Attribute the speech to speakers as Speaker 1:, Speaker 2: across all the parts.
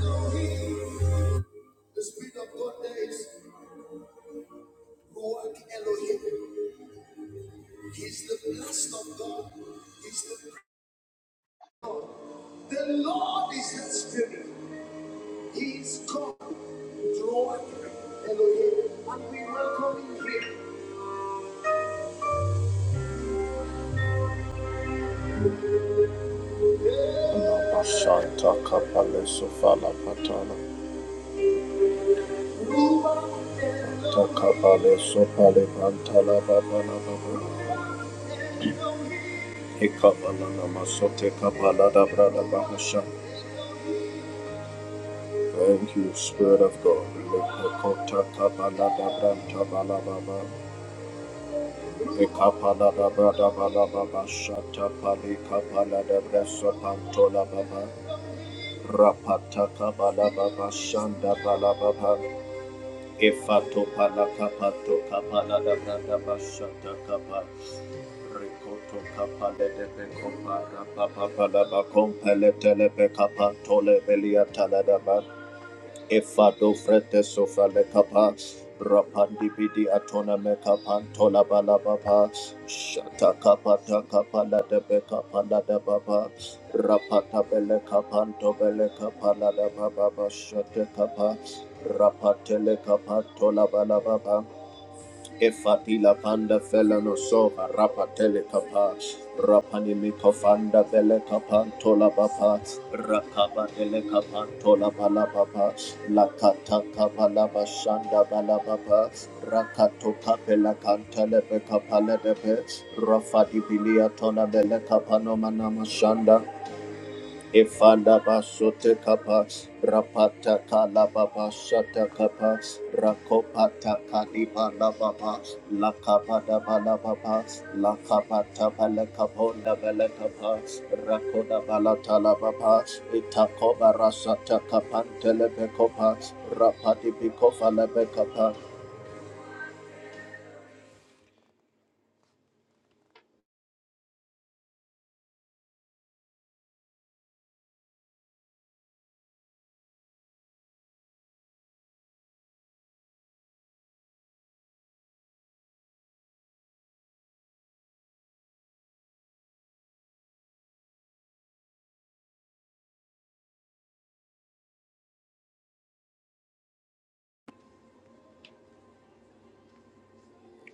Speaker 1: Elohim, the Spirit of God there is Ruach Elohim. He's the blessed of God. He's the God. The Lord is that Spirit. He is God. Ruach Elohim. And we welcome him here. Santa Capale Sofala Patana. Ruach Takapale Sopale Pantala Babana Babana. Ekapala Namasote Kapala Dabrada Bahasha. Thank you, Spirit of God. Rapata Efado frete sofa le kapa. Rapandi bidi atona me kapan tola balababa. Shata kapa ta kapa la de be kapa la de baba. Rapata bele kapa to bele kapa la de baba. Shate kapa. Rapatele kapa tola balababa. Efatila panda felano soha rapatele telekapa rapani mikofanda vele kapantola bapa rakaba ele kapantola bala bapa lakata kabala bashanda bala bapa rakato kapela kantele be kapale debe rafadi bilia tona vele kapano manama shanda Ifanda basote kapa rapata kala baba shata kapa rakopata kadiba la baba la kapa da bala baba la kapa ta bala kaponda bala kapa rakoda bala tala baba itakoba rasata kapante lebe kopa rapati bikofa lebe kapas.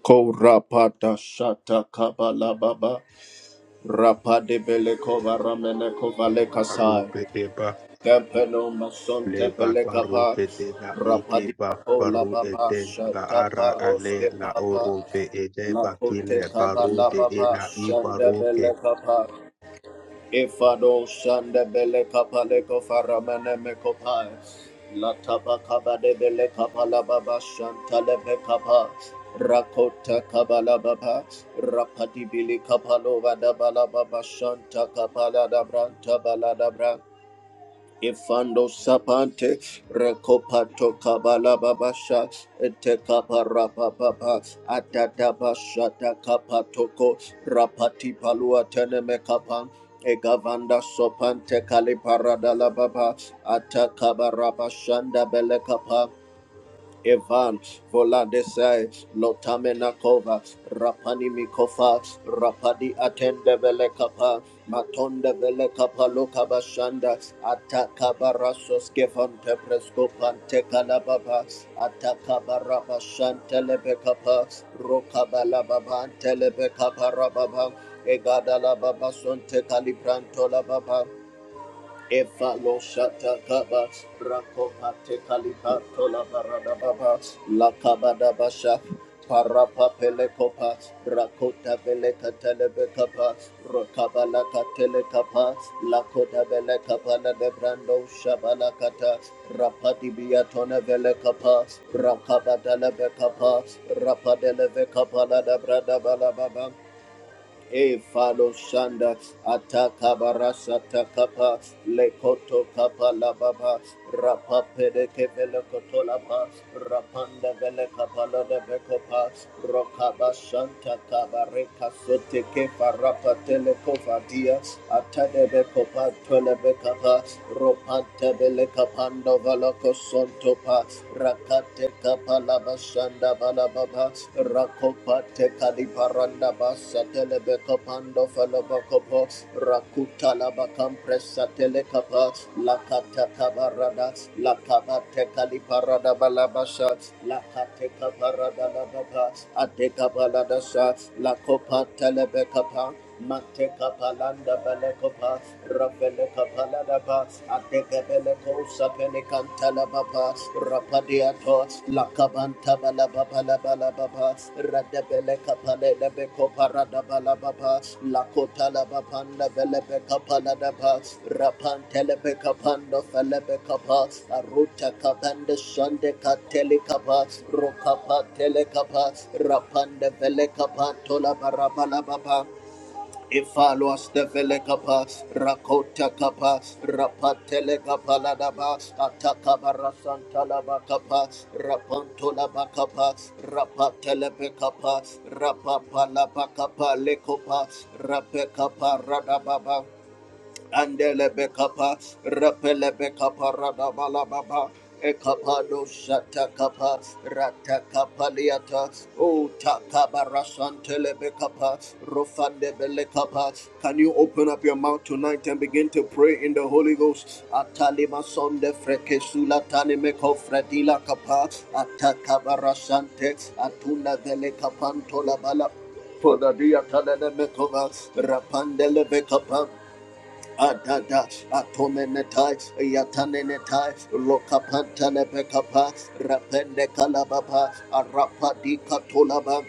Speaker 1: ko rapata shata kaba la baba rapade bele kova ramene kova le kasai.
Speaker 2: Arupe eba
Speaker 1: Capello Mason
Speaker 2: leba
Speaker 1: Tepele
Speaker 2: paru
Speaker 1: Capa
Speaker 2: ede la ike ba
Speaker 1: Rapadiaco La
Speaker 2: paru
Speaker 1: Baba
Speaker 2: ede la
Speaker 1: Shata
Speaker 2: ara ale
Speaker 1: Paroske
Speaker 2: la oro
Speaker 1: Papa
Speaker 2: be ede bakile
Speaker 1: Lakote Kaba
Speaker 2: baru
Speaker 1: La
Speaker 2: de
Speaker 1: Baba
Speaker 2: ela i baru ke
Speaker 1: Shandabele Capa Ifado Shandabele Capa Leco Faramene Mecopa La Taba Caba de Bele Capa La Baba Shantalebe Capa Rakota Kabala Baba Rapati Bili Kapalova Dabala Baba Shanta Kapala Dabranta Baladabra Ifando sapante rekopato kabala babasha ete kapara papa atata bashata kapatoko rapati palua teneme kapan egavanda sopante kaliparada la baba atakabara bashanda bele kapa Evan Voladesai Lotamenakova Rapani Mikofa Rapadi Atende Velekapa Matonde Velekapa Lokabashanda Atakabarasos Kevante Prescopante Kalababa Atakabarabashantelebekapa Rokabalababa Telebekapa Rababa Egadalababa Sonte Calibrantola Baba Evalo shata kaba rakopa tekalika tola barada baba lakabada basha parapa pelekopa rakota beleka telebekapa rokabala katelekapa lakota kapa na debrando shabala kata rapati biatona pele kapa, rakabada lebekapa rapadele vekapa la debrada bala baba E falo shanda ataka barasa takapa lekoto kapa la baba rapapede de kevele kotola pa rapanda vele kapa la de bekopa rokaba shanta kabare reka sete kefa rapa tele kova dia atade bekopa tole bekapa ropante vele kapando valoko sonto pa rakate kapa Kalabashanda Balababa Rakopate Kaliparanda Basatelebekapando Falabakopo Rakuta Labakampresa Telekapa Lakata Kabarada Lakabate Kaliparada Balabasha Lakate Kabarada Lababa Ateka Baladasha Lakopatelebekapa Mante kapalanda belekopa, rapele kapalada ba, ateke beleko sapele kantala baba, rapadiato, lakabanta bala baba la bala baba, radebele kapale lebeko parada bala baba, lakota la babanda belebe kapalada ba, rapantele be kapando felebe kapa, aruta kapande shande katele kapa, rokapa tele kapa, rapande vele kapa tola barabala baba. Ifalos de Velecapa, Rakota Capa, Rapatele Capaladaba, Atacabara Santalaba Capa, Rapantola Bacapa, Rapatele Becapa, Rapapala Bacapa, Lecopa, Rapecapa, Radababa. Andelebekapa, Rapelebekapa, Radabalababa, Ekapado Shatakapa, Ratakapaliata, O Takabarashantelebekapa, Rofandebelekapa. Can you open up your mouth tonight and begin to pray in the Holy Ghost? Atalima sonde frekesula tanimeko fredila kapa, Atakabarashante, Atuna velekapantola bala. Podadia Tanana Mekova, Rapandele bekapa. Adada atomenetai yatanenetai lokapantanepekapa rapende kalababa arapadi katolaba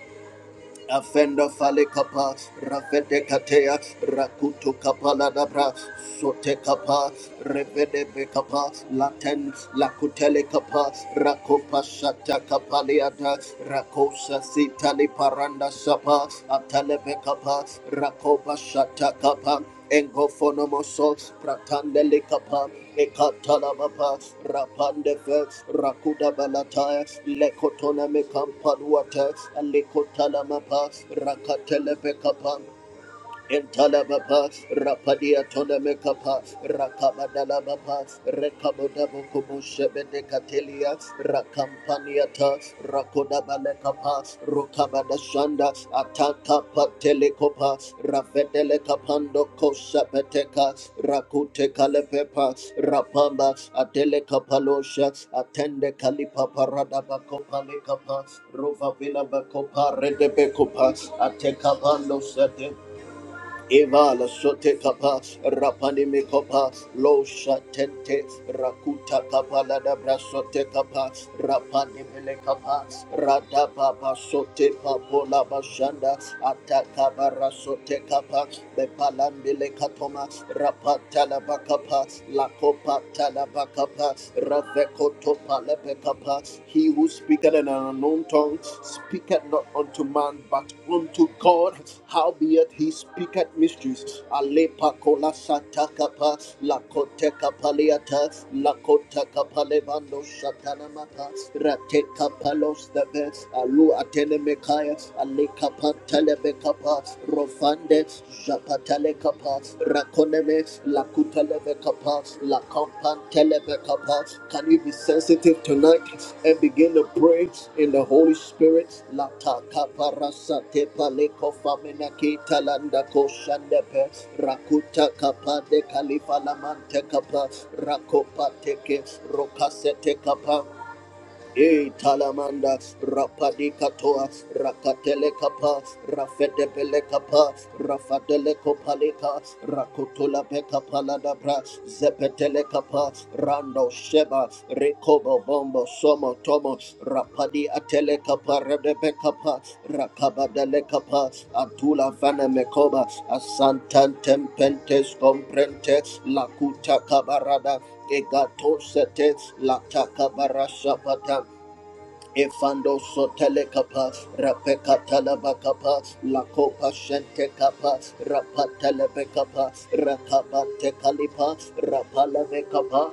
Speaker 1: Afenda fale kapa, rafete katea, rakutu kapala la dabra, sote kapa, revede be kapa, laten, lakutele kapa, rakopa shata kapa rakosa sitali paranda sapa, atale be kapa, rakopa shata kapa, Engofonomoso, Pratandele Kapa, Ekatalabapa, Rapandefe, Rakuda Balataya, Lekotona Mekampaduata, Lekotalamapa, Rakatelepe kapam. Entalababa, Rapadia Tonamekapa, Rakabadalababa, Rekabodabokubu Shebede Katelia, Rakampaniata, Rakodabalekapa, Rokabadashanda, Ataka Patelekopa, Ravedele Kapando Kosapeteka, Rakute Kalepepa, Rapamba, Atele Kapalosha, Atende Kalipa Paradabakopa Lekapa, Rova Vila Bakopa, Redebekopa, Ateka Evala sote kapa rapani me kapa lo shatente rakuta kapa la dabra sote kapa rapani mele kapa rada baba sote papo la bashanda ataka bara sote kapa be bepalambile katoma rapata la bakapa la kopa tala bakapa rafeko he who speaketh in an unknown tongue speaketh not unto man, but unto God. Howbeit he speaketh mysteries. Alepa satakapa, lakote kapaliata, lakota kapalevando satanamata, rate kapalos the best, alu atene mekaya, aleka rofande, Japatele kapa, rakoneme, lakuteleve kapa, lakampanteleve kapa. Can you be sensitive tonight and begin to pray in the Holy Spirit? Lata kapa rasa tepa leko famina kita landa ko rakuta kapa de kalifa lamante kapa, rakopa teke, rokasete kapa. E talamanda rapadi katoa rakatele kapa rafete pele kapa rafadele kopaleka rakotola peka palada bra zepetele kapa rando sheba rekobo bombo somo tomo rapadi atele kapa redebe kapa rakabadele kapa atula vana mekoba asantan tempentes comprentes lakuta kabarada Egato sete lataka barasha pata. Efando sotele kapa, rapeka talaba kapa, lakopa shente kapa, rapatele be kapa, rakaba te kalipa, rapala be kapa.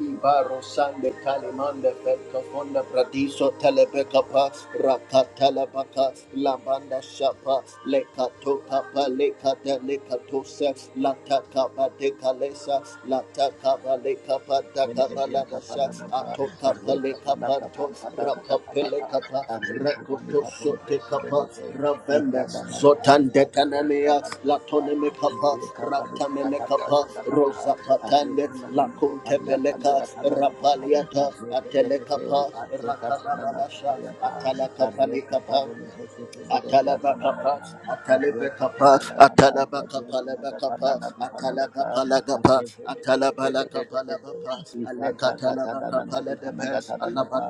Speaker 1: Ibaro sande kalimande felka fonda pradiso telebeka pa raka telebaka labanda shapa leka toka pa leka de leka tose lata kaba de kalesa lata kaba leka pa da kaba
Speaker 3: Ventedia
Speaker 1: la da sha
Speaker 3: Capanaba, a
Speaker 1: atoka pa leka
Speaker 3: Recapanaba Pantabana da
Speaker 1: rapapele
Speaker 3: Papa,
Speaker 1: kapa
Speaker 3: a Recapani
Speaker 1: rekoto
Speaker 3: Paton
Speaker 1: sote kapa
Speaker 3: Presidente,
Speaker 1: ravembe
Speaker 3: Ivada Nada,
Speaker 1: zotande
Speaker 3: Ivacatana
Speaker 1: kanania
Speaker 3: da Nova,
Speaker 1: latone me kapa
Speaker 3: Recapani
Speaker 1: raptamene
Speaker 3: Capaduas
Speaker 1: kapa
Speaker 3: and Anata,
Speaker 1: rosa
Speaker 3: a
Speaker 1: patande
Speaker 3: Refana
Speaker 1: lakunte
Speaker 3: Namacopalia
Speaker 1: peleka
Speaker 3: Canagatanaba, a
Speaker 1: rapaliata atele
Speaker 3: Repedete,
Speaker 1: kapa
Speaker 3: Ate Capanana
Speaker 1: rakaradalasha
Speaker 3: Papayata,
Speaker 1: atala
Speaker 3: a
Speaker 1: kapali kapa
Speaker 3: Recapano Posifede
Speaker 1: Atalabakapa,
Speaker 3: Yatanana, a
Speaker 1: Atalebekapa,
Speaker 3: Recatana, Diana
Speaker 1: Atalabakapalabakapa,
Speaker 3: Fanana Pipanata, a
Speaker 1: Akalagapalagapa,
Speaker 3: Refede.
Speaker 1: Atalabalakapalabapa,
Speaker 3: Ifanta katada na na ifana
Speaker 1: Alekatalabakapaladepe,
Speaker 3: katada na pa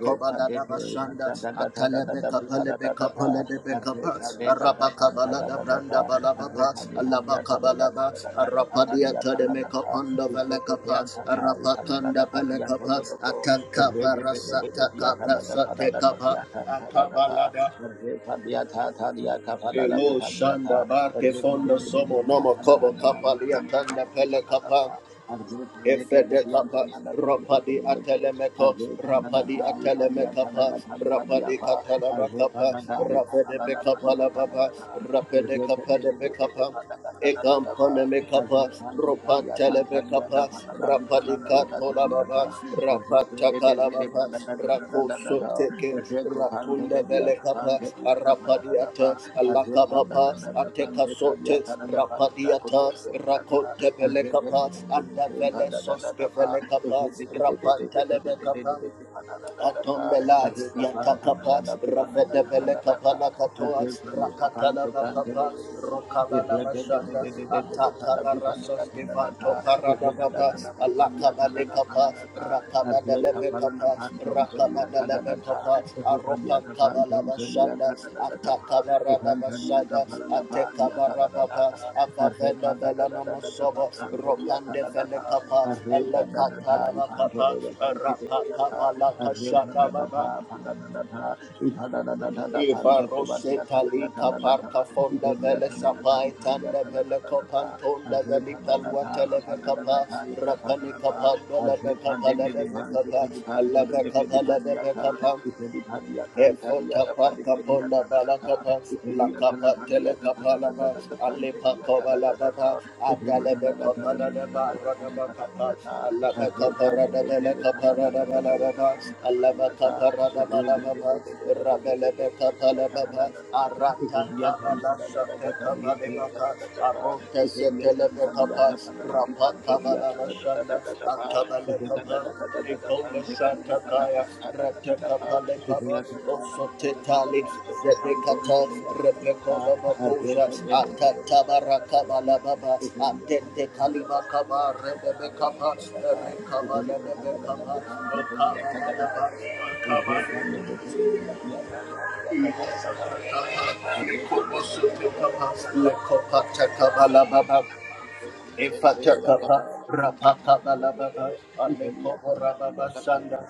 Speaker 3: refa deke ifanta katada na na ifana na pa
Speaker 1: Atalebekapalebekapaladebekapa,
Speaker 3: refa deka prakanta na na pa
Speaker 1: Arabakabaladabrandabalabalaba,
Speaker 3: refa dekanya katada na
Speaker 1: Alabakabalaba,
Speaker 3: katada na na pa kanya katada na pa ifanta
Speaker 1: Arapadiatademekapandabelekapa,
Speaker 3: pianta ta ifana na na pa pianto
Speaker 1: Arapakandabelekapa,
Speaker 3: do do po
Speaker 1: Atankapa
Speaker 3: rege de de de de
Speaker 1: rasata
Speaker 3: pianta
Speaker 1: kabra
Speaker 3: na na pa na
Speaker 1: sate
Speaker 3: na
Speaker 1: kapa.
Speaker 3: pianta na na pa refa pianta ta dia kapada na
Speaker 1: Elo
Speaker 3: pianta ta
Speaker 1: shanda barke
Speaker 3: refa de
Speaker 1: fondo
Speaker 3: de de de
Speaker 1: somo nomo
Speaker 3: pianta na na
Speaker 1: kobo
Speaker 3: na na
Speaker 1: kapa
Speaker 3: pianta
Speaker 1: liatanda pele
Speaker 3: na na pa
Speaker 1: kapa
Speaker 3: Arre
Speaker 1: efede kapa rapadi atelemeko rapadi atelemekapa rapadi katala bakapa rapede bekapa la baba rapede kapa de bekapa Ekampane mekapa, ropantele mekapa, rapadika tola baba, rapata kala baba, rakoso teke, ratunde bele kapa, arapadiate, alaka baba, ateka sote, rapadiata, rakote
Speaker 3: if
Speaker 1: bele
Speaker 3: I'm
Speaker 1: kapa, anda bele soske bele kapa, rapantele mekapa, Atombela, Yantakapa, Rafetebele Kapala Katoa, Rakatala Bakapa, Rokabala Bashanda, Atakala Rasoski Vanto Paradababa, Alakabale Kapa, Rakabadele Kapa, Lebekopa, Aropan Kabalabashanda,
Speaker 3: telling you, I'm
Speaker 1: Atakabarabashada,
Speaker 3: telling
Speaker 1: Atekabarababa,
Speaker 3: you, Arreba
Speaker 1: Avavela
Speaker 3: da da da da da da
Speaker 1: Velanomosobo,
Speaker 3: Branca dia ta
Speaker 1: Ropande
Speaker 3: da da ta.
Speaker 1: Velekapa,
Speaker 3: Arre da da da ta.
Speaker 1: Alekatalabakapa,
Speaker 3: Ipantoro do Ponti dia ta. Arreba
Speaker 1: Rapakabalakashada
Speaker 3: da da
Speaker 1: Baba.
Speaker 3: ta. Panda da da ta. Ipa da da da da da
Speaker 1: Eva
Speaker 3: Panto de
Speaker 1: Rose
Speaker 3: Batia ta da da ta
Speaker 1: Talika
Speaker 3: da da ta.
Speaker 1: Parka Fonda
Speaker 3: Iperia
Speaker 1: Vele
Speaker 3: ta da da ta.
Speaker 1: Sapai
Speaker 3: Pandia
Speaker 1: Tanda
Speaker 3: ta da da
Speaker 1: Vele
Speaker 3: da da ta.
Speaker 1: Copantonda Vele
Speaker 3: Arreba da da
Speaker 1: Palua
Speaker 3: ta. Rapa da da da
Speaker 1: Televecapa
Speaker 3: ta. Ika pa da da
Speaker 1: Rapanica
Speaker 3: ta.
Speaker 1: Panda
Speaker 3: Arreba
Speaker 1: Levecapa
Speaker 3: de de de Bansi
Speaker 1: Levecapa
Speaker 3: fe
Speaker 1: Levecapa Levecapa Efota parka ponda balakapa,
Speaker 3: Thank
Speaker 1: lakapa telekapa lava, alipa kova lavava, adalebe kapa ladeva, radava kapa, alaba kapa radavele kapa radava lavava, alaba kapa radava lavava, rabelebe kapa lavava, arata kava lasate kava arote setelebe kapa, rapa kava lavashanda, akava Nikomba Shatakaya, Rateka
Speaker 3: you. Thank
Speaker 1: Palekaba,
Speaker 3: you.
Speaker 1: Osotetali, Zedekata, Rebekola Bakoja, Atatabara Kabala Baba, Andente Kalima Kaba, Rebebe Kaba, Rekaba Lebebe Kaba, Okaba Madaba, Okaba Lekaba, Lekobo Sotekaba, Lekopata Kabala Baba, Ifatakapa, rapakabalababa, alekoborababa sanda,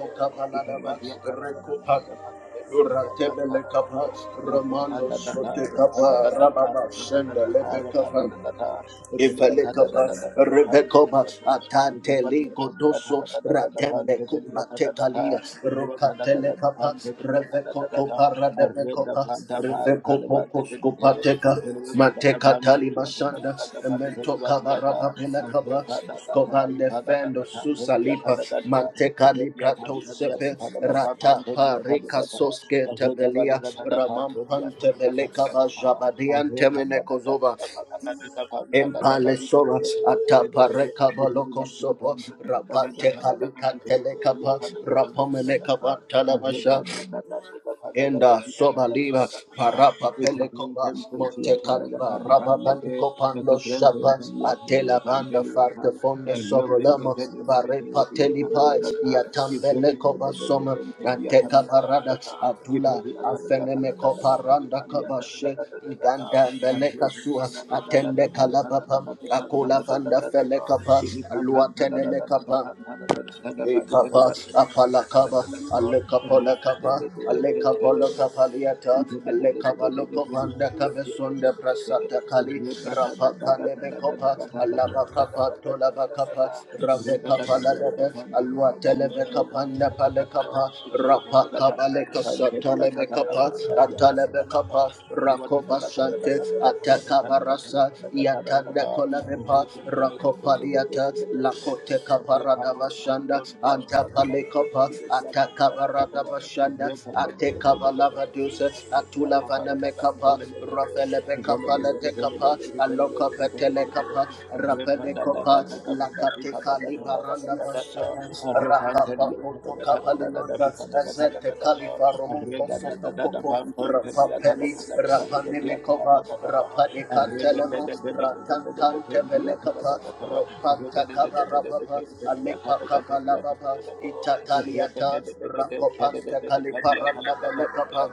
Speaker 3: are Thank
Speaker 1: rekopa- Duratebele kapa, Romano sote kapa, rababa senda lebe kapa, Ivelekaba, Rebekoba, Atante Ligo Doso, Ratembe Kumba Tekalia, Rokatelekapa, Revekoto Paradebekopa, Revekopo Koskopateka, Mateka Tali Mashanda, Mento Kabaraba Pelekaba, Skobande Fendo Susalipa,
Speaker 3: you. Thank
Speaker 1: Manteka Liprato Sepe, Rata Parika Soske Tebelia, Ramam Pantebelekaba Jabadian Temenekozova, Empalesora atapareka baloko sopo rapate kalika telekapa rapomene kavantalabasha Enda sobaliva parapa pelekova monte caliva raba bandico pando shapa atela banda farta
Speaker 3: you. If
Speaker 1: fonda sobrolamo vare pateli pai yatambele kova soma anteka parada atula afenemeko paranda kabashe ganda mbele kasua atende kalabapa akula vanda fele kapa luatene Mekapa Ekapa, apalakaba, alekapolakapa, alekapolakapaliata, alekabalokopanda kabesonda prasata
Speaker 3: Thank
Speaker 1: kali, rapa kalebekopa, alabakapa tolabakapa, ravekapa ladebe, alua telebekapanda palekapa, rapa kabalekasa talebekapa, atalebekapa, Rakoba Rakobasante Ataka Barasa Yatanda Kolamepa Rakopaliata Lakote Kaparada Bashanda Antapale Kopa Ataka Barada Bashanda Ateka Balava Dusa Atula Vanamekapa
Speaker 3: you. Rebecca,
Speaker 1: Rafelebekapa Ledekapa Aloka Petelekapa Rapedekopa Lakate kali baranda basheta raka pakoto kapali manda ezete kali faromo kosoto kopo rapa peli rapa neme kova rapa de katelemo ratan kante pele kapa rapa takaba rababa alepa kapa lababa itataliata rapa pante kali paranda bele kapa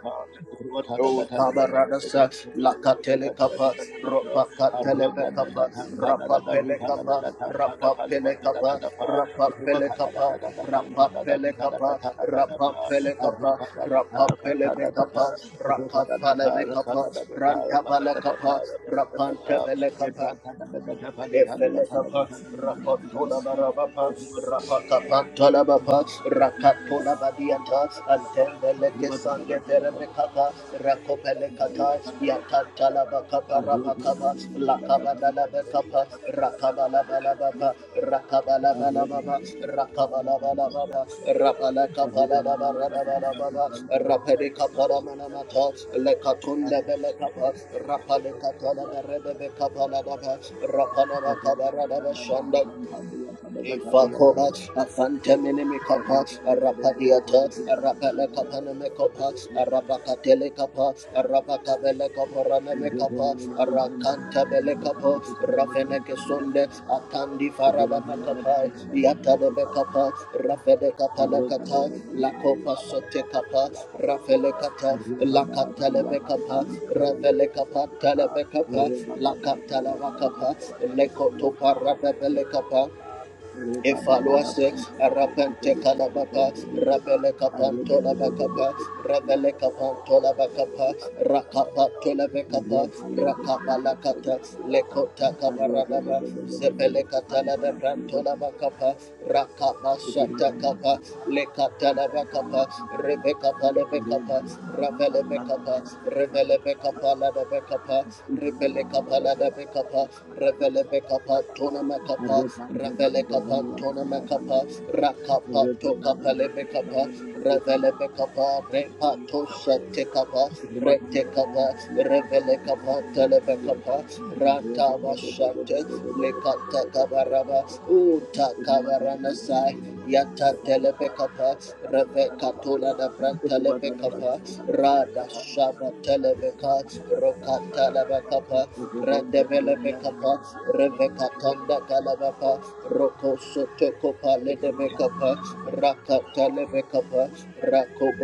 Speaker 3: Thank
Speaker 1: O tabaradasa lakatele kapa ropa katele bekapa rapa pele kapa rapa pele kapa rapa pele kapa rapa pele kapa rapa pele kapa rapa pele bekapa rapa pele bekapa ranta bala kapa rapa tele kapa Efelekapa, Rapantola Barabapa, Rapakapantala Bapa,
Speaker 3: you.
Speaker 1: Rakatola Badiata, Antendeleke Sande Terebekapa, Rakopelekata, Yakatala Bakapa Rabakapa, Lakabadala Bekapa, Rabalabalabalabalaba, Rakabalabalababa, Rakabalabalababa, Rabalakabalabalabalaba,
Speaker 3: Thank
Speaker 1: Rapedekaparamanamatha, Lekatundebelekapa, Rapalekatalabarebebekabalababa, shanda. Ifakoba, Afanteminimikapa, Arapadiata, Arapalekapanemekapa,
Speaker 3: you.
Speaker 1: Arapakatelekapa,
Speaker 3: Thank
Speaker 1: Arapakabelekaporamemekapa, Arakantabelekapa, Rafenekesunde, Atandi Farabamakapai, Yatadebekapa, Rafedekapalakata, Lakopa
Speaker 3: you.
Speaker 1: Sotekapa, Rafelekata, Lakatalebekapa, Ravelekapa, Telebekapa, Lakatalabakapa, Lekotopa Rabelekapa, Efaluase, Arapante Kalabaka, Rabele Capantola Bacapa, Rabele Capantola Bacapa, Rakapa Tolabecapa, Rakapa Lakata, Lekota Cabaradaba, Zepele Catala de Brantola
Speaker 3: Arre
Speaker 1: Bacapa, Rakapa Shatakapa, Lekatalabakapa, Rebekapa Lebekapa, Ravelebekapa, Revelebekapa Ladabekapa, Rebelekapa Ladabekapa, Revelebekapa Tonamakapa, Ravelekapa Tonamakapa, Rakapa Tokapa Lebekapa, Revelebekapa, Repato Shatekapa, Rete kapa, revele kapa, televe kapa, ranta bashante, lekata kabaraba, uta kabarana sai, yata
Speaker 3: Thank
Speaker 1: televe kapa, reve katula da branta leve kapa, rada shaba televe ka, rokata leve kapa, radebele be kapa, reve katanda kalabapa, roko soto kopa ledeve kapa, telebekapa,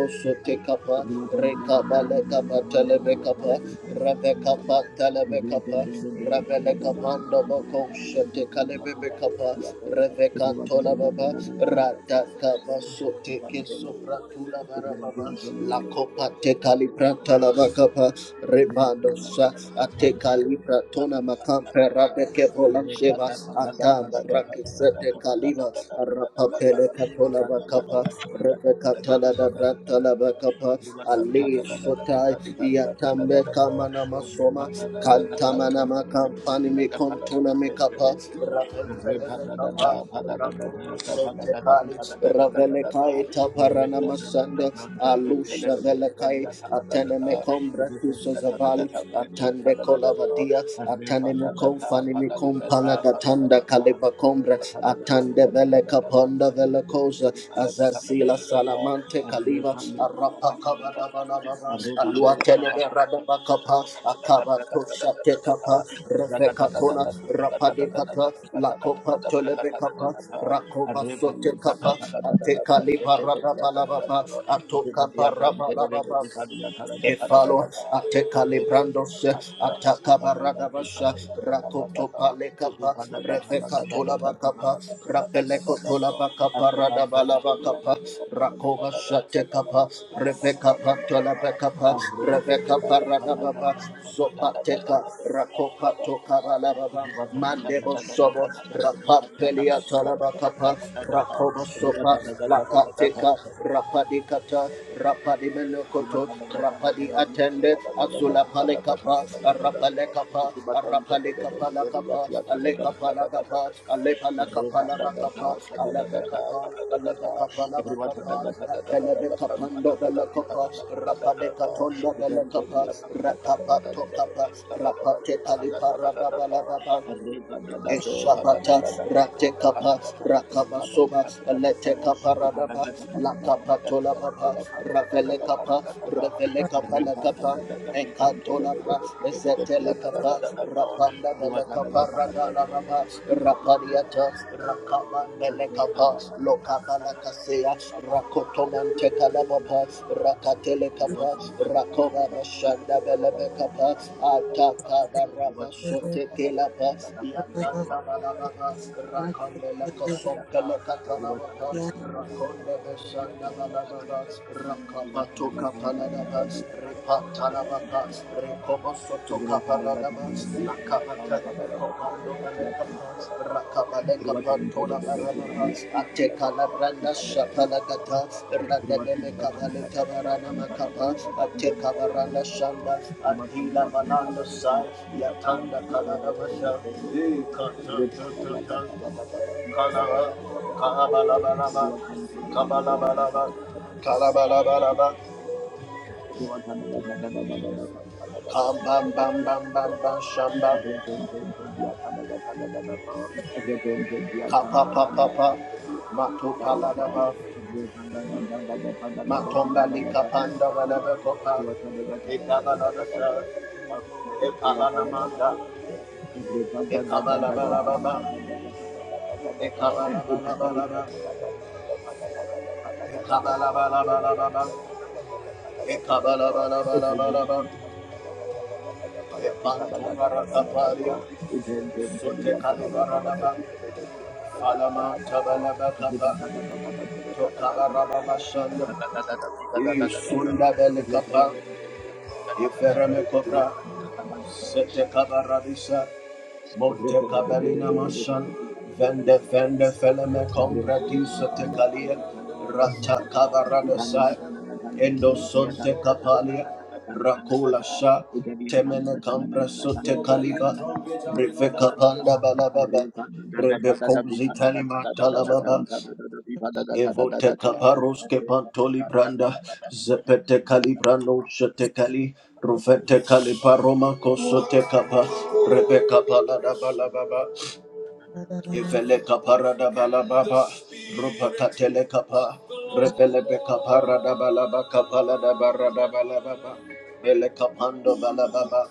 Speaker 3: you.
Speaker 1: tekapa,
Speaker 3: Thank
Speaker 1: rekabalekapa telebekapa, rabekapa telebekapa, rabelekapando boko shete kalebebekapa, revekantola baba, radakaba sote kesopra tula barababa, lakopa tekalibranta labakapa, rebandosa,
Speaker 3: you.
Speaker 1: atekali pratona makampe rabeke
Speaker 3: Thank
Speaker 1: bolansheva, atamba Rakisete Kaliba, Rapapele Katola Bakapa, Rebecca Tala da Brantala Bakapa, Ali Sotai, Yatambe Kamana Masoma, Kantamana Makampani Mikontuna Mikapa, Rapele Kapa, Rakosote Kali, Ravele Kai Taparana Masanda, Alusha Vele Kai, Atene Mekombra Kusozavali, Atande
Speaker 3: you.
Speaker 1: Kolavadi dia
Speaker 3: Arriba,
Speaker 1: atanime kom fanime kom palagatanda atande vele kaponda vele koza azasila salamante kaliva arapa kabada bala baba alua televe radaba kapa akaba tosha te kapa refe katona rapade kata lakopa toleve kapa rakova sote kapa ate kaliva radaba la baba atoka paraba la baba Efalo ateka
Speaker 3: Thank
Speaker 1: librandos ataka barada basha rakoto pale kapa refeka tola bakapa rapele kotola bakapa rada bala bakapa rakoba shate kapa refeka patola bakapa refeka parada baba zopateka rakopa toka bala baba mandebo sobo rapapele atola bakapa rakoba sobo Ropa, Lapa, Teka,
Speaker 3: you.
Speaker 1: Rapa di Kata, Rapa di
Speaker 3: Everyone
Speaker 1: Melokoto, Rapa di Attended, Azula Palekapa, Rapa Lekapa, Rapa Lekapa Lakapa, Alekapa Lakapa, Alepa Lakapa Lakapa, Alepekapa, Alepekapa Lakapa, Telebekapando Belakapa, Rapa Dekatondo Belakapa, Rakapa Tokapa, Rapa Tekalipa Radabalababa, Eshabata Ratekapa Rakabasoba Letekapa
Speaker 3: Thank
Speaker 1: Radaba Lakapatola Baba Ravelekapa Revelekapa Lakapa Ekatola Ra Ezetelekapa Rapanda Velekapa Radala Baba Rapadiata Rakaba Velekapa Lokapa Lakasea Rakotomente Kalabapa Rakatelekapa Rakova Bashanda Velebekapa Ataka Baraba Sotekelapa Yatanda Balababa, Rakonde Lakosom
Speaker 3: you. Thank
Speaker 1: Pelekatanababa, Rakonde Beshanda Balababa, Rakapato Kapalanaba, Ripatanababa, Rekobosoto Kaparanaba, Lakapatanebe Kopando Balekapa, Rakabaleka Pantola Barababa, Atekala Branda Shapalakata, Radademe Kabaleta Baranama Kapa, Atekabarana Shanda, Antila Balanda Sai, Yatanda Kalanabasha.
Speaker 3: you.
Speaker 1: Ekabala
Speaker 3: Thank you. Thank
Speaker 1: Sote Kalibarababa, Falama Tabalaba Kapa, Tokabarababa Shanda, Isunda Belekapa, Iferame Cobra,
Speaker 3: you.
Speaker 1: Sete Kabarabisa,
Speaker 3: Thank
Speaker 1: Monte Cabellina Mashan, Vende Vende Feleme Compratis Tecalia, Rata Cabaradasai, Endo Sonte Capalia, Rakula Sha, Temene Cambra Sote Caliba, Rive Capanda Balababa, Rebecozi Talima Talababa, Evote kaparos ke pantoli branda, zepete kali brando shete kali, rufete kali
Speaker 3: you.
Speaker 1: paroma kosote kapa, rebe kapala da
Speaker 3: Thank
Speaker 1: balababa, evele kapara da balababa, rupa katele kapa, rebele be kapara da balaba kapala da barra da balababa, ele kapando balababa,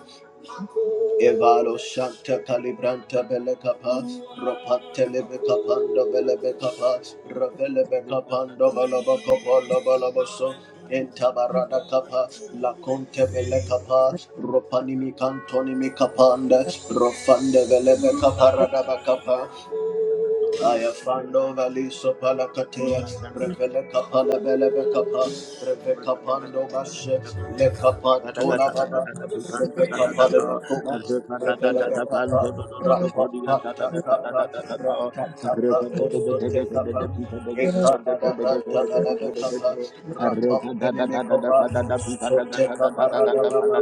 Speaker 1: Evalo Shanta Calibranta Belecapa, Ropantelebe Capando Belebecapa, Ravelebe Capando Balabacopo Lobalaboso, Entabarada Capa, La Conte Belecapa, Ropanimi Cantoni Micapanda, Rofande Velebe Caparada Bacapa, Aya fando valiso pala katea, revele kapala bele be
Speaker 3: you.
Speaker 1: kapa, reve kapando bashe, le kapa tola baba, reve kapale bakuma, revele be kapa, rapa pata kapa, rata kapa koso te kapa, ekana da brata bele be kapa, rapa pene me kova, sote kapa rada baba,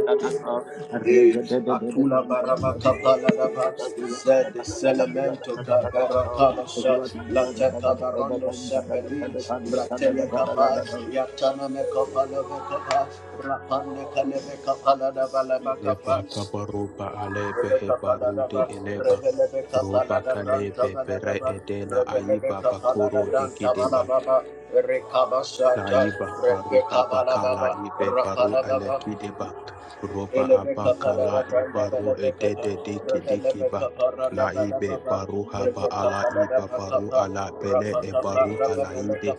Speaker 1: Eh, Akula barabaka paladaba zed selemento kabera kabasha la teka barondo sepeli bratele kapa yatana me kapa lebe kapa rapande kalebe kapa ladaba laba
Speaker 2: eleba
Speaker 1: kapa
Speaker 2: kabaru ba ale be
Speaker 1: Ele
Speaker 2: he
Speaker 1: kapa
Speaker 2: baru de
Speaker 1: ladaba
Speaker 2: eleba
Speaker 1: rebelebe kapa
Speaker 2: roba kale
Speaker 1: ladabranta
Speaker 2: be pere
Speaker 1: baladaba
Speaker 2: ede la
Speaker 1: rebelebe
Speaker 2: aiba
Speaker 1: kapa
Speaker 2: bakoro de
Speaker 1: ladabranta
Speaker 2: kideba
Speaker 1: balababa rekabasha ta
Speaker 2: Laiba baru
Speaker 1: rekabala
Speaker 2: abakala
Speaker 1: baba
Speaker 2: ibe baru
Speaker 1: rapala baba
Speaker 2: elekideba roba
Speaker 1: Yes, I
Speaker 2: abakala ibaru edede diki diki ba la ibe baru haba ala iba baru ala bele e baru ala ide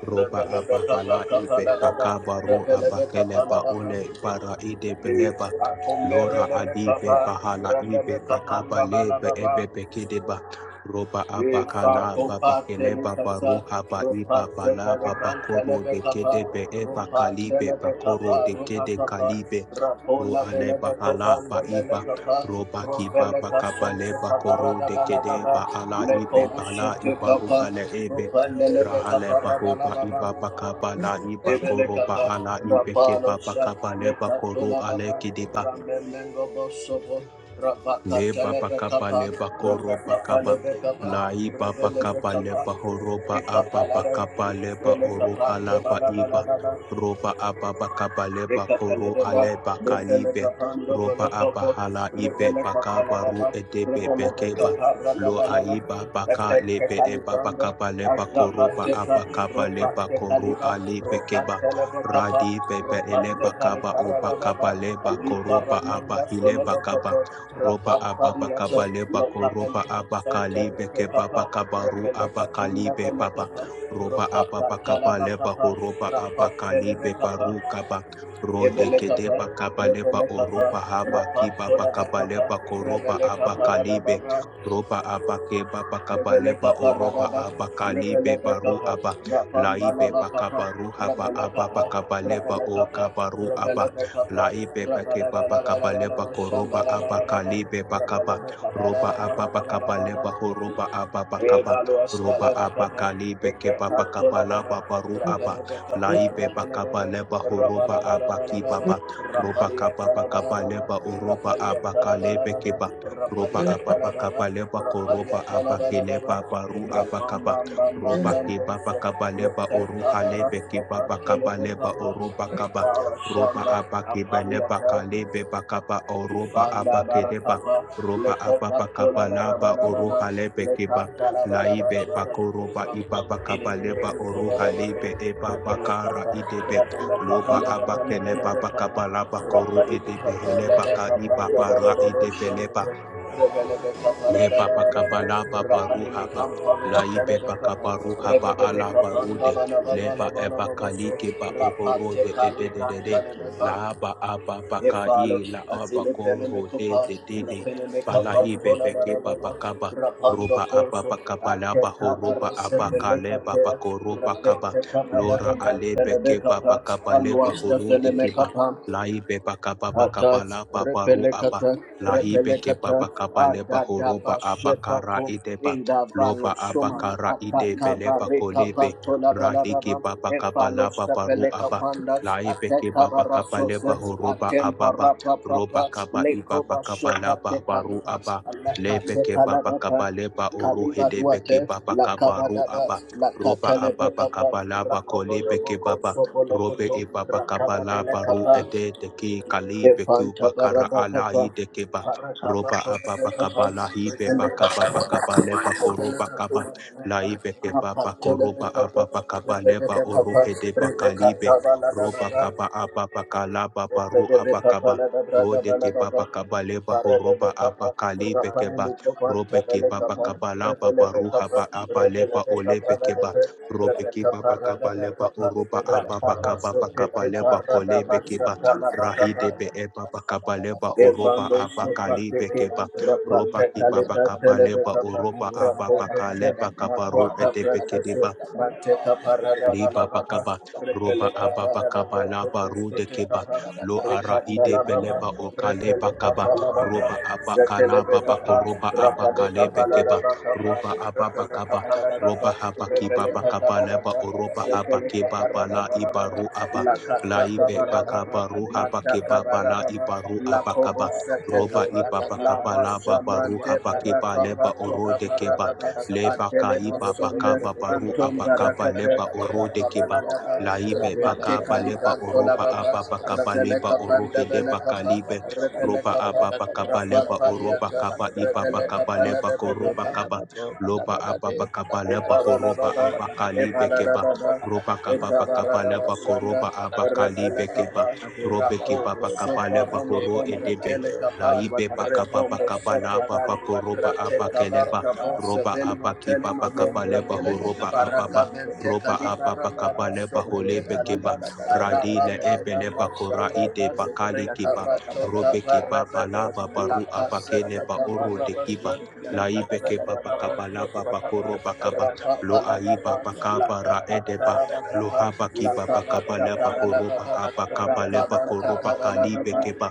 Speaker 2: roba abahala ibe bakabaru abakele ba ole bara ide beleba
Speaker 1: come there,
Speaker 2: lora adibe
Speaker 1: Rebecca,
Speaker 2: bahala ibe
Speaker 1: Rebecca,
Speaker 2: baka balebe ebe
Speaker 1: Rebecca,
Speaker 2: bekideba Roba
Speaker 1: E
Speaker 2: abakala
Speaker 1: Fakopa
Speaker 2: babakele babaru
Speaker 1: Telecasa,
Speaker 2: haba
Speaker 1: Ropa
Speaker 2: iba bala
Speaker 1: Telegram
Speaker 2: babakoro de
Speaker 1: Telebekapa,
Speaker 2: kede be eba
Speaker 1: Ropa
Speaker 2: kalibe bakoro
Speaker 1: Telebekapa,
Speaker 2: de
Speaker 1: Ropa
Speaker 2: kede
Speaker 1: Kapa,
Speaker 2: kalibe ro
Speaker 1: Rapola
Speaker 2: ale bahala
Speaker 1: Belebekopa,
Speaker 2: ba iba roba kiba bakabale bakoro de kede ba ala ibe bala iba
Speaker 1: the
Speaker 2: ruhale ebe rahale bahoba
Speaker 1: Thank
Speaker 2: iba
Speaker 1: you.
Speaker 2: bakabala iba koro ba
Speaker 1: Ebelekata,
Speaker 2: ala ibe keba
Speaker 1: Rapalosha,
Speaker 2: bakabale bakoro ale
Speaker 1: Lekatolababa,
Speaker 2: kidi
Speaker 1: Ramenengo Bosobo, Rabakata
Speaker 2: Leba bakaba
Speaker 1: Lebekapa,
Speaker 2: leba koroba
Speaker 1: Rebekapa
Speaker 2: kaba.
Speaker 1: Lebekapa,
Speaker 2: Laiba bakaba
Speaker 1: Rebelekapa,
Speaker 2: leba horoba aba
Speaker 1: Ekapalada,
Speaker 2: bakaba leba
Speaker 1: Belekapa,
Speaker 2: oroha laba iba.
Speaker 1: Tobalabalababa,
Speaker 2: Roba aba bakaba leba koro
Speaker 1: Rekapeledeba,
Speaker 2: aleba kalibe.
Speaker 1: Rekelekapando
Speaker 2: Roba aba
Speaker 1: Bolokopo,
Speaker 2: hala ibe bakaba ru
Speaker 1: Rebelekapaladaba,
Speaker 2: edebe bekeba. Lo
Speaker 1: Rebelekaparadabalaga,
Speaker 2: aiba baka lebe eba
Speaker 1: Epekekalitando,
Speaker 2: bakaba leba koroba
Speaker 1: Ashkapateka,
Speaker 2: aba kaba leba koro
Speaker 1: Ropatekaliba,
Speaker 2: alebe keba.
Speaker 1: Ropakelekapa,
Speaker 2: Radi bebe eleba kaba oba
Speaker 1: Ropatekaliparadaba,
Speaker 2: kaba leba koroba aba
Speaker 1: Aliparamanda
Speaker 2: hileba kaba
Speaker 1: Solokopo,
Speaker 2: roba ababa
Speaker 1: Rapapadiato,
Speaker 2: kabale bako roba
Speaker 1: Lokapeleko Santa
Speaker 2: abakali beke
Speaker 1: Rekapa,
Speaker 2: baba kabaru abakali
Speaker 1: Repelekatunda
Speaker 2: be baba
Speaker 1: Belekapa,
Speaker 2: roba ababa kabale
Speaker 1: Ropakalabakapa,
Speaker 2: baho roba abakali be
Speaker 1: Rapapelebekapa,
Speaker 2: baru kaba rode kede
Speaker 1: Ebelekapa,
Speaker 2: bakabale ba
Speaker 1: Rebelekapa,
Speaker 2: oroba haba kibaba kabale
Speaker 1: Rapatolabakapa,
Speaker 2: bako roba
Speaker 1: Rebelekapa
Speaker 2: abakali be
Speaker 1: Radababa,
Speaker 2: roba abake baba kabale ba
Speaker 1: Rebelekapa
Speaker 2: oroba
Speaker 1: Radaba,
Speaker 2: abakali be baru
Speaker 1: Rebelekapa,
Speaker 2: aba laibe
Speaker 1: Rapambalabakapa,
Speaker 2: bakabaru haba
Speaker 1: Rebelekapa,
Speaker 2: ababa kabale ba o
Speaker 1: Rebelekapa,
Speaker 2: kabaru aba
Speaker 1: Rebelekapa,
Speaker 2: La laibe beke baba kaba leba
Speaker 1: Rabalabalabalabala,
Speaker 2: koroba abaka
Speaker 1: Shambalabalabalaba,
Speaker 2: libe bakaba
Speaker 1: Rabalabakapa,
Speaker 2: roba ababa kaba
Speaker 1: Radababa,
Speaker 2: leba roba
Speaker 1: Rapalia
Speaker 2: ababa kaba roba abaka libe ke baba kaba laba baru aba
Speaker 4: My
Speaker 2: laibe bakaba leba roba abaki baba roba kaba bakaba ba oroba abaka lebe keba roba ababa kaba leba koroba abakele babaru baru abakaba roba ke baba kaba leba oruha lebe ke baba kaba leba oroba kaba roba abake belebaka lebe bakaba oroba
Speaker 1: Banda
Speaker 2: abake
Speaker 1: Barakapa,
Speaker 2: roba ababa
Speaker 1: Lekopatola
Speaker 2: kabalaba
Speaker 1: Barabarabara,
Speaker 2: oroha lebe keba
Speaker 1: Lekatala
Speaker 2: laibe
Speaker 1: Barabarabara,
Speaker 2: bakoroba
Speaker 1: Rakam
Speaker 2: ibaba kabaleba
Speaker 1: Illumination
Speaker 2: oroha
Speaker 1: Kobarabara,
Speaker 2: lebe eba bakara
Speaker 1: Betelekapa,
Speaker 2: idebe
Speaker 1: Rapelekapa,
Speaker 2: loba abake leba
Speaker 1: Lebelekapa,
Speaker 2: bakabalaba koro edebe
Speaker 1: Rakalibikapa,
Speaker 2: helebaka
Speaker 1: Lebekapa, Lebarabara,
Speaker 2: idebe leba.
Speaker 1: Shundra, Rebelekapa,
Speaker 2: Leba
Speaker 1: Lebarabara,
Speaker 2: bakabala babaruhaba.
Speaker 1: Rakanimikam, Pamua
Speaker 2: Laibe
Speaker 1: Telebekapa,
Speaker 2: bakabaruhaba
Speaker 1: Rebelekapa,
Speaker 2: alabarude.
Speaker 1: Lebarabara,
Speaker 2: Leba eba
Speaker 1: Lebarabara,
Speaker 2: kalike ba
Speaker 1: Rapate
Speaker 2: ogorode
Speaker 1: Kalibran
Speaker 2: edededede.
Speaker 1: Telebekapa,
Speaker 2: Laaba aba
Speaker 1: Yes,
Speaker 2: bakai
Speaker 1: azile
Speaker 2: la
Speaker 1: I see
Speaker 2: aba
Speaker 1: the penny
Speaker 2: koro
Speaker 1: make up
Speaker 2: de
Speaker 1: heart,
Speaker 2: de e de
Speaker 1: the
Speaker 2: de.
Speaker 1: penny make up
Speaker 2: Bala
Speaker 1: heart,
Speaker 2: ibe
Speaker 1: Bola
Speaker 2: beke
Speaker 1: Barababa,
Speaker 2: babakaba. Roba
Speaker 1: Rapando
Speaker 2: aba
Speaker 1: Corso,
Speaker 2: bakabala
Speaker 1: Aketa
Speaker 2: bahoroba
Speaker 1: Barasa,
Speaker 2: aba
Speaker 1: the
Speaker 2: kaleba
Speaker 1: Lecatea,
Speaker 2: bakoroba kaba.
Speaker 1: Rapeta Capada,
Speaker 2: Lora
Speaker 1: the
Speaker 2: alebe keba
Speaker 1: Telebeca,
Speaker 2: bakabale
Speaker 1: Alua
Speaker 2: bahorode
Speaker 1: Stephanie make
Speaker 2: kiba.
Speaker 1: up
Speaker 2: Laibe bakaba
Speaker 1: Atas
Speaker 2: bakabala babaru aba.
Speaker 1: repelekata
Speaker 2: Lahibe
Speaker 1: repelekata
Speaker 2: kebaba kaba
Speaker 1: adadaba
Speaker 2: horoba abakara
Speaker 1: shepato
Speaker 2: ideba
Speaker 1: inda
Speaker 2: loba
Speaker 1: valo soma
Speaker 2: abakara
Speaker 1: ataka
Speaker 2: idebe leba
Speaker 1: bareka
Speaker 2: kolebe
Speaker 1: pato la
Speaker 2: radiki
Speaker 1: balababa
Speaker 2: baba kaba
Speaker 1: efalo
Speaker 2: baru
Speaker 1: sepeleka
Speaker 2: aba
Speaker 1: panda
Speaker 2: laibe
Speaker 1: ateka
Speaker 2: kebaba kaba
Speaker 1: barasose
Speaker 2: horoba
Speaker 1: atempa
Speaker 2: ababa
Speaker 1: rapa
Speaker 2: roba
Speaker 1: papa
Speaker 2: kaba
Speaker 1: leko
Speaker 2: ibaba kaba
Speaker 1: bashota
Speaker 2: baru
Speaker 1: tekaliba
Speaker 2: aba
Speaker 1: aleka
Speaker 2: lebe kebaba
Speaker 1: tekalababa
Speaker 2: kaba leba
Speaker 1: Kaliba
Speaker 2: oruhedebe
Speaker 1: Duate,
Speaker 2: kebaba
Speaker 1: La
Speaker 2: kaba ru
Speaker 1: Cabadaba,
Speaker 2: aba
Speaker 1: La
Speaker 2: roba
Speaker 1: Catele
Speaker 2: ababa
Speaker 1: Becapa,
Speaker 2: kaba
Speaker 1: Racobo
Speaker 2: kolebe kebaba Robe
Speaker 1: Soboloko,
Speaker 2: e baba
Speaker 1: Rakaba de
Speaker 2: kabala
Speaker 1: la
Speaker 2: baru
Speaker 1: Capa,
Speaker 2: ede deke kali beku
Speaker 1: Efanta
Speaker 2: bakara
Speaker 1: barada kapa,
Speaker 2: alai dekeba.
Speaker 1: parada
Speaker 2: Roba
Speaker 1: batola
Speaker 2: ababa
Speaker 1: de kapa,
Speaker 2: kabala hibe
Speaker 1: rezende
Speaker 2: baka
Speaker 1: kapa da
Speaker 2: baba
Speaker 1: kapa,
Speaker 2: kabale bako
Speaker 1: rezende
Speaker 2: roba
Speaker 1: kapa
Speaker 2: kaba
Speaker 1: da
Speaker 2: lai
Speaker 1: kapa,
Speaker 2: beke baba
Speaker 1: rapa tele
Speaker 2: koroba
Speaker 1: de kapa,
Speaker 2: ababa kabale
Speaker 1: rezende
Speaker 2: ba
Speaker 1: de kapa,
Speaker 2: orohe de
Speaker 1: rezende
Speaker 2: bakalibe
Speaker 1: kapa da la da da
Speaker 2: roba
Speaker 1: da,
Speaker 2: kaba ababa kalaba baru
Speaker 1: efende de kapa
Speaker 2: abakaba
Speaker 1: la da da da da
Speaker 2: rode
Speaker 1: la
Speaker 2: ke
Speaker 1: da da,
Speaker 2: baba kabale ba
Speaker 1: parada de
Speaker 2: horoba
Speaker 1: kapa,
Speaker 2: abakali
Speaker 1: rapa
Speaker 2: beke
Speaker 1: ni
Speaker 2: ba
Speaker 3: Thank
Speaker 1: muko panta
Speaker 2: robe ke
Speaker 1: bele
Speaker 2: baba
Speaker 1: kapa,
Speaker 2: kabala ba
Speaker 1: rezende de
Speaker 2: baru
Speaker 1: kapa,
Speaker 2: haba abale
Speaker 1: rezende
Speaker 2: ba
Speaker 1: de
Speaker 2: ole
Speaker 1: kapa la
Speaker 2: beke
Speaker 1: da
Speaker 2: ba
Speaker 1: da, rezende
Speaker 2: Robeki
Speaker 1: kapa
Speaker 2: Baba
Speaker 1: rada da
Speaker 2: Kabaleba
Speaker 1: kapa,
Speaker 2: Uruba
Speaker 1: rapa
Speaker 2: Ababa
Speaker 1: baso
Speaker 2: Kababa
Speaker 1: ke ke
Speaker 2: Kabaleba
Speaker 1: parada
Speaker 2: Kolebe
Speaker 1: basa kala da kapa, radaba
Speaker 2: Kiba
Speaker 1: satala bakapa,
Speaker 2: Rahidebe Ebaba Kabaleba Huruba
Speaker 1: Evando
Speaker 2: Abakalibe
Speaker 1: Sopateke,
Speaker 2: Kiba Roba Kibaba
Speaker 1: Rapatekaleta
Speaker 2: Kabaleba
Speaker 1: Telebekapa,
Speaker 2: Uruba Ababa
Speaker 1: Rapodoshe,
Speaker 2: Kaleba Kabaru
Speaker 1: Matwaka
Speaker 2: Edebe
Speaker 1: Prasoshe,
Speaker 2: Kedeba
Speaker 1: Mateka Parada
Speaker 2: Liba
Speaker 1: Balababa,
Speaker 2: bakaba roba
Speaker 1: Repeleka
Speaker 2: ababa kaba
Speaker 1: Palada
Speaker 2: laba rude
Speaker 1: Prasoshe,
Speaker 2: keba lo arahide
Speaker 1: Rekatalababa,
Speaker 2: beleba okale
Speaker 1: Repeleka
Speaker 2: bakaba
Speaker 1: Palababa,
Speaker 2: roba
Speaker 3: you.
Speaker 2: abaka
Speaker 3: Arre
Speaker 2: laba bako
Speaker 1: Zetelebekapa,
Speaker 2: roba abaka
Speaker 1: Rapaleka
Speaker 2: lebe
Speaker 1: Palada
Speaker 2: keba
Speaker 1: Bakapa,
Speaker 2: roba ababa
Speaker 1: Repeleka
Speaker 2: kaba roba
Speaker 1: Palakapa,
Speaker 2: habaki baba
Speaker 1: Repeleka
Speaker 2: kaba leba
Speaker 1: Palada
Speaker 2: oroba habaki
Speaker 1: Zekeleka
Speaker 2: baba
Speaker 1: barada
Speaker 2: la
Speaker 1: balada, la Sekeleka parada
Speaker 2: ibaru
Speaker 1: balababa,
Speaker 2: aba
Speaker 1: lakata
Speaker 2: la ibe
Speaker 1: kabarababa,
Speaker 2: bakaba ruha baki
Speaker 1: mataka
Speaker 2: baba la
Speaker 1: barababa,
Speaker 2: ibaru abakaba
Speaker 1: lakobo
Speaker 2: roba
Speaker 1: setekapa,
Speaker 2: ibaba kaba
Speaker 1: laba
Speaker 2: laba baru
Speaker 1: shamante
Speaker 2: habaki ba
Speaker 1: barakapa
Speaker 2: leba
Speaker 1: toka
Speaker 2: orode keba
Speaker 1: paradaba,
Speaker 2: leba
Speaker 1: atele
Speaker 2: kaiba
Speaker 1: masonde,
Speaker 2: bakaba baru
Speaker 1: anton
Speaker 2: abakaba
Speaker 1: barakape,
Speaker 2: leba orode keba
Speaker 1: rakabaladaba,
Speaker 2: laibe
Speaker 1: rapate
Speaker 2: bakaba leba
Speaker 1: kalikanto
Speaker 2: oroba
Speaker 1: lababa,
Speaker 2: aba bakaba leba
Speaker 1: reveleka
Speaker 2: orohede
Speaker 1: pandabelekapa,
Speaker 2: bakalibe roba
Speaker 1: revelekapa,
Speaker 2: aba bakaba leba oroba
Speaker 1: rapapaliata,
Speaker 2: kaba iba
Speaker 1: reveleka
Speaker 2: bakaba leba koroba
Speaker 1: paladebekapa,
Speaker 2: kaba loba aba bakaba leba horoba
Speaker 1: Ekabalababa,
Speaker 2: aba kalibe keba
Speaker 1: Epaladababa,
Speaker 2: roba kaba bakaba leba
Speaker 1: Ekabaradabashanda,
Speaker 2: koroba aba kalibe
Speaker 1: Repelekapa,
Speaker 2: keba robe keba
Speaker 1: Rakobo,
Speaker 2: bakaba
Speaker 1: Sopa,
Speaker 2: leba horo
Speaker 1: Romocombra,
Speaker 2: edebe
Speaker 1: Telekapa,
Speaker 2: laibe bakaba
Speaker 1: Repombo,
Speaker 2: bakaba laba
Speaker 1: Sototali,
Speaker 2: bakoroba aba
Speaker 1: Ratekabar,
Speaker 2: keleba
Speaker 3: Everybody
Speaker 1: Cabo,
Speaker 2: roba
Speaker 1: Sevelma,
Speaker 2: abaki
Speaker 1: Telima,
Speaker 2: baba
Speaker 3: Thank
Speaker 1: Longra,
Speaker 2: kabaleba
Speaker 1: Vile,
Speaker 2: horoba ababa
Speaker 1: Paracabente,
Speaker 2: roba
Speaker 1: Caliba,
Speaker 2: ababa
Speaker 1: Randaba,
Speaker 2: kabaleba
Speaker 1: Sobete,
Speaker 2: holebe
Speaker 1: Caliba,
Speaker 2: kiba radile
Speaker 1: Arabamba, Mama,
Speaker 2: ebeleba kora ide
Speaker 1: Shandaba,
Speaker 2: bakali kiba
Speaker 1: Recabato,
Speaker 2: robe kiba
Speaker 1: Cabarababo,
Speaker 2: balaba
Speaker 1: La
Speaker 2: baru
Speaker 1: Casete,
Speaker 2: abakeleba orode kiba
Speaker 1: Cabarabas,
Speaker 2: laibe keba
Speaker 1: La
Speaker 2: bakabalaba bakoroba kaba lo aiba bakaba raedeba lo haba kiba bakabaleba horoba abakabaleba koroba kalibe bekeba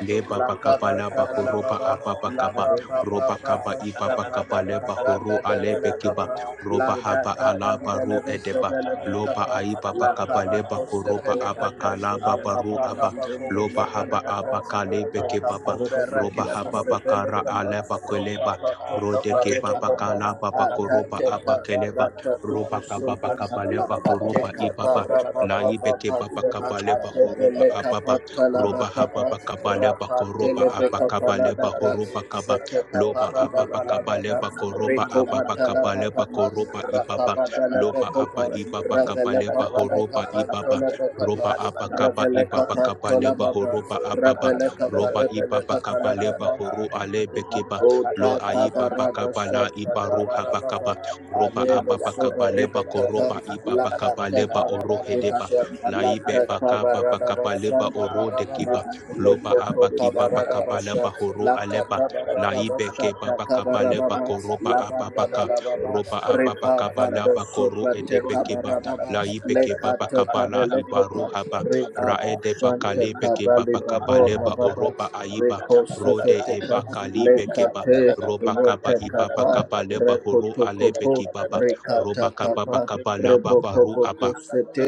Speaker 2: leba bakaba laba horoba ababa
Speaker 3: Thank
Speaker 2: kaba roba
Speaker 3: you.
Speaker 2: kaba ibaba kaba leba horu alebe kiba roba
Speaker 1: La
Speaker 2: haba
Speaker 1: Takaban
Speaker 2: alaba ru
Speaker 1: Beleveso
Speaker 2: edeba loba
Speaker 1: Belevecapa,
Speaker 2: aiba
Speaker 1: La
Speaker 2: bakaba leba
Speaker 1: Cabatos de
Speaker 2: koroba
Speaker 1: Pelecata,
Speaker 2: abakalaba baru aba
Speaker 1: Abaparabacomja
Speaker 2: loba haba
Speaker 1: Peleata, and
Speaker 2: abakalebe
Speaker 1: the
Speaker 2: kibaba roba
Speaker 1: Capomberakis
Speaker 2: haba
Speaker 1: de
Speaker 2: bakara
Speaker 1: Pelecapa,
Speaker 2: aleba kweleba
Speaker 1: Rocapato
Speaker 2: rode kibaba
Speaker 1: Caparelecapa,
Speaker 2: kalaba bakoroba
Speaker 1: Atateca
Speaker 2: abakeleba
Speaker 1: Barata
Speaker 2: roba kaba bakaba
Speaker 1: Cubusote, La
Speaker 2: leba horoba
Speaker 1: Cateca
Speaker 2: ibaba laibe kibaba
Speaker 1: Parababa.
Speaker 2: kaba leba horoba
Speaker 1: Adebele
Speaker 2: ababa
Speaker 1: kapatala
Speaker 2: roba
Speaker 1: bakapa
Speaker 2: hababa
Speaker 3: can't
Speaker 2: kabaleba
Speaker 3: Thank
Speaker 2: koroba
Speaker 1: rapatele bekapala
Speaker 2: abakabaleba
Speaker 1: dabra
Speaker 2: horoba kaba
Speaker 1: zete
Speaker 2: loba
Speaker 1: kapara
Speaker 2: ababa
Speaker 1: dabala baba
Speaker 2: kabaleba koroba
Speaker 1: reko
Speaker 2: ababa
Speaker 1: batala
Speaker 2: kabaleba
Speaker 1: bakapa
Speaker 2: koroba ibaba
Speaker 1: rakabadala
Speaker 2: loba aba
Speaker 1: bekopa
Speaker 2: hibaba
Speaker 1: ravele
Speaker 2: kabaleba
Speaker 1: kapale
Speaker 2: horoba ibaba
Speaker 1: kapantola bekapa
Speaker 2: roba aba kaba
Speaker 1: ravele
Speaker 2: ibaba
Speaker 1: kapantola
Speaker 2: kabaleba
Speaker 1: baba
Speaker 2: horoba ababa
Speaker 1: ravele
Speaker 2: roba
Speaker 1: kapade bele
Speaker 2: ibaba
Speaker 1: kapala
Speaker 2: kabaleba
Speaker 1: baba
Speaker 2: horo alebe kiba lo
Speaker 1: Ota
Speaker 2: aibaba
Speaker 1: kabarada
Speaker 2: kabala
Speaker 1: shanta
Speaker 2: ibaru
Speaker 1: kabarababa
Speaker 2: habakaba roba
Speaker 1: atebe
Speaker 2: ababa
Speaker 1: suve
Speaker 2: kabaleba
Speaker 1: ribe kapa
Speaker 2: koroba ibaba
Speaker 1: lakata
Speaker 2: kabaleba
Speaker 1: kabarada
Speaker 2: orohedeba
Speaker 1: basha
Speaker 2: laibe
Speaker 1: lakata
Speaker 2: baka baba
Speaker 1: kabarada
Speaker 2: kaba
Speaker 3: you.
Speaker 2: leba
Speaker 1: bashanda
Speaker 2: oro de
Speaker 1: barababa
Speaker 2: kiba loba
Speaker 1: lekoto
Speaker 2: aba kiba
Speaker 1: kabarada
Speaker 2: baka ba
Speaker 1: basha
Speaker 2: leba horo
Speaker 1: lakata
Speaker 2: aleba
Speaker 1: kabarada
Speaker 2: laibe ke
Speaker 1: bashata
Speaker 2: baba kaba leba
Speaker 1: kabarababa
Speaker 2: koroba aba
Speaker 1: labanda
Speaker 2: baka
Speaker 1: balababa
Speaker 2: roba aba
Speaker 1: riba
Speaker 2: baka ba
Speaker 1: vando
Speaker 2: laba koro
Speaker 1: supate
Speaker 2: edebe kiba
Speaker 1: kabarababa
Speaker 2: laibe ke baba
Speaker 1: lekata
Speaker 2: kaba la
Speaker 1: kabele
Speaker 2: iba
Speaker 1: kopa
Speaker 2: roha ba
Speaker 1: riba
Speaker 2: raede baka
Speaker 1: bashante
Speaker 2: lebe ke
Speaker 1: kabali
Speaker 2: baba kaba
Speaker 1: babora
Speaker 2: leba
Speaker 1: baba
Speaker 2: oroba aiba
Speaker 1: Reko
Speaker 2: rode eba
Speaker 1: sefeteka le
Speaker 2: kalibe keba
Speaker 1: kape
Speaker 2: roba kaba iba
Speaker 1: rotekapa
Speaker 2: baka ba leba horo alebe
Speaker 1: rekotokopo
Speaker 2: kibaba roba kaba
Speaker 1: rekatakapa
Speaker 2: baka ba baru
Speaker 1: rebokoboko
Speaker 2: aba
Speaker 1: sete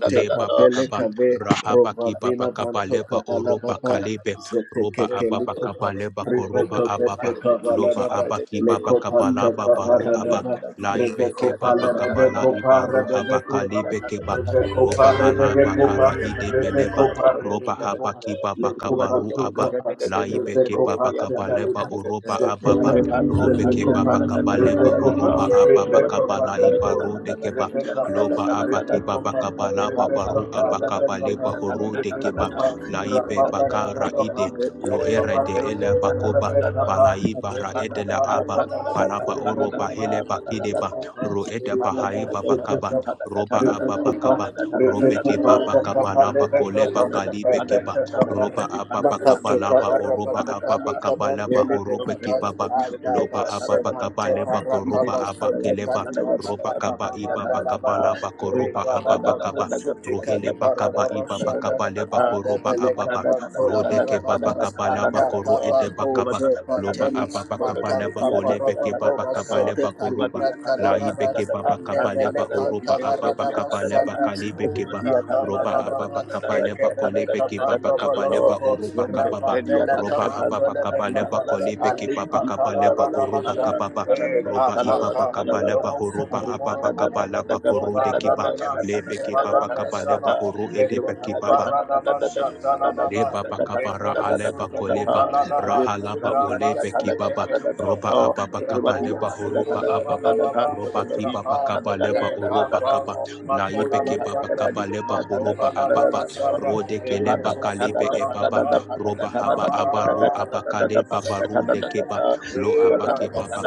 Speaker 3: Thank you.
Speaker 2: leba
Speaker 3: Repanta
Speaker 1: kapele
Speaker 2: bakaba
Speaker 1: kave
Speaker 2: rahaba
Speaker 1: rovavina
Speaker 2: kibaba kaba
Speaker 1: vanto
Speaker 2: leba
Speaker 1: kabala
Speaker 2: oroba
Speaker 1: baba
Speaker 2: kalebe roba ababa
Speaker 1: zetekekelikopa
Speaker 2: kaba leba koroba
Speaker 1: rivekapete
Speaker 2: ababa loba
Speaker 1: kavaladaba
Speaker 2: abaki baba,
Speaker 1: lekopate
Speaker 2: kabala laba baru aba
Speaker 1: paparadaba
Speaker 2: laibe
Speaker 1: Rebekopa
Speaker 2: keba bakaba la
Speaker 1: Lebekopa
Speaker 2: ibaru haba
Speaker 1: Rebekopa
Speaker 2: kalibe keba
Speaker 1: Rebekopa
Speaker 2: roba halaba
Speaker 1: Rebekopa
Speaker 2: kara ide beleba
Speaker 1: Rebekopa
Speaker 2: roba haba
Speaker 1: Rebekopa
Speaker 2: kibaba
Speaker 1: Lekopa
Speaker 2: kabaru aba
Speaker 1: Tukapa
Speaker 2: laibe keba
Speaker 1: Rebekopa
Speaker 2: bakaba leba
Speaker 1: Tetalina
Speaker 2: oroba
Speaker 1: Zeteka
Speaker 2: ababa robe keba
Speaker 1: Rebekopa
Speaker 2: bakaba leba
Speaker 1: Rebekopa
Speaker 2: horoba ababa kaba
Speaker 1: Rebekopa
Speaker 2: la ibaru
Speaker 1: Kator
Speaker 2: de keba
Speaker 1: Rebecca, Rebecca,
Speaker 2: loba abakiba
Speaker 1: Rebecca,
Speaker 3: Thank
Speaker 2: bakabala baru
Speaker 1: Rebecca,
Speaker 2: abakabale horu de
Speaker 1: Rebecca,
Speaker 2: kiba laibe
Speaker 1: Rababa,
Speaker 2: bakara
Speaker 1: Rebecca,
Speaker 2: ide
Speaker 1: Rebecca,
Speaker 2: loere
Speaker 1: Rebecca,
Speaker 2: de ele bakoba balaiba ra edela aba balaba oro bahile
Speaker 1: Rebecca,
Speaker 2: bakideba ro
Speaker 1: Rebecca,
Speaker 2: ede
Speaker 1: Rebecca,
Speaker 2: bahaiba
Speaker 1: Rebecca,
Speaker 2: bakaba
Speaker 1: Rebecca, Rebecca
Speaker 2: roba aba bakaba robe kiba bakabalaba koleba kalibe kiba roba aba bakabalaba oroba aba bakabala horobe kibaba loba aba bakabale koroba aba keleba roba kaba iba bakaba
Speaker 3: you.
Speaker 2: laba
Speaker 3: Rebecca,
Speaker 2: koroba ababa kaba rohele bakaba iba bakaba leba
Speaker 1: Anda
Speaker 2: koroba
Speaker 1: beleka
Speaker 2: ababa
Speaker 1: pantola
Speaker 2: rode keba
Speaker 1: barababa.
Speaker 2: bakaba laba
Speaker 1: Anda
Speaker 2: koro
Speaker 1: kaba
Speaker 2: ede bakaba
Speaker 1: koze
Speaker 2: loba
Speaker 1: pateli.
Speaker 2: ababa kaba laba
Speaker 1: Matanka
Speaker 2: holebe keba
Speaker 1: parabako
Speaker 2: bakaba
Speaker 1: basete
Speaker 2: leba koroba
Speaker 1: kalibra
Speaker 2: laibe
Speaker 1: talababa.
Speaker 2: keba
Speaker 1: Anda
Speaker 2: bakaba leba horoba
Speaker 1: belekanta
Speaker 2: ababa
Speaker 1: baradaba
Speaker 2: kaba leba
Speaker 1: sanda.
Speaker 2: kalibe keba
Speaker 1: Uta
Speaker 2: roba ababa
Speaker 1: kamarababa.
Speaker 2: kaba leba
Speaker 1: Eke
Speaker 2: kolebe
Speaker 1: beleka
Speaker 2: keba
Speaker 1: pando
Speaker 2: bakaba leba
Speaker 1: bolokopo.
Speaker 2: oroba kababa
Speaker 1: Rapa beleka
Speaker 2: roba ababa
Speaker 1: mantole
Speaker 2: kaba leba
Speaker 1: belekapa.
Speaker 2: kolebe keba
Speaker 1: Alipa
Speaker 2: bakaba leba
Speaker 1: kamarada
Speaker 2: oroba
Speaker 1: lasha.
Speaker 2: kababa
Speaker 1: E
Speaker 2: roba
Speaker 1: kaka
Speaker 2: ibaba
Speaker 1: kaka.
Speaker 2: kabala
Speaker 1: Omo
Speaker 2: bahoroba
Speaker 1: soto
Speaker 2: ababa kabala
Speaker 1: porokobo.
Speaker 2: bakoro de
Speaker 1: Zova
Speaker 2: kiba
Speaker 1: Ramanas,
Speaker 2: lebe kibaba
Speaker 1: Keparanda
Speaker 2: kabale
Speaker 1: Shava,
Speaker 2: bahoro edebe
Speaker 1: Lekoto
Speaker 2: kibaba
Speaker 1: Paradaba Shatanababa,
Speaker 2: Leba bakabara aleba
Speaker 1: Rekobosu Toko
Speaker 2: koleba
Speaker 1: Paladaba,
Speaker 2: rahalaba
Speaker 1: Ramba
Speaker 2: olebe kibaba roba
Speaker 1: Sokepa,
Speaker 2: ababa kaba
Speaker 1: Rakobo
Speaker 2: leba horoba
Speaker 1: Suto
Speaker 2: ababa
Speaker 1: Kabalababa,
Speaker 2: roba kibaba
Speaker 1: Rapa,
Speaker 2: kaba leba oroba
Speaker 1: Ekapa,
Speaker 2: kaba laibe
Speaker 1: Matola
Speaker 2: kebaba
Speaker 1: Bashanda,
Speaker 2: kaba leba horoba
Speaker 1: Matoka
Speaker 2: ababa
Speaker 1: Lababa Shanda,
Speaker 2: rode keleba
Speaker 1: Elekosu
Speaker 2: kalebe ebaba
Speaker 1: Palakapa,
Speaker 2: roba haba abaru
Speaker 1: Kamalababa,
Speaker 2: abakale baba keba
Speaker 3: Everyone
Speaker 2: lo abakebaba baba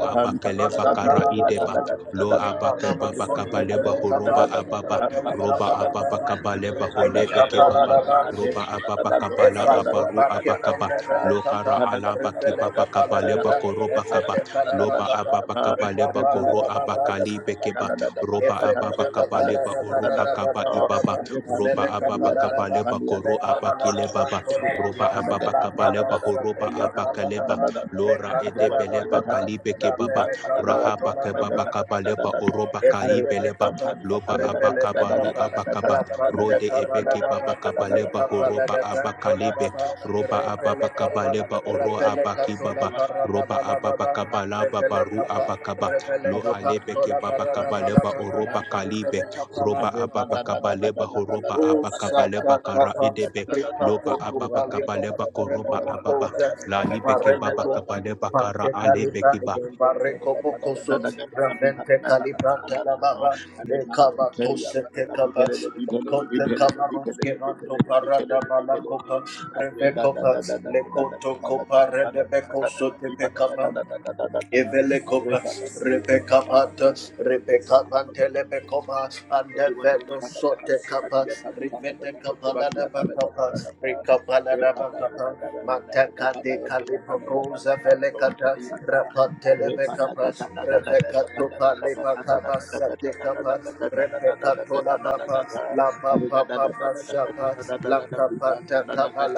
Speaker 2: abakeleba kara ideba lo abakebaba baba kaba leba horoba ababa roba ababa kaba leba holebe kebaba roba ababakabala abaru abakaba lokara alaba kibabakabale bakoroba kaba loba ababakabale bakoro abakali bekeba roba ababakabale ba oruha kaba ibaba roba ababakabale bakoro abakile baba roba ababakabale bahoroba abakaleba lora edebele bakalibe kebaba rahaba kebaba
Speaker 1: Thank
Speaker 2: kabaleba
Speaker 3: Everyone
Speaker 2: oroba kaibeleba
Speaker 1: Efebekapa,
Speaker 2: loba abakabaru
Speaker 1: Revelebekapa,
Speaker 2: abakaba Rode
Speaker 1: Rapatekaba
Speaker 2: Ebeke
Speaker 1: Lababa,
Speaker 2: Baba Kabaleba
Speaker 1: Lekapa
Speaker 2: Horoba
Speaker 1: Ladabranto
Speaker 2: Abakalebe
Speaker 1: Lababa,
Speaker 2: Roba Ababa
Speaker 1: Repelekapa,
Speaker 2: Kabaleba Oro Abaki
Speaker 1: Rapelekatola
Speaker 2: Baba
Speaker 1: Paradaba
Speaker 2: Roba Ababa
Speaker 1: Lababa,
Speaker 2: Kabalaba Baru
Speaker 1: Revelekapa,
Speaker 2: Abakaba Lo
Speaker 1: Revelekapa
Speaker 2: Alebeke
Speaker 1: Tola
Speaker 2: Baba
Speaker 1: Paradaba
Speaker 2: Kabaleba
Speaker 1: Lababa,
Speaker 2: Oroba Kalibe
Speaker 1: Revelekapa
Speaker 2: Roba Ababa
Speaker 1: Lababa.
Speaker 2: Kabaleba Horoba
Speaker 1: O Saka
Speaker 2: Abakabaleba Kara
Speaker 1: Kapa,
Speaker 2: Edebe
Speaker 1: Ripato
Speaker 2: Loba Ababa
Speaker 1: Kupalipa,
Speaker 2: Kabaleba
Speaker 1: Remo
Speaker 2: Koroba Ababa
Speaker 1: Bokoza,
Speaker 2: La Ibeke Baba
Speaker 1: Paremeco,
Speaker 3: Abraham
Speaker 2: Kabaleba Kara
Speaker 1: Manke
Speaker 2: Alebeke
Speaker 1: Kalibra,
Speaker 3: Thank
Speaker 2: ba
Speaker 1: Bareko Bokoso, Ravente Kalibra, Talababa, Ekaba Tose Tekaba, Lekonte Kamaruske Manto Parada Balakopa, Rebekopa, Lekoto Kopa, Redebekoso Evelekopa, Rebecca Panta, Rebecca
Speaker 3: you
Speaker 1: Pantelebekopa, and the
Speaker 3: everyone who
Speaker 1: Vedo
Speaker 3: has
Speaker 1: Sote Kappa, Rivete Kapalada Bakapa, Rikapalada Bakapa, Mataka de Calipocosa Velecata, Rapantelebekapa, Rebecca Topa Lebakaba Sate Kappa, Rebecca Tola Papa, La Papa Papa Shapa, La Capata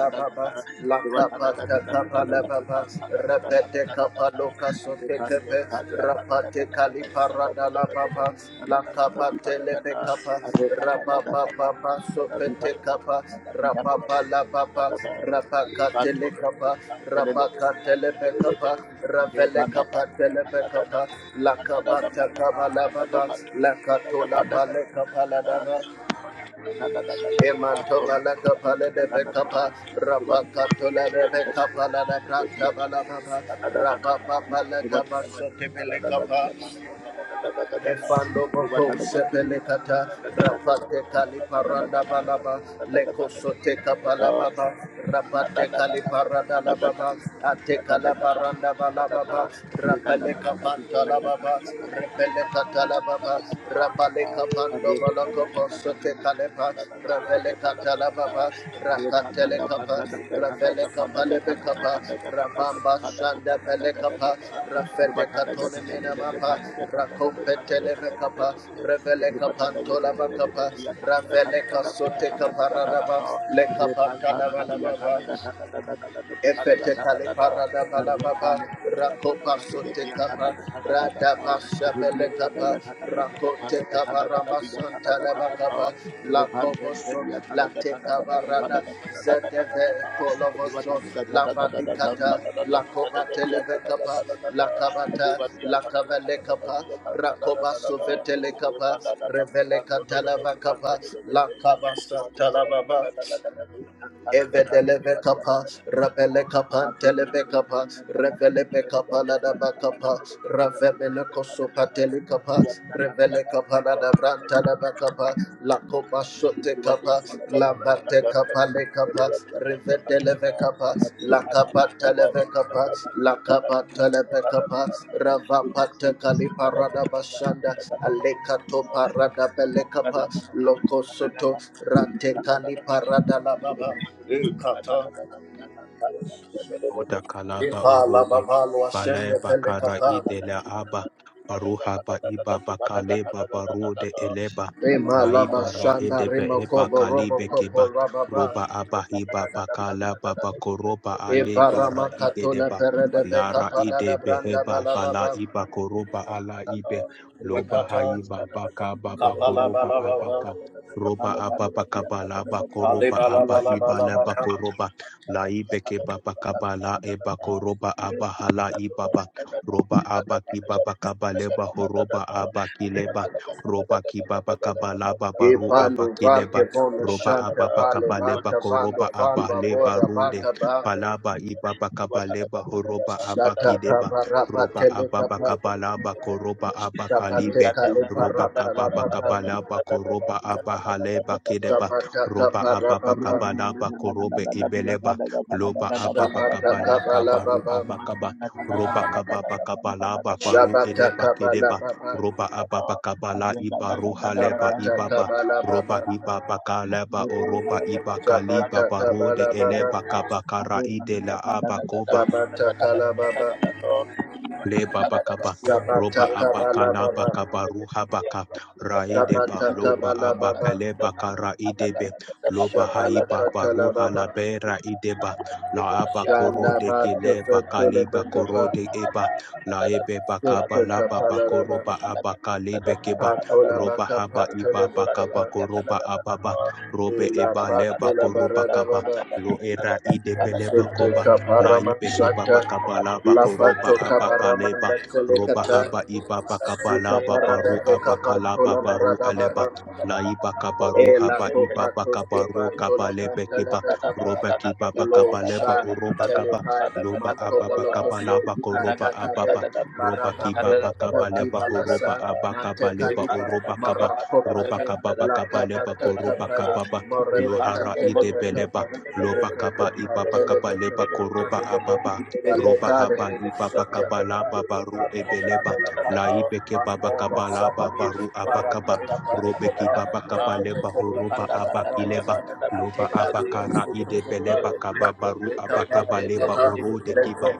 Speaker 3: a Tata,
Speaker 1: Kappa, La
Speaker 3: Thank
Speaker 1: Kappa, Kappa, La Baba, Repete Kappa, Loka Sote Kepe, Rapate Kali Parada La Baba, La Kappa, Telebe Kappa, Rababa Baba, Sopete Kappa, Rababa La Baba, Rabaka Tele Kappa, Rabaka Telebe Kappa, Ravele Kappa, Telebe Kappa, La Kappa, Takaba La Baba, La Katola Pale Kappa La
Speaker 3: you. Thank
Speaker 1: Emantobalaka palede bekapa, rapakatola rebeka palada branta balababa, rapapapalaka basote belekapa, efando boko sepelekata, te kali paranda balaba, leko sote kapalababa, te kali paranda lababa, ate kala paranda balababa, rapaleka pantala baba, repeleka talababa, le
Speaker 3: you. Thank
Speaker 1: pando balako sote kale Lepa, Ravele Catalababa, Rakatele Kappa, Ravele Kapalebe Kappa, Rabamba Shanda Vele Kappa, Rafete Katone Menamapa, Rakompetele Kappa, Revele Kapantola Kappa, Ravele Kasote Kaparadaba, Le Kapatalabalababa, Efete kale parada balababa, rakopa sote kapa, radaba
Speaker 3: you. Thank
Speaker 1: shabele kapa, rakote kapa ramba santa leba kapa, la koboso, la te kapa rada, zeteve koloboso, la vadikata, la kobate leve kapa, la kabata, la kavele kapa, rakoba sovetele kapa, revele kata leva kapa, la kabasa talababa, Evedeleve kapa,
Speaker 3: you.
Speaker 1: rabele kapa,
Speaker 3: Thank
Speaker 1: televe kapa, reveleve kapa, ladaba kapa, ravemele kosopa tele kapa, revele kapa, ladabran talaba kapa, la copa sote capa, la bate capa le capa, Vedelevekapa, lakapa Televekapa, lakapa Revedelevekapa, Lakapatelevekapa, Lakapatelevekapa, Ravapatekaliparadabashanda, Alekatoparadabelekapa, Lokosoto, Ratekaliparadalababa,
Speaker 3: you.
Speaker 1: Ikata,
Speaker 2: Oda Kalaba Orode Balae Bakara
Speaker 1: Ipalababaluashendepelekapa,
Speaker 2: Idela Aba Baruha Ba Iba Bakaleba Barode Eleba Laiba
Speaker 1: Imalabashanda,
Speaker 2: Rahedebe Eba
Speaker 1: Rimokobo,
Speaker 2: Kalibe
Speaker 1: Robokopo,
Speaker 2: Kiba
Speaker 1: Rababa,
Speaker 2: Roba Aba Hiba Bakalaba Bakoroba Aleba
Speaker 1: Ivarama Katona
Speaker 2: Raideba
Speaker 1: Perede
Speaker 2: Lara
Speaker 1: Becapalada
Speaker 2: Ide
Speaker 1: Branda
Speaker 2: Beheba Bala
Speaker 1: Balababa.
Speaker 2: Iba Koroba Ala Ibe
Speaker 1: Eka,
Speaker 2: Loba Haiba Bakaba Bakoroba Abaka Roba aba Bakaba Laba
Speaker 1: Alha,
Speaker 3: Thank
Speaker 2: aba
Speaker 3: you. Thank
Speaker 2: Abba Hiba Laba La Laibeke baba kaba la ebako roba abaha la ibaba roba aba ki baba kaba leba horoba aba ki leba roba ki baba kaba la baba ru aba
Speaker 1: Ipando
Speaker 2: ki leba
Speaker 1: varke vono
Speaker 2: roba
Speaker 1: shanta
Speaker 2: ababa
Speaker 1: pale
Speaker 2: kaba leba
Speaker 1: barka vando
Speaker 2: koroba aba
Speaker 1: falva
Speaker 2: leba
Speaker 1: vora
Speaker 2: rude
Speaker 1: baka ba
Speaker 2: palaba ibaba kaba leba horoba aba
Speaker 1: shata
Speaker 2: ki leba
Speaker 1: kapa rapa
Speaker 2: roba ababa
Speaker 1: kapa
Speaker 2: kaba la ba koroba aba
Speaker 1: shapate
Speaker 2: abakalibe
Speaker 1: kale
Speaker 2: roba
Speaker 1: parada la
Speaker 2: kababa kaba
Speaker 1: baba
Speaker 2: la ba koroba aba haleba ki
Speaker 3: you.
Speaker 2: leba
Speaker 1: shapata
Speaker 2: roba
Speaker 1: kapa rapa
Speaker 2: ababa
Speaker 3: Thank
Speaker 1: ba
Speaker 2: kaba laba korobe ibeleba Loba ababa
Speaker 1: shapata
Speaker 2: kabala
Speaker 1: kapa
Speaker 2: kabaru
Speaker 1: baba
Speaker 2: abakaba. Roba kababa kabala babaru
Speaker 1: shapata
Speaker 2: eleba
Speaker 1: kabala,
Speaker 2: kedeba.
Speaker 1: baba
Speaker 2: Roba ababa kabala ibaru haleba
Speaker 1: shapata
Speaker 2: ibaba.
Speaker 1: kabala,
Speaker 2: Roba
Speaker 1: baba
Speaker 2: ibaba kaleba oroba ibakali
Speaker 1: shapata
Speaker 2: babaru de
Speaker 1: kabala,
Speaker 2: eleba
Speaker 1: baba
Speaker 2: kabakara idela abakoba.
Speaker 1: shapata kala baba
Speaker 2: Leba bakaba,
Speaker 3: you.
Speaker 2: roba
Speaker 1: shapata kabala,
Speaker 2: abaka laba
Speaker 1: baba
Speaker 2: kaba ruha baka, raide ba
Speaker 1: shapata
Speaker 2: loba
Speaker 1: kabala,
Speaker 2: abaka
Speaker 1: baba
Speaker 2: leba kara idebe, loba haiba
Speaker 1: Shabalakatala
Speaker 2: baruha
Speaker 1: baba,
Speaker 2: labera ideba, la aba
Speaker 1: shanda
Speaker 2: korode kileba kaliba
Speaker 1: Shabalakatalababa,
Speaker 2: korode eba, la ebe
Speaker 1: Shandabakafetulabekapa,
Speaker 2: bakaba laba
Speaker 1: Sutekapalaraba,
Speaker 2: bakoroba abaka lebe keba,
Speaker 3: Thank you. Thank
Speaker 2: roba
Speaker 1: Patolabaka
Speaker 3: you.
Speaker 2: haba iba bakaba
Speaker 1: Patelebekapa,
Speaker 2: koroba ababa, robe
Speaker 1: Ila
Speaker 2: eba leba
Speaker 1: Patula
Speaker 2: koroba
Speaker 1: Barada
Speaker 2: kaba,
Speaker 1: baba,
Speaker 2: lo era idebe
Speaker 1: Patulabaradababa,
Speaker 2: leba koba,
Speaker 1: Sutekaparama
Speaker 2: Laibeke baba
Speaker 1: Shaka,
Speaker 2: kabalaba koroba
Speaker 1: Lafato
Speaker 2: abakaleba
Speaker 1: Kaparamanda
Speaker 2: roba
Speaker 1: Selekata,
Speaker 2: haba ibaba
Speaker 1: Sita
Speaker 2: kabalaba baru
Speaker 1: Parada Bekapa
Speaker 2: abakalaba
Speaker 1: Tola
Speaker 2: baru
Speaker 1: Barada
Speaker 2: aleba
Speaker 1: baba.
Speaker 2: laiba kabaru
Speaker 1: Ela
Speaker 2: haba
Speaker 1: copa
Speaker 2: ibaba
Speaker 1: cosque
Speaker 2: kabaru
Speaker 1: parto la
Speaker 2: kabalebe
Speaker 1: branta la
Speaker 2: keba
Speaker 1: capa.
Speaker 2: roba kibaba
Speaker 1: Lo
Speaker 2: kabaleba
Speaker 1: sha
Speaker 2: oroba kaba
Speaker 1: telekai
Speaker 2: loba
Speaker 1: manto
Speaker 2: ababa
Speaker 1: bolo coso
Speaker 2: kabalaba koroba
Speaker 1: prata
Speaker 2: ababa
Speaker 1: cabela
Speaker 2: roba
Speaker 1: maravambe
Speaker 2: kibaba
Speaker 3: come
Speaker 1: poti
Speaker 2: kabaleba horoba
Speaker 1: balasa
Speaker 3: back,
Speaker 1: mante
Speaker 3: Thank
Speaker 2: abakabaleba
Speaker 1: calipa
Speaker 2: oroba kaba
Speaker 1: mara
Speaker 2: roba
Speaker 1: copate
Speaker 2: kababa
Speaker 1: la
Speaker 2: kabaleba
Speaker 1: cabata
Speaker 2: koroba
Speaker 1: capale
Speaker 2: kababa
Speaker 1: morebeca
Speaker 2: lohara
Speaker 1: telebeca
Speaker 2: idebeleba
Speaker 1: pa
Speaker 2: Loba
Speaker 1: rebeca
Speaker 2: kaba
Speaker 1: pa
Speaker 2: ibaba kaba leba koroba
Speaker 1: telebeca
Speaker 2: ababa.
Speaker 1: pa
Speaker 2: Roba haba
Speaker 1: rebeca
Speaker 2: ibaba
Speaker 1: Rapa
Speaker 2: kaba la baba ru ebeleba. La
Speaker 3: you.
Speaker 2: ibeke baba kaba la baba ru abakaba. Robe ki baba kaba leba horoba abakileba. Loba abakara idebeleba kaba baru abakaba leba orode kiba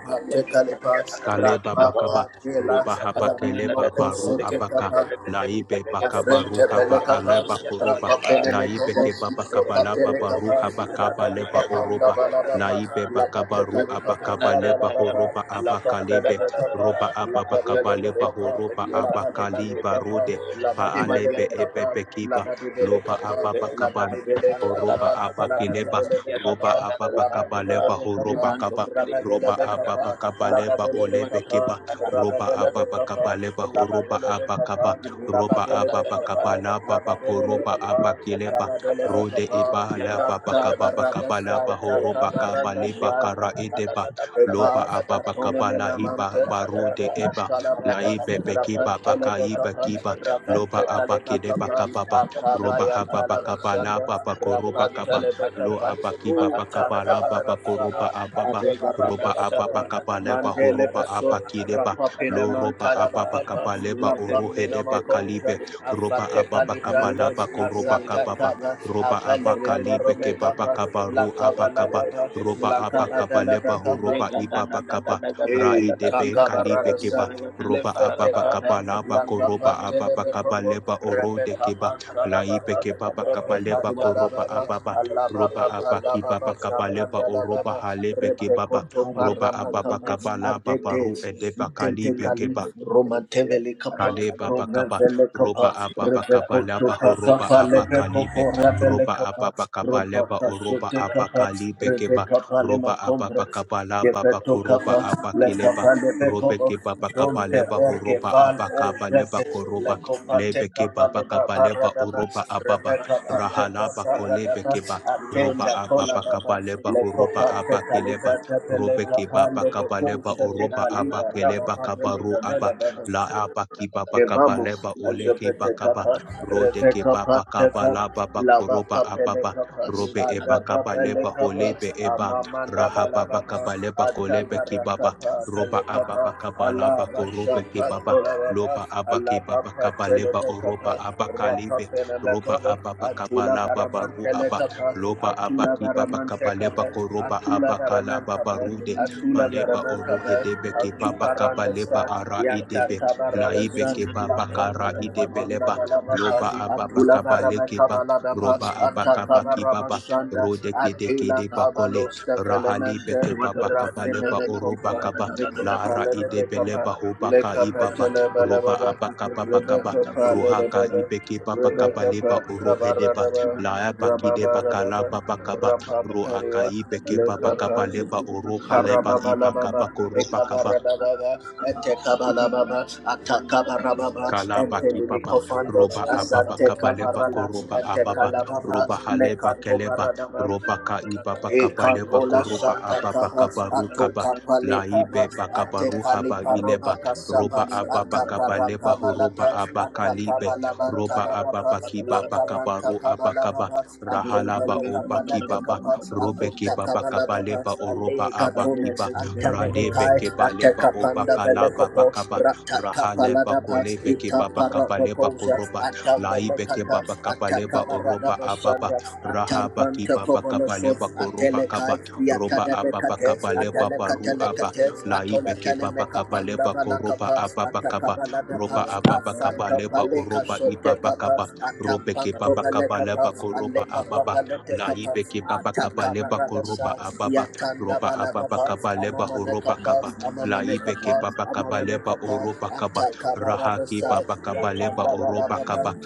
Speaker 2: kaleba bakaba roba haba keleba baru abaka laibe bakaba
Speaker 1: Afrente pele
Speaker 2: ruhaba
Speaker 1: capa,
Speaker 2: aleba koroba
Speaker 1: rapa pele me
Speaker 2: laibe
Speaker 1: como,
Speaker 2: kebaba
Speaker 1: sota
Speaker 2: kabala
Speaker 1: pele
Speaker 2: baba
Speaker 1: capa,
Speaker 2: ruha kaba
Speaker 1: rapa mi
Speaker 2: leba
Speaker 1: capanda
Speaker 2: oroba
Speaker 1: bala baba,
Speaker 2: laibe
Speaker 1: la
Speaker 2: bakaba
Speaker 1: pateta
Speaker 2: ru
Speaker 1: li
Speaker 2: abakaba
Speaker 3: Thank
Speaker 1: capanda
Speaker 3: you.
Speaker 1: bala
Speaker 2: leba
Speaker 3: Thank
Speaker 1: baba,
Speaker 2: horoba
Speaker 1: la patele
Speaker 2: abakalebe
Speaker 1: de capa,
Speaker 2: roba
Speaker 1: la
Speaker 2: ababa
Speaker 1: patele de
Speaker 2: kabaleba
Speaker 1: capa,
Speaker 2: horoba
Speaker 1: la badi bali
Speaker 2: abakaliba
Speaker 1: capa,
Speaker 2: rode
Speaker 1: la badi bele
Speaker 2: paalebe
Speaker 1: de capa,
Speaker 2: ebebe kiba loba ababa
Speaker 1: la badi
Speaker 2: kabala
Speaker 1: bele capa,
Speaker 2: horoba
Speaker 1: Bekapa,
Speaker 2: abakileba
Speaker 1: Labadele
Speaker 2: roba
Speaker 1: Bekapa,
Speaker 2: ababa
Speaker 1: Labadele
Speaker 2: kabaleba horoba
Speaker 1: Bekapa,
Speaker 2: kaba
Speaker 1: Rabadele
Speaker 2: roba ababa
Speaker 1: Bekapa,
Speaker 2: kabaleba
Speaker 1: Labadele
Speaker 2: olebe
Speaker 1: Bekapa,
Speaker 2: kiba roba
Speaker 1: Rabadele
Speaker 2: ababa
Speaker 1: Bekapa,
Speaker 2: kabaleba horoba
Speaker 1: Labadele
Speaker 2: abakaba
Speaker 1: Bekapa,
Speaker 2: roba
Speaker 1: Labadele
Speaker 2: ababa
Speaker 1: Bekapa,
Speaker 2: kabalaba
Speaker 1: Labadele
Speaker 2: bakoroba
Speaker 1: Bekapa,
Speaker 2: abakileba
Speaker 1: Labadele
Speaker 2: rode
Speaker 1: Bekapa,
Speaker 2: ibala
Speaker 3: you.
Speaker 2: baba
Speaker 1: Rakta
Speaker 3: I'm
Speaker 2: kababa
Speaker 1: Barada
Speaker 2: kabalaba
Speaker 1: Saita
Speaker 2: horoba
Speaker 1: Kabaranda
Speaker 2: kabaleba
Speaker 1: Shad.
Speaker 2: kara edeba loba
Speaker 1: Reka
Speaker 2: ababa
Speaker 1: atone
Speaker 2: kabala
Speaker 1: mena
Speaker 2: hiba
Speaker 1: mante rene
Speaker 2: barude eba
Speaker 1: kantala baba
Speaker 2: laibe bekiba
Speaker 1: rapante lebe
Speaker 2: bakaiba
Speaker 1: kapa
Speaker 2: kiba loba
Speaker 1: rapente kaleba
Speaker 2: abakideba kababa roba
Speaker 1: ya
Speaker 2: hababa
Speaker 1: tala basanda
Speaker 2: kabalaba bakoroba
Speaker 1: rapante
Speaker 2: kaba
Speaker 1: lebe
Speaker 2: lo
Speaker 1: kapa
Speaker 2: abaki baba
Speaker 1: uta
Speaker 2: kabala
Speaker 1: kaba
Speaker 2: baba
Speaker 1: rasaba
Speaker 2: koroba ababa
Speaker 1: ate baranda
Speaker 2: roba ababa
Speaker 1: sapa
Speaker 2: kabaleba
Speaker 1: mandele
Speaker 2: horoba
Speaker 1: baso
Speaker 2: abakideba
Speaker 1: Rapapina
Speaker 2: lo roba
Speaker 1: mantala
Speaker 2: ababa
Speaker 1: bakapa,
Speaker 2: kabaleba
Speaker 1: lapamina
Speaker 2: orohedeba
Speaker 1: makosa,
Speaker 2: kalibe roba
Speaker 1: afateka
Speaker 2: ababa
Speaker 1: libranda,
Speaker 2: kabalaba koroba
Speaker 1: azata
Speaker 3: Thank
Speaker 2: kababa
Speaker 1: kaba,
Speaker 3: you.
Speaker 2: roba
Speaker 3: Thank
Speaker 1: abeleka
Speaker 2: abakalibe kebaba
Speaker 1: baromekaba,
Speaker 2: kabaru
Speaker 1: lakaba
Speaker 2: abakaba
Speaker 1: lababa,
Speaker 2: roba
Speaker 1: lakaba
Speaker 2: abakabaleba
Speaker 1: dalabakapa,
Speaker 2: horoba ibaba kaba
Speaker 1: Hey,
Speaker 2: raedebe kalibe
Speaker 1: takabarada sa
Speaker 2: keba roba
Speaker 1: lefete
Speaker 2: ababa
Speaker 1: kapa
Speaker 2: kabalaba
Speaker 1: la kapa
Speaker 2: koroba ababa
Speaker 1: telebe kopo
Speaker 2: kabaleba
Speaker 1: rebe
Speaker 2: orode keba
Speaker 1: kapa
Speaker 2: laibe
Speaker 1: kalababa
Speaker 2: kebaba
Speaker 1: rebe
Speaker 2: kabaleba koroba
Speaker 1: kalababa
Speaker 2: ababa roba
Speaker 1: alababa
Speaker 2: abaki
Speaker 1: palababa
Speaker 2: baba kabaleba
Speaker 1: shambanda
Speaker 2: oroba
Speaker 1: lababa
Speaker 2: halebe
Speaker 1: rebe
Speaker 2: kebaba
Speaker 1: koto
Speaker 2: roba
Speaker 1: parapa
Speaker 2: ababa
Speaker 1: kapa
Speaker 2: kabala
Speaker 1: adede
Speaker 2: babaru ede bakali
Speaker 1: zutete
Speaker 2: beke
Speaker 1: kali romantevele kapa
Speaker 2: Kaleba bakaba
Speaker 1: romantevele
Speaker 2: roba
Speaker 1: kapa
Speaker 2: ababa
Speaker 1: rebe koto
Speaker 2: kabalaba horoba
Speaker 1: kapa lebe kopo
Speaker 2: abakalibe
Speaker 1: rebe le
Speaker 2: roba
Speaker 1: kapa
Speaker 2: ababa
Speaker 1: ropa
Speaker 2: kabaleba oroba
Speaker 1: kasote kapa
Speaker 2: abakalibe
Speaker 1: rebe
Speaker 2: keba
Speaker 1: kapa lema
Speaker 2: roba ababa
Speaker 1: kombre
Speaker 2: kabalaba
Speaker 1: Gepeto
Speaker 2: bakoroba
Speaker 1: kapa, le
Speaker 2: abakileba
Speaker 1: kapa le be
Speaker 2: robe
Speaker 1: kobo,
Speaker 2: keba
Speaker 1: zonte
Speaker 2: bakabaleba
Speaker 3: you.
Speaker 1: berge
Speaker 2: horoba
Speaker 1: fal o
Speaker 2: abakabaleba
Speaker 1: jete, le
Speaker 2: koroba
Speaker 3: Thank
Speaker 1: kopa te
Speaker 2: lebe
Speaker 1: kapa
Speaker 2: keba
Speaker 1: le ba
Speaker 2: bakabaleba
Speaker 1: baradaba,
Speaker 2: oroba
Speaker 1: rebe
Speaker 2: ababa
Speaker 1: kapa te
Speaker 2: rahalaba
Speaker 1: kapa
Speaker 2: kolebe
Speaker 1: radaba,
Speaker 2: keba roba
Speaker 1: atenda kola
Speaker 2: ababa
Speaker 1: baba,
Speaker 2: kabaleba
Speaker 1: le
Speaker 2: horoba
Speaker 1: kopa te kalita
Speaker 2: abakileba
Speaker 1: te pele
Speaker 2: robe
Speaker 1: kapa
Speaker 2: keba
Speaker 1: le boko
Speaker 2: bakabaleba
Speaker 1: shete
Speaker 2: oroba
Speaker 1: kaliba raba
Speaker 2: abakeleba
Speaker 1: pa bele
Speaker 2: kabaru aba
Speaker 1: bele baba.
Speaker 2: la abaki baba kaba
Speaker 1: Evamo,
Speaker 2: leba oleke
Speaker 1: Azopete
Speaker 2: bakaba
Speaker 1: Kappa,
Speaker 2: rode ke
Speaker 1: Rebecca
Speaker 2: baba kaba
Speaker 1: Pateca,
Speaker 2: la baba
Speaker 1: Lava
Speaker 2: koroba
Speaker 1: Papele
Speaker 2: ababa
Speaker 1: Kappa,
Speaker 2: robe eba
Speaker 1: Adaba
Speaker 2: kaba
Speaker 1: Pele
Speaker 2: leba
Speaker 1: Kappa,
Speaker 2: holebe eba
Speaker 1: Amamanda
Speaker 2: raha baba
Speaker 1: Balababa,
Speaker 2: kaba leba kolebe ki
Speaker 1: Atabara
Speaker 2: baba
Speaker 1: Kappa Pele
Speaker 2: roba ababa
Speaker 1: Kappa,
Speaker 2: kaba laba
Speaker 1: Alaba
Speaker 2: korobe ki
Speaker 1: Shampa
Speaker 2: baba
Speaker 3: you.
Speaker 1: Tolababa,
Speaker 2: loba abaki
Speaker 1: Alaba
Speaker 2: baba kaba
Speaker 1: Patele
Speaker 2: leba oroba
Speaker 1: Kappa, Rapa
Speaker 2: abakalibe
Speaker 1: Pele
Speaker 2: roba
Speaker 1: Kappa,
Speaker 2: ababa kaba
Speaker 1: Atula
Speaker 2: laba baru
Speaker 1: Varamantele
Speaker 2: aba
Speaker 1: Kappa,
Speaker 2: loba
Speaker 1: Atula
Speaker 2: abaki baba
Speaker 1: Varamante
Speaker 2: kaba leba
Speaker 1: Kappa,
Speaker 2: koroba
Speaker 1: Atula Varamante
Speaker 2: abakalaba
Speaker 1: Kappa,
Speaker 3: Thank
Speaker 2: baru
Speaker 1: Atula
Speaker 2: baleba
Speaker 1: Varamante
Speaker 2: oruhe debe ke
Speaker 1: Kappa,
Speaker 2: baba kabaleba
Speaker 1: Iparandasa,
Speaker 2: ara idebe laibe
Speaker 1: Yakatabaradasa,
Speaker 2: ke baba
Speaker 1: Lakonga
Speaker 2: kara idebe
Speaker 1: Lekamanda
Speaker 2: leba
Speaker 1: Balababa,
Speaker 2: loba ababa
Speaker 1: Atula
Speaker 2: kabale ke ba
Speaker 1: Varamekabaladaba,
Speaker 2: roba abakaba ki baba
Speaker 1: Atakabarabashanda,
Speaker 2: rode ke de ke
Speaker 1: Atila
Speaker 2: de bakole
Speaker 1: Kabalosta
Speaker 2: rahali
Speaker 1: Elemente,
Speaker 2: ke baba
Speaker 1: Rafine
Speaker 2: kabaleba oruba
Speaker 1: Mekompa,
Speaker 2: kaba lara
Speaker 1: Mikopalene
Speaker 2: idebe
Speaker 1: Mekapa,
Speaker 2: leba
Speaker 3: you.
Speaker 2: hobaka
Speaker 1: Lekapa
Speaker 2: ibaba roba
Speaker 1: Telebalababa,
Speaker 2: abakaba bakaba
Speaker 1: Rebecca
Speaker 2: rohaka
Speaker 1: Palenababa,
Speaker 2: ibeke baba kabaleba
Speaker 1: Rebecca
Speaker 2: oruhe deba
Speaker 1: Nabaranaba,
Speaker 2: laaba ki deba
Speaker 1: Rababa Rababa,
Speaker 2: kalaba Bakaba Ro aka
Speaker 1: Rapamparia,
Speaker 2: ibe ke baba kaba
Speaker 1: Lekapa
Speaker 2: oroha leba iba kaba
Speaker 1: Parababalababa,
Speaker 2: koroba kaba
Speaker 1: Ekabarababa,
Speaker 3: Thank
Speaker 1: Etekabalababa, Atakabarababa,
Speaker 2: Kalaba kibaba,
Speaker 1: Entelimikofando,
Speaker 3: you.
Speaker 2: roba
Speaker 3: Thank
Speaker 2: ababa kabaleba
Speaker 1: Azatekabarada,
Speaker 2: koroba ababa,
Speaker 1: Etekalababa,
Speaker 2: roba haleba keleba,
Speaker 1: Lekatobaradaba,
Speaker 2: roba kaibaba kabaleba
Speaker 1: Ekakola
Speaker 2: koroba
Speaker 1: Santa
Speaker 2: ababa
Speaker 1: Kaba,
Speaker 2: kabaru kaba,
Speaker 1: Atoka Palekaba,
Speaker 2: laibe bakabaru
Speaker 1: Atekali
Speaker 2: haba ileba,
Speaker 1: Paroba Kasaba,
Speaker 2: roba ababa
Speaker 1: Atapara
Speaker 2: kabaleba horoba
Speaker 1: Kabalata, Atakaba
Speaker 2: abakalibe,
Speaker 1: Labanta
Speaker 2: roba
Speaker 1: Lababa,
Speaker 2: ababa kibaba
Speaker 1: Lakamanta
Speaker 2: kabaru abakaba,
Speaker 1: Kabalababa,
Speaker 2: rahalaba
Speaker 1: Atombele
Speaker 2: oba
Speaker 1: Kapala de
Speaker 2: kibaba,
Speaker 1: Kapa,
Speaker 2: robe
Speaker 1: Akota
Speaker 2: kibaba
Speaker 1: Kabalababa,
Speaker 2: kabaleba oroba
Speaker 1: Alega Tome,
Speaker 2: abakiba, radebe
Speaker 1: Antamelekai,
Speaker 2: kebaleba oba
Speaker 1: Atekapanda
Speaker 2: kalaba bakaba,
Speaker 1: Velekopo, Rata
Speaker 2: rahale
Speaker 1: Kapaladaba,
Speaker 2: bakole beke baba
Speaker 1: Itapara
Speaker 2: kabale
Speaker 1: Proposa,
Speaker 2: bakoroba lai beke
Speaker 1: Atambelekata,
Speaker 2: baba kabale ba oroba
Speaker 1: Atakabaradaba
Speaker 2: ababa
Speaker 1: Shandas,
Speaker 2: rahaba ki
Speaker 1: Atampanta
Speaker 2: baba
Speaker 1: Poboloso,
Speaker 2: kabale bakoroba
Speaker 1: Atelekai,
Speaker 2: kaba roba ababa
Speaker 1: Yatadebekates,
Speaker 2: kabale baba ru aba
Speaker 1: Atalekatelekates,
Speaker 2: lai
Speaker 1: Atola
Speaker 2: beke baba kabale
Speaker 1: Telemekapanda
Speaker 2: bakoroba
Speaker 1: Balakapas,
Speaker 2: ababa kaba roba
Speaker 1: Atakabaladas,
Speaker 2: ababa
Speaker 1: Afanta
Speaker 2: kabale ba
Speaker 1: Paleka
Speaker 2: oroba ibaba
Speaker 1: Sotekapas,
Speaker 2: kaba robe ke
Speaker 1: Atampanto
Speaker 2: baba kabale
Speaker 1: Balekapas,
Speaker 2: bakoroba
Speaker 1: Alepa
Speaker 2: ababa lai
Speaker 1: Kapalekapas,
Speaker 2: beke baba kabale bakoroba
Speaker 1: Atakabaradasas,
Speaker 2: ababa
Speaker 3: you.
Speaker 1: Yatanda
Speaker 2: roba ababa
Speaker 1: Balababas,
Speaker 2: kabale ba horoba kaba
Speaker 1: Amamanekapas,
Speaker 2: laibeke
Speaker 1: Amamanekapas,
Speaker 2: babakabaleba
Speaker 1: Amamanekapas,
Speaker 2: orobakaba rahaki
Speaker 1: Atakabaradasas,
Speaker 2: babakabaleba
Speaker 1: Yatanda Balababas,
Speaker 2: orobakaba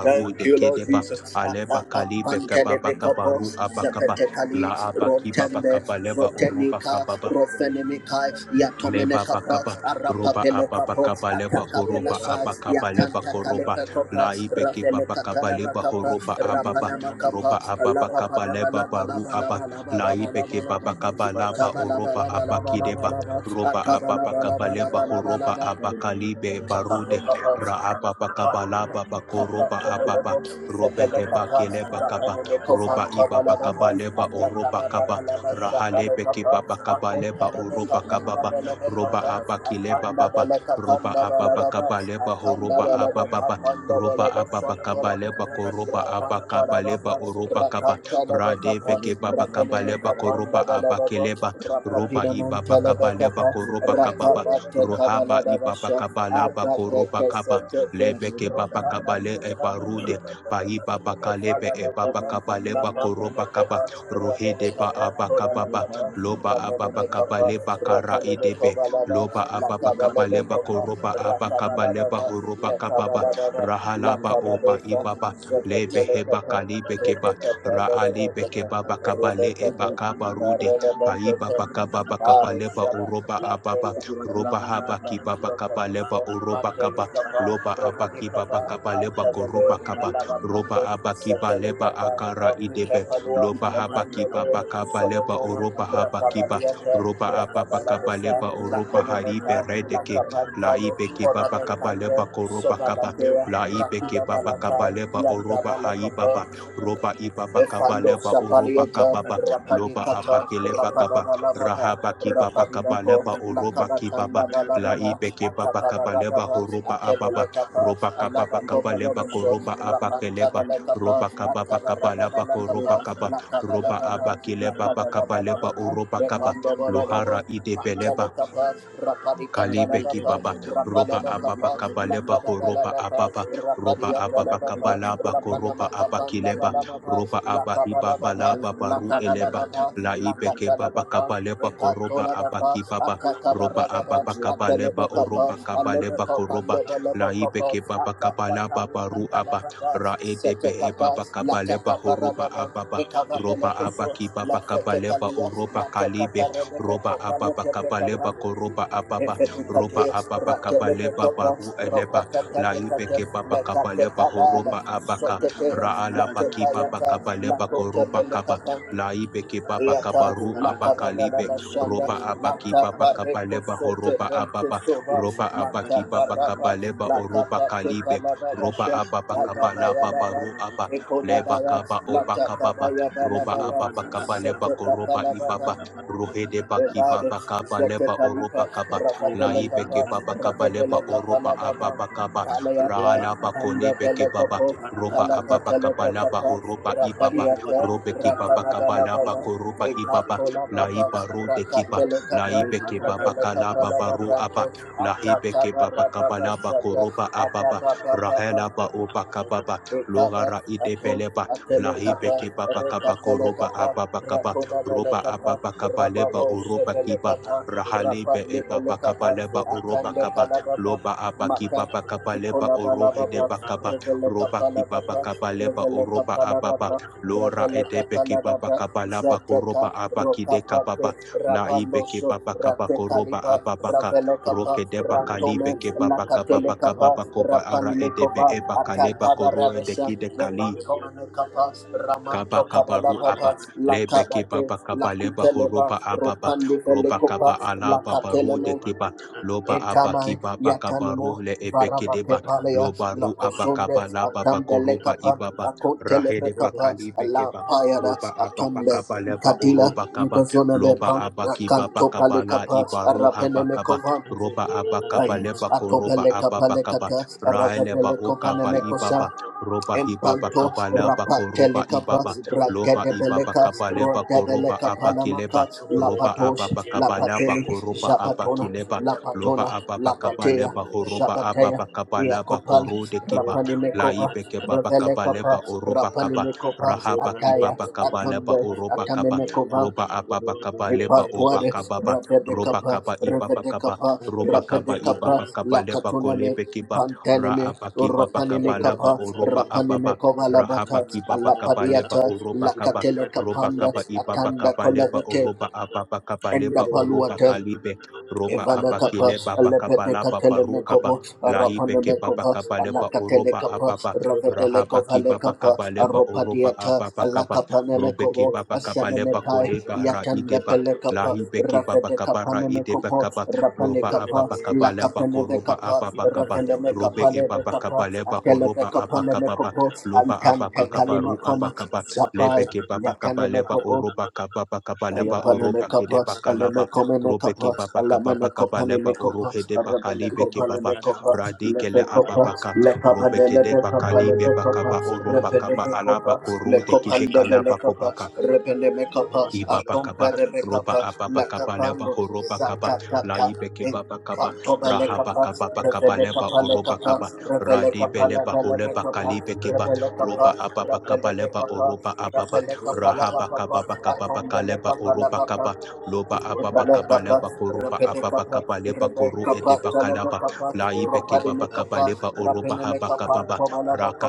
Speaker 1: Thank you, Lord
Speaker 2: kedeba
Speaker 1: Jesus.
Speaker 2: aleba kalibeke
Speaker 1: Apapampantelebekapo,
Speaker 2: kabaru abakaba
Speaker 1: sepetekali,
Speaker 2: la abaki
Speaker 1: rotembe,
Speaker 2: babakabaleba
Speaker 1: zotenika,
Speaker 2: kababa
Speaker 1: rofenemikai,
Speaker 2: leba
Speaker 1: yatomenekapa,
Speaker 2: bakaba roba
Speaker 1: arapapelekapo,
Speaker 2: ababakaba leba horoba
Speaker 1: atakabelasa,
Speaker 2: abakaba leba koroba
Speaker 1: yatantakalepekopa,
Speaker 2: laibe kibabakaba leba
Speaker 1: rafelekatanabakapa,
Speaker 2: horoba ababa
Speaker 3: Thank
Speaker 2: roba
Speaker 1: rapanamakapa,
Speaker 3: you.
Speaker 2: ababakaba leba baru
Speaker 3: Thank
Speaker 2: aba laibe
Speaker 1: alapapadabalabalabalabalabalabalaba,
Speaker 2: kibabakaba laba oroba abakideba
Speaker 1: atabalabalabalabalabalaba,
Speaker 2: roba ababakaba leba horoba
Speaker 1: atabalabalabalabalabalaba,
Speaker 2: abakalibe
Speaker 1: Rapapina
Speaker 2: barude ra ababakaba laba bakoroba ababa robe heba kileba kaba roba ibabakaba leba oroba kaba rahalebe kibabakaba leba oroba kababa roba abakile baba, roba ababakabale baho roba abababa roba ababakabale bako roba abakabale ba oroba kaba
Speaker 3: you.
Speaker 2: rade
Speaker 3: Thank
Speaker 2: beke babakabale bako roba abakile ba roba ibabakabale
Speaker 1: Montalebekapa,
Speaker 2: bako roba kababa
Speaker 1: Rakabate
Speaker 2: rohaba
Speaker 1: Kavalabasha, Rebecca,
Speaker 2: ibabakabala bako roba
Speaker 1: Rebecca,
Speaker 2: kaba lebeke babakabale ebarude bai babakalebe ebabakabale bako roba kaba rohede ba abakababa loba ababa kabale bakara loba ababa kaba leba koroba aba kaba leba horoba kababa
Speaker 3: you. Thank
Speaker 2: rahalaba
Speaker 3: you.
Speaker 2: oba ibaba lebe heba kalibe keba raalibe kebaba kaba le
Speaker 1: Rebecca, Rebecca,
Speaker 2: eba kaba paiba
Speaker 1: Rebecca,
Speaker 2: bakaba bakaba
Speaker 1: Paro
Speaker 2: leba
Speaker 1: Shada,
Speaker 2: oroba ababa
Speaker 1: Latelia,
Speaker 2: roba haba
Speaker 1: Ramanamba,
Speaker 2: kibaba kaba
Speaker 1: Locamoso,
Speaker 2: oroba kaba
Speaker 1: Matelicapa,
Speaker 2: loba aba kibaba
Speaker 1: Romanicapa,
Speaker 2: kaba
Speaker 1: Antavele,
Speaker 2: koroba kaba roba
Speaker 1: Alavapando,
Speaker 2: aba kiba leba
Speaker 1: Satelicapa,
Speaker 2: akara idebe
Speaker 1: Elpicapanua,
Speaker 2: loba haba
Speaker 1: Apandele,
Speaker 2: kibaba kaba leba
Speaker 1: Solotoma,
Speaker 2: oroba haba
Speaker 3: want
Speaker 2: kiba
Speaker 1: Racabaliata,
Speaker 3: to
Speaker 2: roba ababa
Speaker 1: Racabalabesa,
Speaker 2: kabaleba oroba haribe
Speaker 1: Lacomenota,
Speaker 2: redeke la
Speaker 1: Lacapantano,
Speaker 2: ibeke baba
Speaker 1: Poramecande,
Speaker 2: kabaleba koroba kaba
Speaker 1: Sovalatea,
Speaker 2: la ibeke
Speaker 1: Racuda
Speaker 2: baba
Speaker 1: Balata,
Speaker 2: kabaleba
Speaker 1: Yanda
Speaker 2: oroba
Speaker 1: Malacopo,
Speaker 2: haibaba roba ibaba
Speaker 1: Efando
Speaker 2: kabaleba oroba
Speaker 1: Sapalieta,
Speaker 2: kababa loba
Speaker 1: Rapadikata,
Speaker 2: abakeleba kaba
Speaker 1: Rapadababa,
Speaker 2: rahaba kibaba
Speaker 1: Rapadibako,
Speaker 2: kabaleba oroba
Speaker 1: Lakabatanda
Speaker 2: kibaba la
Speaker 1: Balababa,
Speaker 2: ibeke baba kabaleba
Speaker 1: Atakabarababa,
Speaker 2: horoba ababa
Speaker 1: Atebelekapa,
Speaker 2: roba kababa
Speaker 1: Alabakova
Speaker 2: kabaleba
Speaker 1: Loboso,
Speaker 3: Thank
Speaker 2: koroba
Speaker 3: you.
Speaker 2: abakeleba
Speaker 3: Thank
Speaker 1: Rapantabelekapa,
Speaker 2: roba kababa kabaleba koroba
Speaker 1: Akabarabalakapa,
Speaker 2: kaba roba
Speaker 1: Lakabalababa,
Speaker 2: abakeleba bakabaleba
Speaker 1: Lakabalabalababa,
Speaker 2: oroba kaba luhara
Speaker 1: Bepando
Speaker 2: idebeleba
Speaker 1: Pantelekapa,
Speaker 2: Kalibeki
Speaker 1: Rapadikatalabapa,
Speaker 2: Baba, Roba Ababa
Speaker 1: Rapalabakapa,
Speaker 2: Kabaleba, Horoba
Speaker 1: Lakabadalabapa,
Speaker 2: Ababa, Roba Ababa
Speaker 1: Rapadiatalabapa,
Speaker 2: Kabalaba, Koroba Abakileba,
Speaker 1: Rapanamakapandabalabapa,
Speaker 2: Roba Abahibaba
Speaker 1: Lakabalabapa,
Speaker 2: Laba Baru Eleba,
Speaker 1: Lakabalabapa,
Speaker 2: Laibeke Baba
Speaker 1: Lakatalabapa,
Speaker 2: Kabaleba, Koroba Abaki
Speaker 1: Rekatolabapa,
Speaker 2: baba, Roba
Speaker 1: Akakabaradaba,
Speaker 2: Ababa Kabaleba,
Speaker 1: Akelebekapa,
Speaker 2: Oroba Kabaleba,
Speaker 1: Alebekapa,
Speaker 2: Koroba,
Speaker 1: Lebelebekapa,
Speaker 2: Laibeke Baba Kabalaba Baru Abba,
Speaker 1: Akakakalikakalamada,
Speaker 2: Raede Behe
Speaker 1: Setekapa,
Speaker 2: Baba Kabaleba, Horoba
Speaker 1: Latakaparadaba,
Speaker 2: Ababa, Roba
Speaker 1: Ekabadelekoso,
Speaker 2: Abaki Baba Kabaleba,
Speaker 1: Lafetekalia,
Speaker 2: Oroba Kalibe, roba
Speaker 1: Latakakarebekapa,
Speaker 2: ababa
Speaker 1: Lekebekapa,
Speaker 2: kabaleba koroba ababa ropa
Speaker 1: Efetikate,
Speaker 2: apapa kapa leba
Speaker 1: Ratelebekapa,
Speaker 2: baru eleba la
Speaker 1: Ropakakabekate,
Speaker 3: you.
Speaker 2: ibeke papa kapa
Speaker 3: Thank
Speaker 2: leba
Speaker 1: Lekakekabala,
Speaker 2: horopa apaka
Speaker 1: Sotetea,
Speaker 2: raala ala baki papa
Speaker 1: Latekayaka,
Speaker 2: kapa leba koropa kapa
Speaker 1: Lakotepelekapa,
Speaker 2: la ibeke papa kapa
Speaker 1: Yata
Speaker 2: ru
Speaker 1: la
Speaker 2: apaka
Speaker 1: kabada la
Speaker 2: libe
Speaker 1: bashanda
Speaker 2: ropa
Speaker 1: la
Speaker 2: apaki papa
Speaker 1: tapa
Speaker 2: kapa leba
Speaker 1: rekoso
Speaker 2: horopa
Speaker 1: tefel
Speaker 2: apapa
Speaker 1: kesova
Speaker 2: ropa
Speaker 1: mata
Speaker 2: apaki papa
Speaker 1: parapa
Speaker 2: kapa leba
Speaker 1: la
Speaker 2: oropa
Speaker 1: tapa teka
Speaker 2: kalibe
Speaker 1: la
Speaker 2: ropa
Speaker 1: babasha
Speaker 2: apapa kapa
Speaker 1: ababa
Speaker 2: la
Speaker 1: ya
Speaker 2: papa
Speaker 1: baba
Speaker 2: ru apa
Speaker 1: ekoda
Speaker 2: leba
Speaker 1: baya
Speaker 2: kapa
Speaker 1: la
Speaker 2: opa
Speaker 1: tapa
Speaker 2: kapa pa
Speaker 1: baya bala
Speaker 2: ropa
Speaker 1: baba
Speaker 2: apapa kapa
Speaker 3: you. Thank
Speaker 2: leba
Speaker 1: sete tapa
Speaker 2: koropa
Speaker 1: la baba
Speaker 2: ipapa rohede baki
Speaker 1: Evado,
Speaker 2: papa kapa
Speaker 1: Zeke
Speaker 2: leba
Speaker 1: Palipa,
Speaker 2: oropa kapa
Speaker 1: Rabadele
Speaker 2: laibe ke
Speaker 1: Kapa,
Speaker 2: baba kaba leba
Speaker 1: Rabadele Kapa
Speaker 2: oroba
Speaker 1: La Baba,
Speaker 2: ababa kaba
Speaker 1: Palayata,
Speaker 2: rahala
Speaker 1: Panda
Speaker 2: bakone beke
Speaker 1: Bele
Speaker 2: baba
Speaker 1: Kopo,
Speaker 2: roba ababa
Speaker 1: Palakatele
Speaker 2: kaba laba
Speaker 1: Kapa,
Speaker 2: horoba ibaba
Speaker 1: Rakadiata,
Speaker 2: robe ke baba kaba
Speaker 1: Rakabadala
Speaker 2: laba
Speaker 1: Baba,
Speaker 2: koroba ibaba
Speaker 1: Ekatola Baba,
Speaker 2: laiba rode kiba
Speaker 1: Rakatele Kapa,
Speaker 2: laibe ke baba
Speaker 1: Rabele Kapa
Speaker 2: kalaba
Speaker 1: La
Speaker 2: baru
Speaker 1: Baba,
Speaker 2: aba laibe
Speaker 1: Ataka
Speaker 2: ke baba
Speaker 3: you.
Speaker 2: kaba
Speaker 1: Barababa
Speaker 2: laba
Speaker 1: Shata,
Speaker 2: koroba ababa
Speaker 1: Agaba Baba,
Speaker 2: rahela ba oba kababa
Speaker 1: Ekaba,
Speaker 2: logara
Speaker 1: Atom,
Speaker 2: idebeleba laibe
Speaker 1: Atelekapa,
Speaker 2: ke baba kaba koroba
Speaker 1: Rekatelekapa,
Speaker 2: ababa kaba
Speaker 1: Rakona
Speaker 2: roba
Speaker 1: Melekapa,
Speaker 2: ababa kaba leba
Speaker 1: Rababo
Speaker 2: oroba kiba
Speaker 1: Sevelekapa, Rapa
Speaker 2: Rahalibe eba
Speaker 1: Libelekapa,
Speaker 2: bakabaleba oroba
Speaker 1: Akande
Speaker 2: kaba
Speaker 1: Kalababa,
Speaker 2: loba abaki
Speaker 1: Maka,
Speaker 2: baba kabaleba
Speaker 1: Nicola
Speaker 2: orohe de
Speaker 1: Balababa,
Speaker 2: bakaba roba
Speaker 1: Revelekapa
Speaker 2: ki baba
Speaker 1: Lababa,
Speaker 2: kabaleba oroba
Speaker 1: Revelekapa
Speaker 2: ababa
Speaker 1: Lababa,
Speaker 3: Thank you.
Speaker 2: lora
Speaker 1: Bragaleka
Speaker 2: edebe kiba
Speaker 1: Paladabra,
Speaker 2: bakabalaba koroba
Speaker 1: Zeteka,
Speaker 2: abaki de
Speaker 1: Rokapape,
Speaker 2: kababa la ibe ki
Speaker 1: Rabaloso,
Speaker 2: baba bakaba koroba
Speaker 1: Ratekaliba,
Speaker 2: ababaka
Speaker 1: Ravelekapa,
Speaker 2: roke de
Speaker 3: Thank
Speaker 1: Ratome,
Speaker 2: bakalibe ki baba bakaba bakaba
Speaker 1: Lakatelekapa,
Speaker 2: bakoba ara edebe
Speaker 1: Rapanimekova,
Speaker 2: eba kaleba
Speaker 1: Atakaba
Speaker 2: koroe de
Speaker 1: Ravesha,
Speaker 2: kide kali
Speaker 1: Lebantomanekapa,
Speaker 2: Kaba kaba ru
Speaker 1: Ramantokabalababa,
Speaker 2: aba lebe kiba
Speaker 1: Lakabate,
Speaker 2: ba kaba leba
Speaker 1: Lakuteleba,
Speaker 2: horoba ababa roba
Speaker 1: Ropanifelekopa,
Speaker 2: kaba ala baba ru de
Speaker 1: Lakatelemo,
Speaker 2: kiba loba aba
Speaker 1: Etamai
Speaker 2: kiba ba kaba ru
Speaker 1: yatanimo
Speaker 2: le ebe
Speaker 1: varaba
Speaker 2: kideba
Speaker 1: kepalea
Speaker 3: you.
Speaker 2: loba
Speaker 1: la
Speaker 2: ru
Speaker 3: Thank
Speaker 2: aba
Speaker 1: kosonde
Speaker 2: kaba la baba
Speaker 1: atambele
Speaker 2: koroba
Speaker 1: kapa
Speaker 2: ibaba
Speaker 1: akotele
Speaker 2: rahede
Speaker 1: kapa
Speaker 2: bakali
Speaker 1: la
Speaker 2: bekeba
Speaker 1: payada
Speaker 2: roba aba ba
Speaker 1: atombe
Speaker 2: kaba leba
Speaker 1: kadila
Speaker 2: oroba kaba
Speaker 1: ngazona
Speaker 2: loba
Speaker 1: bepa
Speaker 2: aba kiba ba
Speaker 1: akanto pale
Speaker 2: kaba la iba
Speaker 1: kapa
Speaker 2: ibaru
Speaker 1: arapene
Speaker 2: haba kaba
Speaker 1: mekova
Speaker 2: roba aba
Speaker 1: ay
Speaker 2: kaba leba koroba
Speaker 1: atopele
Speaker 2: aba
Speaker 1: kapa
Speaker 2: bakaba
Speaker 1: lekaka
Speaker 2: raeleba
Speaker 1: arapele kova
Speaker 2: okaba ibaba
Speaker 1: nemekosa
Speaker 2: roba hibaba
Speaker 1: Empanto
Speaker 2: kabala
Speaker 3: you.
Speaker 2: bako roba
Speaker 1: rapatelekapa
Speaker 2: ibaba
Speaker 3: Thank
Speaker 2: loba ibaba
Speaker 1: rakadebeleka
Speaker 2: kabale bako roba
Speaker 1: rodebeleka
Speaker 2: abakileba
Speaker 1: palamaka
Speaker 2: roba
Speaker 1: lapatosh
Speaker 2: ababa kabala
Speaker 1: lapateli
Speaker 2: bako roba
Speaker 1: japatona
Speaker 2: abakileba loba
Speaker 1: lapatona
Speaker 2: ababa kabale
Speaker 1: lapatea
Speaker 2: baho roba
Speaker 1: japatea
Speaker 2: ababa kabala bako
Speaker 1: Yakopal
Speaker 2: rode kiba la
Speaker 1: Rapanimekova
Speaker 2: ibe kebaba
Speaker 1: Revelekapa
Speaker 2: kabaleba oroba kaba
Speaker 1: Rapanimekova
Speaker 2: rahaba
Speaker 1: Ataya
Speaker 2: kibaba kabaleba
Speaker 1: Atame
Speaker 2: oroba kaba
Speaker 1: Atamenekova
Speaker 2: roba ababa kabaleba oba
Speaker 1: Ipatuare,
Speaker 2: kababa roba
Speaker 1: Rapedecapa,
Speaker 2: kaba ibaba kaba
Speaker 1: Revedecapa,
Speaker 2: roba kaba
Speaker 1: Rapedecapa,
Speaker 2: ibaba kabaleba
Speaker 3: you.
Speaker 1: Lacatuname,
Speaker 2: kolebe kiba
Speaker 1: Pantanime,
Speaker 2: Raabaki Baba
Speaker 1: Ropanime
Speaker 3: Everybody,
Speaker 2: Kabalaba
Speaker 1: Capa,
Speaker 2: Oroba
Speaker 1: Rapanime
Speaker 2: Ababa
Speaker 1: Covalabata,
Speaker 2: Rahabaki Baba Kabaleba
Speaker 1: Alapadiata,
Speaker 2: Oroba Kaba
Speaker 1: Lacatele
Speaker 2: Roba
Speaker 1: Capanda,
Speaker 2: Kaba Ibaba
Speaker 1: Atanda
Speaker 2: Kabaleba
Speaker 1: Colevete,
Speaker 2: Oroba Ababa Kabaleba Oroba Kalibe Roba Abaki
Speaker 1: Ivanakapa,
Speaker 2: Leba
Speaker 1: Alepedeka
Speaker 2: Bakabalaba Barukaba
Speaker 1: Telemekobo,
Speaker 2: Laibeke Baba
Speaker 1: Arapanamekova,
Speaker 2: Kabaleba Oroba
Speaker 1: Alakatelekapa,
Speaker 2: Ababa
Speaker 1: Ravedelekova
Speaker 2: Rahabaki Baba
Speaker 1: Lekapa,
Speaker 2: Kabaleba Oroba
Speaker 1: Aropadiata,
Speaker 2: Ababa Kaba Robeki
Speaker 1: Alakapanemekovo,
Speaker 2: Baba Kabaleba
Speaker 1: Asenemetai,
Speaker 2: Koleba
Speaker 1: Yatanda
Speaker 2: Raideba
Speaker 1: Pelekapa,
Speaker 2: Lahibeki Baba Kabara Ideba
Speaker 1: Ravedekapanemekopo,
Speaker 2: Kaba Loba
Speaker 1: Rapanekapa,
Speaker 2: Ababa Kabaleba Koroba
Speaker 1: Lakapenevekapa,
Speaker 2: Ababa Kaba robe
Speaker 1: Rapelemekapanevekapa,
Speaker 2: ebabakaba leba horoba abakababa
Speaker 1: Atelevekapanemekopo,
Speaker 2: loba
Speaker 1: Antante
Speaker 2: abakakaba ru
Speaker 1: Kalimakoma,
Speaker 2: abakaba
Speaker 1: Zapai,
Speaker 2: lebe kebabakaba leba
Speaker 1: Yatanemekobo,
Speaker 2: oroba kababakaba leba
Speaker 1: Ayapaneme
Speaker 2: oroba
Speaker 1: kapa, aleme
Speaker 2: kedebakalaba
Speaker 1: komene
Speaker 2: robe
Speaker 1: kapa, alamene kopa
Speaker 2: kebabakababakaba leba
Speaker 1: neme kopa,
Speaker 2: orohede
Speaker 1: arabene
Speaker 2: bakalibe
Speaker 1: kopa neme
Speaker 2: kebaba
Speaker 1: kopa, lepe
Speaker 2: radikele
Speaker 1: kopa,
Speaker 2: ababaka
Speaker 1: lekaba
Speaker 2: robe
Speaker 1: de lebe kapa
Speaker 2: kedebakalibe
Speaker 1: lebe kopa,
Speaker 3: if
Speaker 2: bakaba
Speaker 3: you
Speaker 2: oroba
Speaker 3: Thank
Speaker 1: repene
Speaker 2: kaba
Speaker 1: me kopa,
Speaker 2: alaba
Speaker 1: le
Speaker 2: korode
Speaker 1: kopa lebe le
Speaker 2: kedekalaba
Speaker 1: kapa,
Speaker 2: kobaka
Speaker 1: repene me kapa, atompe
Speaker 2: Ibabakaba,
Speaker 1: rebe
Speaker 2: Roba
Speaker 1: kapa,
Speaker 2: ababa kaba, Leba
Speaker 1: lakapando,
Speaker 2: Horoba Kaba, la
Speaker 1: zakakaka,
Speaker 2: ibeke Baba Kaba, Rahaba
Speaker 1: Pantobelekapa,
Speaker 2: Kaba Bakaba Leba Oroba
Speaker 1: Rebelekapalekapa,
Speaker 2: Kaba, Radi Beleba Holeba
Speaker 1: Rebelekapalabelebekapa,
Speaker 2: Kalibekeba,
Speaker 1: Rebelekapa,
Speaker 2: Roba ababa kaba Leba
Speaker 1: Rebelebekapa,
Speaker 2: Oroba Ababa, Rahaba
Speaker 1: Rebelekapalabakapa,
Speaker 2: Kaba Bakaba Bakaleba Oroba
Speaker 1: Atombelekapalabaka,
Speaker 2: Kaba, Loba ababa kaba
Speaker 1: Rebelekapa,
Speaker 2: Leba Koroba
Speaker 1: Rebelekapa,
Speaker 2: Ababakaba Leba Koro
Speaker 1: Rebekapa,
Speaker 2: ede bakalaba,
Speaker 1: Telebekapa,
Speaker 2: la ibeke Baba Kaba
Speaker 1: Ropalimekapa,
Speaker 2: Leba Oroba Haba
Speaker 1: Rapenemekapa,
Speaker 2: kaba ba,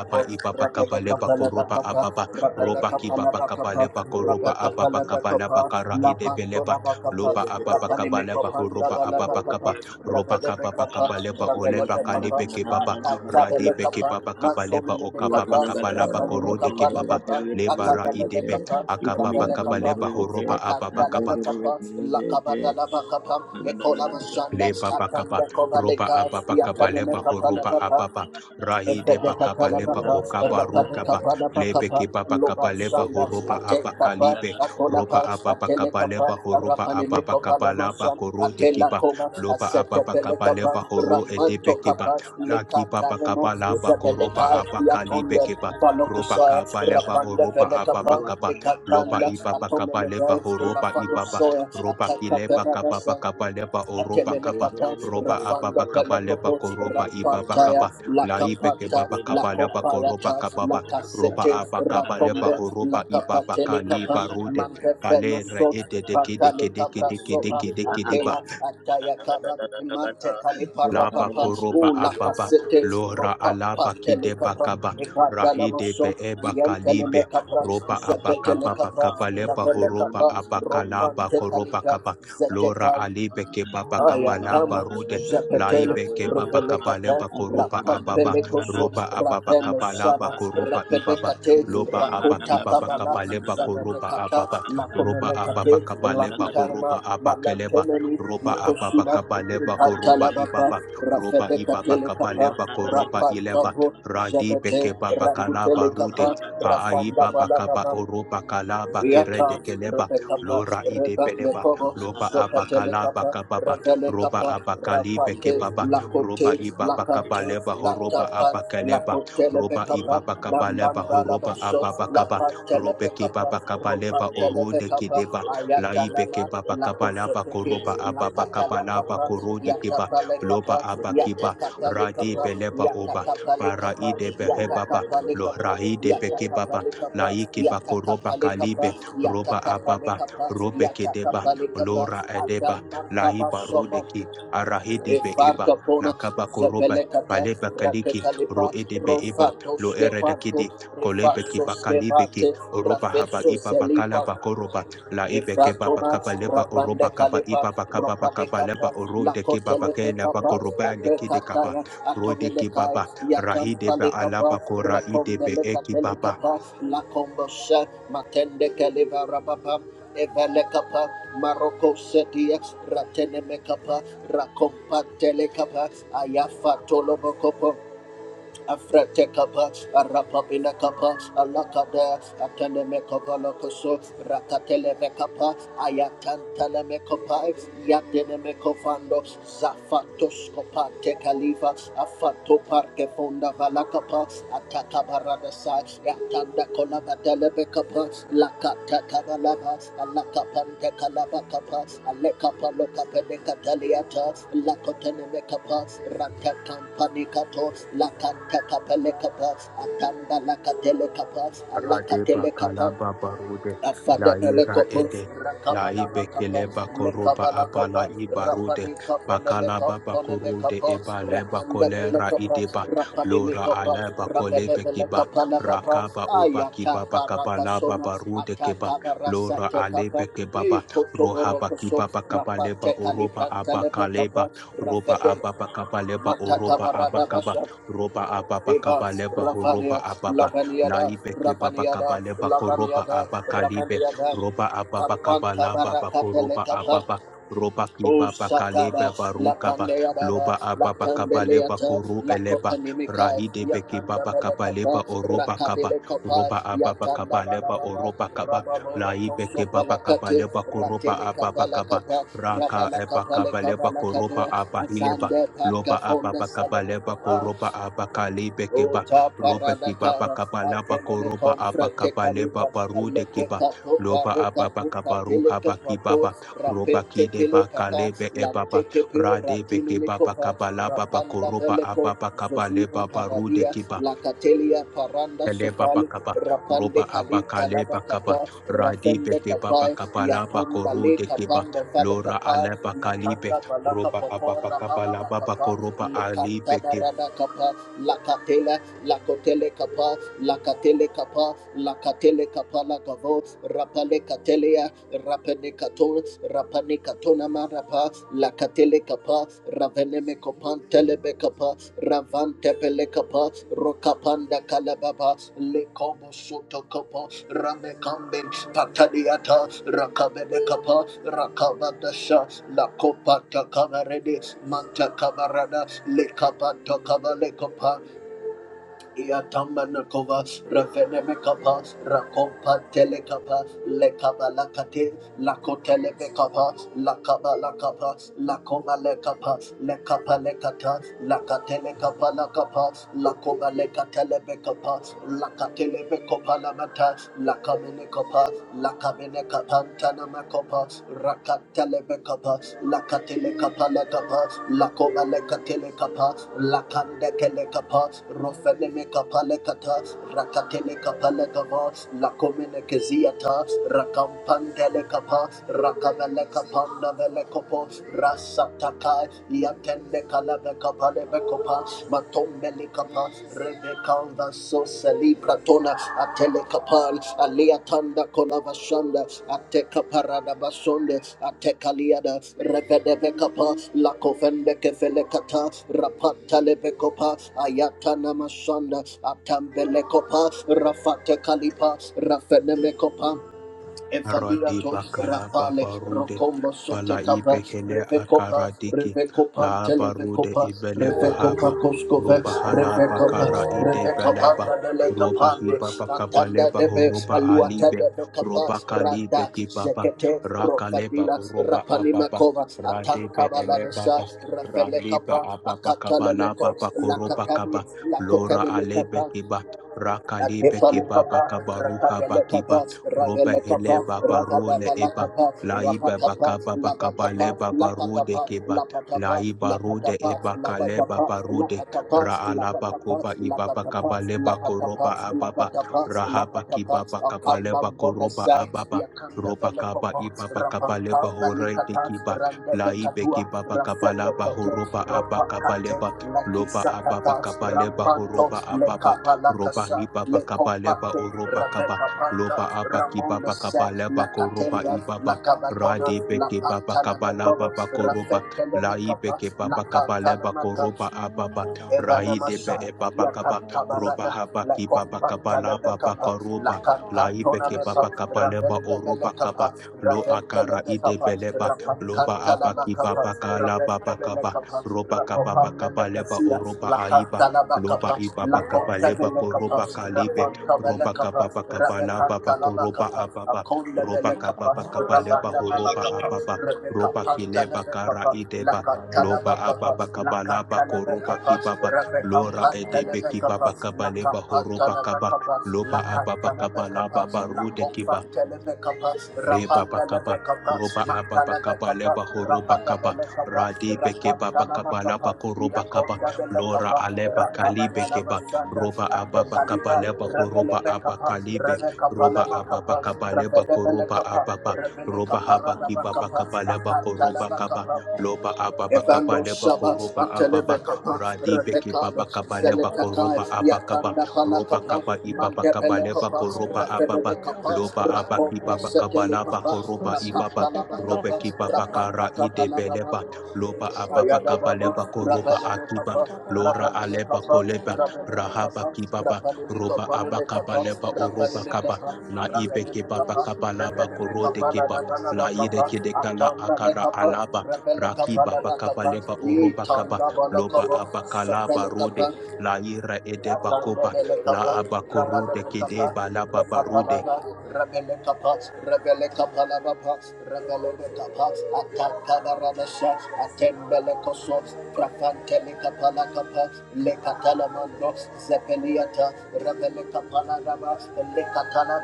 Speaker 3: you.
Speaker 2: ibaba kaba Leba Koroba
Speaker 1: Rebelekapalabakapa,
Speaker 2: Ababa, roba kiba
Speaker 1: Rebelekapalabakapa,
Speaker 2: bakabale bako roba ababa kabala
Speaker 1: Rebekapalabakapa,
Speaker 2: bakara idebeleba
Speaker 1: Lapantolabakapa,
Speaker 2: loba ababa kabale baho
Speaker 1: Rapanimekopanda
Speaker 2: roba ababa kaba
Speaker 1: balabakapa,
Speaker 2: roba
Speaker 1: Ravelebe
Speaker 2: kaba
Speaker 1: Kappa,
Speaker 2: bakabale ba ole
Speaker 1: Ravelebe
Speaker 2: bakale
Speaker 1: Kappa,
Speaker 2: beke baba radi
Speaker 1: Akadabele
Speaker 2: beke
Speaker 1: Kappa,
Speaker 2: baba kabale ba
Speaker 1: Mantomine
Speaker 2: okaba
Speaker 1: Kappa,
Speaker 2: bakabala bako
Speaker 1: Rapanime
Speaker 2: rode ke
Speaker 1: Kappa
Speaker 2: baba
Speaker 1: Lababa,
Speaker 2: lebara
Speaker 1: Akadabele
Speaker 2: idebe
Speaker 1: Kappa,
Speaker 2: akaba
Speaker 1: Ravele Kappa,
Speaker 2: bakabale baho roba ababa kaba
Speaker 1: Akadabele Kappa,
Speaker 3: Thank
Speaker 1: Lakabada Lava
Speaker 3: Thank
Speaker 2: Leba bakaba, roba ababakaba, leba horoba ababa, rahi de bakaba, leba
Speaker 1: Efedekatalabaka,
Speaker 2: okaba rukaba, lebe
Speaker 1: Rapadekapalabakapa, Loba
Speaker 2: kibabakaba, leba
Speaker 1: Shanda,
Speaker 2: horoba
Speaker 1: Atekapa,
Speaker 2: abakalibe, roba
Speaker 1: Akolapa,
Speaker 2: ababakaba,
Speaker 3: you.
Speaker 1: Atelekapa,
Speaker 2: leba horoba ababakaba, laba
Speaker 1: Rapanemekopalamasha,
Speaker 2: koro de
Speaker 3: Thank
Speaker 2: kiba,
Speaker 1: Atelakoma,
Speaker 2: loba ababakaba,
Speaker 1: Asetepelekapa,
Speaker 2: leba horo edebe kiba,
Speaker 1: Ramantokapa,
Speaker 2: la
Speaker 1: Lekatanemo,
Speaker 2: kibabakaba, laba koroba
Speaker 1: Zebeleka,
Speaker 2: abakalibe
Speaker 1: Yatonde,
Speaker 2: kiba, roba
Speaker 1: Balokusaya,
Speaker 2: kaba, leba oroba
Speaker 1: Rapandefelekapa,
Speaker 2: ababakaba, loba
Speaker 1: Lekatanda,
Speaker 2: ibabakaba, leba
Speaker 1: Atomeleve,
Speaker 2: horoba ibaba,
Speaker 1: Rafanosoya,
Speaker 2: roba kileba kaba
Speaker 1: Atekaperadasa,
Speaker 2: bakaba leba oroba kaba
Speaker 1: Atelekapa,
Speaker 2: roba
Speaker 1: Rafanda
Speaker 2: ababa kaba leba
Speaker 1: Pelekopo,
Speaker 2: koroba ibaba
Speaker 1: Rapataya,
Speaker 2: kaba la ibeke
Speaker 1: Lakapata,
Speaker 2: baba kaba leba koroba
Speaker 1: Lakopayata,
Speaker 2: kaba ba roba
Speaker 1: Lakasete,
Speaker 2: aba kaba leba
Speaker 1: Ratombe,
Speaker 2: horoba ibaba kaliba
Speaker 1: Lakapatelekapa,
Speaker 2: rude balera
Speaker 1: Mantefenoso,
Speaker 2: ede deke deke
Speaker 3: you.
Speaker 2: deke deke
Speaker 3: Arriba,
Speaker 1: Patalekabrasopa,
Speaker 2: deke deke deba
Speaker 1: Atela, Ataya Kara, Mante
Speaker 2: Laba
Speaker 1: Kaliparapapa,
Speaker 2: koroba
Speaker 1: O
Speaker 2: ababa
Speaker 1: Lakasete,
Speaker 2: lora
Speaker 1: Ropa
Speaker 2: alaba kide
Speaker 1: Patelekapa,
Speaker 2: bakaba rahide
Speaker 1: Ekadalamoso,
Speaker 2: be eba kalibe
Speaker 1: Yentelemekapra,
Speaker 2: roba abakaba
Speaker 1: Zepetelekapra,
Speaker 2: bakaba leba horoba
Speaker 1: Ravelekapa,
Speaker 2: abakalaba
Speaker 1: Ropante
Speaker 2: koroba
Speaker 1: Kalika,
Speaker 2: kaba lora
Speaker 1: Zetekal,
Speaker 2: alibe ke baba kaba laba
Speaker 1: Ayatama,
Speaker 2: rude
Speaker 1: Zapatele,
Speaker 2: laibe ke baba kaba
Speaker 1: Rebelecata,
Speaker 2: leba koroba ababa
Speaker 1: Rapapelecoso,
Speaker 2: roba ababa
Speaker 1: Raveno
Speaker 2: kaba laba
Speaker 1: Sama,
Speaker 2: koroba ibaba
Speaker 3: Thank
Speaker 1: Rebelecate,
Speaker 2: loba abaki
Speaker 1: Rakota
Speaker 2: baba
Speaker 1: Kabala,
Speaker 2: kaba leba koroba
Speaker 1: Zamenecata,
Speaker 2: ababa roba ababa
Speaker 1: Lacomelecate,
Speaker 2: kaba leba
Speaker 1: Lakutama,
Speaker 2: horoba abakeleba
Speaker 1: Balantemeni, Temeni,
Speaker 2: roba ababa
Speaker 1: Mokosuma,
Speaker 2: kaba leba horoba
Speaker 1: Patalabapa,
Speaker 2: ibaba roba ibaba
Speaker 1: Rafebecatele
Speaker 2: kabale
Speaker 1: Capa,
Speaker 2: bako roba ileba
Speaker 1: Rapatabo,
Speaker 2: radi
Speaker 1: Zapate,
Speaker 2: beke baba kalaba
Speaker 1: Rakutele
Speaker 2: rude
Speaker 1: Capa,
Speaker 2: pa
Speaker 1: Rafanda
Speaker 2: aiba bakaba
Speaker 1: Balababa
Speaker 2: oroba kalaba kerede
Speaker 1: Yata,
Speaker 2: keleba
Speaker 1: Rebekapa,
Speaker 2: lora ide beleba
Speaker 1: Rebamekobo,
Speaker 2: loba abakalaba
Speaker 1: Zopatelekapa,
Speaker 2: kababa roba
Speaker 1: Ravelekapa,
Speaker 2: abakali beke
Speaker 1: Rapate,
Speaker 2: baba roba
Speaker 1: Lakote,
Speaker 2: ibaba kabaleba
Speaker 1: Lakante,
Speaker 2: horoba
Speaker 1: Latapan,
Speaker 3: you.
Speaker 2: abakaleba roba
Speaker 3: In the name
Speaker 1: Lakotelebekapa,
Speaker 2: ibaba kabaleba horoba
Speaker 1: Mambandalabaso,
Speaker 2: ababakaba robe
Speaker 1: Lapatelebekapa,
Speaker 2: kibaba kabaleba
Speaker 3: of
Speaker 2: orode
Speaker 3: Jesus.
Speaker 1: Ropatelebekapa,
Speaker 2: kideba laibe
Speaker 1: Ayatanama,
Speaker 2: kebaba kabalaba
Speaker 1: Lakosoteke,
Speaker 2: koroba ababa kabalaba
Speaker 1: Lakatalakapa,
Speaker 2: korode kiba
Speaker 1: Yatapalekapa,
Speaker 2: loba abakiba radi
Speaker 1: Yatakapalekapa,
Speaker 2: beleba oba para
Speaker 1: Yatakapalekapa,
Speaker 2: ide behebaba
Speaker 1: Yatakapalekapa,
Speaker 2: lohraide bekebaba
Speaker 1: Yatakapalekapa,
Speaker 2: laiki bakoroba
Speaker 1: Yatakapalekapa,
Speaker 2: kalibe roba ababa
Speaker 1: Yatakapalekapa,
Speaker 2: robe kedeba
Speaker 1: Yatakapalekapa,
Speaker 2: lora edeba
Speaker 1: Adamakaba
Speaker 2: laiba
Speaker 1: Soma,
Speaker 2: rudeki arahide beeba
Speaker 1: Efartapona,
Speaker 2: nakaba koroba
Speaker 1: Zepelekata,
Speaker 2: baleba kaliki
Speaker 1: Rakekalipa,
Speaker 2: roede beeba
Speaker 1: Rofato
Speaker 2: lo
Speaker 1: Skepanto,
Speaker 2: eredekidi kolebe
Speaker 1: Refaso
Speaker 2: kibakalibe ki
Speaker 1: Skevate,
Speaker 2: oroba haba
Speaker 1: Rafeso
Speaker 2: iba bakala
Speaker 1: Selipa
Speaker 2: bakoroba La ibe ke baba
Speaker 1: Ifratoma,
Speaker 2: kaba leba
Speaker 1: Rapande
Speaker 2: oroba kaba
Speaker 1: Kalipa,
Speaker 2: ibaba kaba baba kaba
Speaker 1: Ropadekata,
Speaker 2: leba oro de ke baba
Speaker 1: Lakotelepe
Speaker 2: ke leba
Speaker 1: Kapa,
Speaker 2: koroba liki de kaba
Speaker 1: Apekataya,
Speaker 2: ro de ke
Speaker 1: Atomelekai,
Speaker 2: baba
Speaker 1: Yatan
Speaker 2: rahi de ba
Speaker 1: Palekapa,
Speaker 2: alaba kora ide be
Speaker 1: Rakomeleka
Speaker 2: eki baba
Speaker 1: Telekapa, Lakombo Shet, Matende Kaliva Rababa, Evelekapa, Maroko Setia, Ratenemekapa, Rakompa Telekapa, Ayafa Tolobokopo. Afrete kapa, arapapina kapa, alakada, ataneme kapa lokoso, rakateleme kapa, ayatantaleme kapa, yadeneme kofando, zafatos kopa te kaliva, afato parke fonda valakapa, atakabarada sa, Kapai, Yatanda Kolaba Delebe Kapa, Lakata Kabalaba, Alakapante Kalaba Kapa, Alekapa Lokapeleka Daliata, Lakoteneme Kapa, Rata Kampani Kato, Lakanta Kapele Kapa, Atanda Lakatele Kapa,
Speaker 2: Radeba
Speaker 1: Alakatele Kapa,
Speaker 2: Kalaba Barude,
Speaker 1: Afada
Speaker 2: Laira
Speaker 1: Melekapa,
Speaker 2: Ede,
Speaker 1: Rakabala
Speaker 2: Laibe
Speaker 1: Rakapa,
Speaker 2: Keleba Koroba
Speaker 1: Mekabala
Speaker 2: Abala
Speaker 1: Kapa,
Speaker 2: Ibarude,
Speaker 1: Rapani Kapa,
Speaker 2: Bakalaba
Speaker 1: Mekapa,
Speaker 2: Bakurude
Speaker 1: Mekapa,
Speaker 2: Eba Leba
Speaker 1: Rapanda
Speaker 2: Kolera
Speaker 1: Melekapa,
Speaker 2: Ideba,
Speaker 1: Rapani
Speaker 2: Lora
Speaker 1: Mekapa,
Speaker 2: Aleba
Speaker 1: Rakade
Speaker 2: Kolebe Kiba,
Speaker 1: Melekapa, Nakapa,
Speaker 2: Rakaba Oba
Speaker 1: Ayata
Speaker 2: Kiba Bakabalaba
Speaker 1: Parakasoma,
Speaker 2: Barude Keba,
Speaker 1: Atata Barasa
Speaker 2: Lora
Speaker 1: Tekapa,
Speaker 2: Alebe Kebaba, Rohaba
Speaker 1: Ekotoborokoso,
Speaker 2: Kiba Bakabaleba
Speaker 1: Rapate
Speaker 2: Oroba
Speaker 1: Kaliprantele
Speaker 2: Abakaleba,
Speaker 1: Mekapa,
Speaker 2: Roba
Speaker 1: Rafede.
Speaker 2: Ababa Kabaleba Oroba Abakaba,
Speaker 1: basa.
Speaker 2: Roba Ababa
Speaker 1: Eva,
Speaker 2: Kabaleba Horoba
Speaker 1: Rafania,
Speaker 2: Ababa
Speaker 1: Lavaniada,
Speaker 2: laibeke
Speaker 1: Ravaniada,
Speaker 2: babakabale bakoroba
Speaker 1: Lavaniada,
Speaker 2: abakalibe
Speaker 1: Ravaniada,
Speaker 2: roba
Speaker 1: Capanta
Speaker 2: ababakabala
Speaker 1: Baracatele
Speaker 2: babakoroba
Speaker 1: Capa,
Speaker 2: ababa roba
Speaker 1: O
Speaker 2: kibaba kalebe
Speaker 1: Sataba, La
Speaker 2: barukaba
Speaker 1: Pandeadaba,
Speaker 2: loba
Speaker 1: La
Speaker 2: ababakabale
Speaker 1: Tambeleata,
Speaker 2: bakoru
Speaker 1: La
Speaker 2: eleba
Speaker 1: Copanimica,
Speaker 2: rahide beki
Speaker 1: Yatanda
Speaker 2: babakabaleba
Speaker 1: Velecapa,
Speaker 2: oroba kaba
Speaker 1: Racatele Capa,
Speaker 2: roba
Speaker 1: Yatanda
Speaker 2: ababakabaleba
Speaker 1: Banababa,
Speaker 2: oroba kaba
Speaker 1: Rababolo
Speaker 2: laibeke
Speaker 1: Cosopalacate,
Speaker 2: babakabale bakoroba
Speaker 1: Ratele
Speaker 2: ababakaba
Speaker 1: Capalacapa,
Speaker 2: raka
Speaker 1: Rabalacapale
Speaker 2: ebakabale bakoroba
Speaker 1: Cavalacado,
Speaker 2: abahileba
Speaker 1: Azande
Speaker 2: loba
Speaker 1: Parca Fonda
Speaker 2: ababakabale
Speaker 1: Salabacapa.
Speaker 2: bakoroba
Speaker 1: O
Speaker 2: abakalibekeba
Speaker 1: Ota
Speaker 2: Robe
Speaker 1: parada
Speaker 2: kiba
Speaker 1: cara,
Speaker 2: bakaba laba
Speaker 1: ateneme
Speaker 2: koroba
Speaker 1: confrate
Speaker 2: abakaba leba
Speaker 1: caliba,
Speaker 2: barude
Speaker 1: alepe
Speaker 2: kiba
Speaker 1: cato
Speaker 2: loba
Speaker 1: pareca
Speaker 2: ababa
Speaker 1: buca
Speaker 2: kabaru
Speaker 1: teleca
Speaker 2: haba
Speaker 1: papo,
Speaker 2: kibaba roba
Speaker 1: rapente
Speaker 2: kide
Speaker 1: que le papa,
Speaker 2: bakalebe
Speaker 1: lante
Speaker 2: ebaba
Speaker 1: que pe
Speaker 2: rade
Speaker 1: ratini
Speaker 2: beke baba
Speaker 1: nicova,
Speaker 2: kaba laba
Speaker 1: rapanda
Speaker 2: bakoroba
Speaker 1: veleco,
Speaker 2: ababa kaba
Speaker 1: zozuba
Speaker 2: leba barude
Speaker 1: paradia,
Speaker 2: kiba
Speaker 1: la catelia paranda
Speaker 2: eleba
Speaker 1: sofali,
Speaker 2: bakaba roba
Speaker 1: rapande calita
Speaker 2: abakale
Speaker 1: laba
Speaker 2: bakaba
Speaker 1: capa,
Speaker 2: radi
Speaker 1: rafende
Speaker 2: beke baba
Speaker 1: capai,
Speaker 2: kaba laba
Speaker 1: yatomba le
Speaker 2: korude kiba
Speaker 1: capando vale
Speaker 2: lora
Speaker 1: capai,
Speaker 2: aleba kalibe
Speaker 1: yatanda balaca
Speaker 2: roba
Speaker 1: popo,
Speaker 2: ababa kaba
Speaker 1: rabala
Speaker 2: laba
Speaker 1: capa,
Speaker 2: bakoroba
Speaker 1: le canta
Speaker 2: alibe kiba
Speaker 1: barada capa, la Catela, La Lakotele Kapa, Lakatele Kapa, Lakatele Kapa Lakavo, Rapale Katelea, Rapane Katon, Rapane Katona Marapa, Lakatele Kapa, Raveneme Kopan Telebe Kapa, Ravante Pele Kapa, Rokapanda le Lekobo Soto Kapa, Ramekambe, Patadiata, Rakabene Kapa, Rakabadasha, Lakopata Kavarede, Manta Kavarada, Lekapata Kavalekapa, Iatamanakova, Ravenemekapa, Rakompa Telekapa, Lekaba Lakate, Lakotelebekapa, Lakaba Lakapa, Lakoma Lekapa, Lekapa Lekata, Lakatelekapa Lakapa, Lakoma Lekatelebekapa, Lakatelebekapa Lamata, Lakamenekapa, Lakamenekapa kopa rakatele be kapa lakatele kapa le kapa lakoma le katele kapa lakande kele kapa rofele me kapa le kata rakatele kapa le kapa lakome le keziata rakampande le rakamele kapa ndavele kopo yatende kala be kapa matombele kapa rebekanda soseli pratona atele kapal alia tanda kolava shanda ateka parada basonde ateka liada rebedeve kapa lakofende kefele kata rapata leve kopa ayata namashanda atambele kopa rafate kalipa rafene mekopa
Speaker 2: Radi
Speaker 1: Efadirato
Speaker 2: bakala
Speaker 1: Rapale
Speaker 2: babarude
Speaker 1: Rokombo
Speaker 2: bala
Speaker 1: Sotekapa
Speaker 2: ibekele
Speaker 1: Revekopa
Speaker 2: akaradiki
Speaker 1: Revekopa
Speaker 2: la barude
Speaker 1: Televekopa
Speaker 2: ibele
Speaker 1: Revekopa
Speaker 2: bahaba
Speaker 1: Koskova
Speaker 2: roba hala
Speaker 1: Revekopa
Speaker 2: bakara ide
Speaker 1: Revekopa
Speaker 2: beleba
Speaker 1: Radelekapa
Speaker 2: roba hiba
Speaker 1: Antanda
Speaker 2: bakabaleba
Speaker 1: Debe
Speaker 2: horoba
Speaker 1: Aluata
Speaker 2: alibe
Speaker 1: Devekapa
Speaker 2: roba kalibe
Speaker 1: Rada
Speaker 2: kibaba
Speaker 1: Zekete
Speaker 2: rakaleba
Speaker 1: Rofadila
Speaker 2: roba ababa
Speaker 1: Rapalimakova
Speaker 2: radebe
Speaker 1: Atankaba Ladesa
Speaker 2: elebaba raliba
Speaker 1: Rafelekapa
Speaker 2: ababa kabala
Speaker 1: Akatalemeko
Speaker 2: baba koroba
Speaker 1: Lakatani
Speaker 2: kaba lora alebe
Speaker 1: Lakotanemekapa
Speaker 2: kiba rakalibe kibaba
Speaker 1: Akepalekapa,
Speaker 2: kabaruha bakiba
Speaker 1: Rakalekapa,
Speaker 2: roba
Speaker 1: Ravelekapa,
Speaker 2: hele baba rule eba
Speaker 1: Rakadabalakapa,
Speaker 2: laiba
Speaker 1: Rapakapa,
Speaker 2: bakaba bakaba
Speaker 1: Labakapa,
Speaker 2: leba barude
Speaker 1: Lapakapa,
Speaker 2: keba
Speaker 1: Lapakapa,
Speaker 2: laiba rude
Speaker 1: Lapakapa,
Speaker 2: eba kale kaleba
Speaker 1: Lapakapa,
Speaker 2: barude
Speaker 1: Lapakapa,
Speaker 2: raala
Speaker 1: Lapakapa,
Speaker 2: bakoba iba
Speaker 1: Lapakapa,
Speaker 2: bakaba leba
Speaker 1: Lapakapa,
Speaker 2: koroba ababa
Speaker 1: Lapakapa,
Speaker 2: rahaba
Speaker 1: Lapakapa,
Speaker 2: kiba bakaba
Speaker 1: Akamba
Speaker 2: leba koroba
Speaker 1: Bonesa,
Speaker 2: ababa roba kaba
Speaker 1: Yakandavelekopa,
Speaker 2: iba bakaba leba
Speaker 1: Rapakamba
Speaker 2: horede
Speaker 1: Likata,
Speaker 2: kiba laibe kiba
Speaker 1: Randevekatua,
Speaker 2: bakaba laba horoba
Speaker 1: Rafelekate,
Speaker 2: abakaba
Speaker 1: Ropakate,
Speaker 2: leba loba ababa
Speaker 1: Lakisakata,
Speaker 2: kaba leba
Speaker 1: Rampanto,
Speaker 2: horoba ababa roba
Speaker 1: Lekabalakasa,
Speaker 2: hiba
Speaker 1: le
Speaker 2: bakaba leba
Speaker 1: compacte,
Speaker 2: oroba kaba
Speaker 1: Rebecca Panta,
Speaker 2: Loba abaki
Speaker 1: Ramon the
Speaker 2: baba
Speaker 1: Set,
Speaker 2: kabala
Speaker 1: La
Speaker 2: bakoroba
Speaker 1: Catella, La
Speaker 2: ibaba.
Speaker 1: Cabatona,
Speaker 2: Radi
Speaker 1: La
Speaker 2: beke baba
Speaker 1: Pantana
Speaker 2: kabala
Speaker 1: Mecoro,
Speaker 2: baba koroba.
Speaker 1: Rafenta
Speaker 2: Lai
Speaker 1: Lemecapa,
Speaker 2: beke
Speaker 1: La
Speaker 2: baba kabala
Speaker 5: Yanda
Speaker 1: Cantanamata,
Speaker 2: bakoroba ababa.
Speaker 1: Evana
Speaker 2: Rai de be
Speaker 1: Masha,
Speaker 2: e baba kaba. Roba
Speaker 1: Yakankabarada, La
Speaker 2: habaki baba
Speaker 1: Companta
Speaker 2: kabala baba
Speaker 1: Lebecapa, La
Speaker 2: koroba. Lai
Speaker 1: Campantona
Speaker 2: beke
Speaker 1: Lepa,
Speaker 2: baba kabala ba
Speaker 1: Ravenda
Speaker 2: oroba
Speaker 1: Melecapa,
Speaker 2: kaba. Lo
Speaker 1: Raventa
Speaker 2: akara ide
Speaker 1: Lebecapa,
Speaker 2: beleba. Loba
Speaker 1: Rapancanta la
Speaker 2: abaki
Speaker 1: Macapa,
Speaker 2: baba kala
Speaker 1: Raventa
Speaker 2: baba kaba.
Speaker 1: Melecapa,
Speaker 2: Roba
Speaker 1: Rapapa
Speaker 2: kababa kabala ba
Speaker 1: Melecacia,
Speaker 2: oroba
Speaker 1: La
Speaker 2: aiba.
Speaker 1: Canta la
Speaker 2: Loba
Speaker 1: Macapa, La
Speaker 2: ibaba
Speaker 1: Conta
Speaker 2: kabala ba
Speaker 1: Melecapa,
Speaker 2: koroba kalibe
Speaker 1: Rapanca
Speaker 2: roba
Speaker 1: Melecapa,
Speaker 2: kapa pa kapa la pa
Speaker 1: Ravecanta la
Speaker 2: roba
Speaker 1: Macapa,
Speaker 2: apa pa
Speaker 1: Aconda
Speaker 2: roba kapa
Speaker 1: Melecapa, Rabana
Speaker 2: roba apa pa
Speaker 1: Rebecca
Speaker 2: kara
Speaker 1: Pantelebekapa,
Speaker 2: ide loba
Speaker 1: Lakatalabakapa,
Speaker 2: apa pa kapa la
Speaker 1: Lakatalabekapa, Rebecca
Speaker 2: lora ede pe ki pa
Speaker 1: Pantelebekapa,
Speaker 2: pa
Speaker 1: Laka Pantelebekapa,
Speaker 2: loba apa pa kapa la
Speaker 1: Lakatalabekapa,
Speaker 2: pa
Speaker 1: Lakompantelebekapa,
Speaker 2: Leba bakaba,
Speaker 1: Rapandelebekapa,
Speaker 2: roba ababakaba,
Speaker 1: Makalebekapa,
Speaker 2: leba horoba
Speaker 1: Rapata
Speaker 2: kaba,
Speaker 1: Belekapa,
Speaker 2: radi bekeba bakaba,
Speaker 1: Rakatanabakapa,
Speaker 2: laba koroba kaba,
Speaker 1: Yakonda
Speaker 2: lora
Speaker 1: Belekapa,
Speaker 2: aleba kalibe keba,
Speaker 1: Rakabanabasanda,
Speaker 2: roba
Speaker 1: and the
Speaker 2: ababakaba,
Speaker 1: Kaliba,
Speaker 2: leba horoba
Speaker 1: Rebelebekapa,
Speaker 2: abakalibe, roba
Speaker 1: Rebekapalamakapa,
Speaker 2: ababakaba, leba koroba
Speaker 1: Rebelebelekapa,
Speaker 2: ababa, roba habaki
Speaker 1: Rebelekaparanabakapa,
Speaker 2: babakaba, leba koroba kaba,
Speaker 1: Akantalabakapa,
Speaker 5: Yandara baya
Speaker 2: loba
Speaker 5: sukada
Speaker 2: ababakaba,
Speaker 1: Evando
Speaker 5: kada
Speaker 2: leba
Speaker 1: Shaba,
Speaker 2: koroba
Speaker 5: bayandara
Speaker 2: ababa,
Speaker 5: bayanda
Speaker 1: Antelevekapa,
Speaker 2: radi bekeba
Speaker 1: Revekano,
Speaker 2: bakaba, leba
Speaker 5: sukadara
Speaker 1: Zeletakai,
Speaker 2: koroba
Speaker 5: bayandara
Speaker 2: abakaba,
Speaker 5: baya
Speaker 1: Yatanda
Speaker 2: roba
Speaker 5: suta
Speaker 1: Palakapa,
Speaker 2: kaba ibabakaba,
Speaker 5: marabaya
Speaker 2: leba
Speaker 1: Mandebelekapa,
Speaker 5: sata
Speaker 2: koroba
Speaker 5: yandara
Speaker 2: ababa,
Speaker 5: baya
Speaker 1: Rafenemekapa,
Speaker 2: Loba
Speaker 5: sukadara
Speaker 2: abaki
Speaker 1: Rakonda
Speaker 2: baba
Speaker 5: bayandara
Speaker 2: kabala
Speaker 5: ba
Speaker 1: Setelikapa,
Speaker 2: bako ibaba.
Speaker 5: masukada baya
Speaker 2: Robe
Speaker 1: Rakatalabakapa,
Speaker 5: sata
Speaker 2: kibaba kara
Speaker 1: Rapanda
Speaker 5: yandara
Speaker 2: ide
Speaker 5: yandara
Speaker 1: Kapalababa,
Speaker 2: beleba.
Speaker 5: ba
Speaker 2: Loba ababa
Speaker 5: masuti
Speaker 1: Ayadababa,
Speaker 2: kabaleba
Speaker 5: yandara baya
Speaker 2: koroba
Speaker 1: Rabaneme
Speaker 2: akiba.
Speaker 1: Kappa,
Speaker 5: sukadara
Speaker 2: Lora
Speaker 5: baya
Speaker 1: Rabaneme
Speaker 2: aleba
Speaker 1: Kappa,
Speaker 5: sutu
Speaker 2: koleba.
Speaker 5: yandara
Speaker 1: Rabaneme
Speaker 5: baya
Speaker 2: Rahaba
Speaker 1: Kappa,
Speaker 5: sata
Speaker 2: kibaba.
Speaker 1: Rabaneme
Speaker 2: Roba
Speaker 1: Kappa,
Speaker 5: Thank
Speaker 1: Neme
Speaker 5: you,
Speaker 1: Kappa,
Speaker 2: abakabaleba
Speaker 5: Jesus.
Speaker 2: oroba
Speaker 1: Rabaneme
Speaker 2: kaba.
Speaker 1: Kappa,
Speaker 5: Sata
Speaker 2: La ibe
Speaker 5: mayanda
Speaker 1: Rabaneme
Speaker 5: baya
Speaker 2: kibaba
Speaker 1: Kappa,
Speaker 5: suki
Speaker 2: kabalaba
Speaker 1: Rabaneme
Speaker 5: yandara
Speaker 2: korode
Speaker 1: Kappa,
Speaker 2: kiba.
Speaker 5: baya
Speaker 1: Nadagana da
Speaker 2: La
Speaker 5: sata
Speaker 2: ide
Speaker 1: Kappa,
Speaker 5: yandara
Speaker 2: kidekala
Speaker 1: Atanda Ne
Speaker 2: akara
Speaker 1: Kappa,
Speaker 2: alaba.
Speaker 1: Rabele
Speaker 2: Raki
Speaker 1: Kappa,
Speaker 2: baba
Speaker 1: Nana Kappa,
Speaker 2: kabaleba oroba kaba.
Speaker 1: Itanda Bala
Speaker 2: Loba
Speaker 1: Kappa,
Speaker 5: Darabaya
Speaker 2: abakalaba
Speaker 1: Sapele
Speaker 2: rode.
Speaker 1: Kappa,
Speaker 2: La ira edeba koba.
Speaker 1: Rebele
Speaker 2: La
Speaker 1: kapa,
Speaker 2: abakorode
Speaker 1: rabele kapa,
Speaker 2: kideba la
Speaker 1: le kapa
Speaker 2: babarude.
Speaker 1: lava, rebele kapa, rebele kapa lava pa, rebele kapa, atembele koso, prafante le kapa la kapa, le kata la mando, zepeliata, rebele kapa la raba, le kata la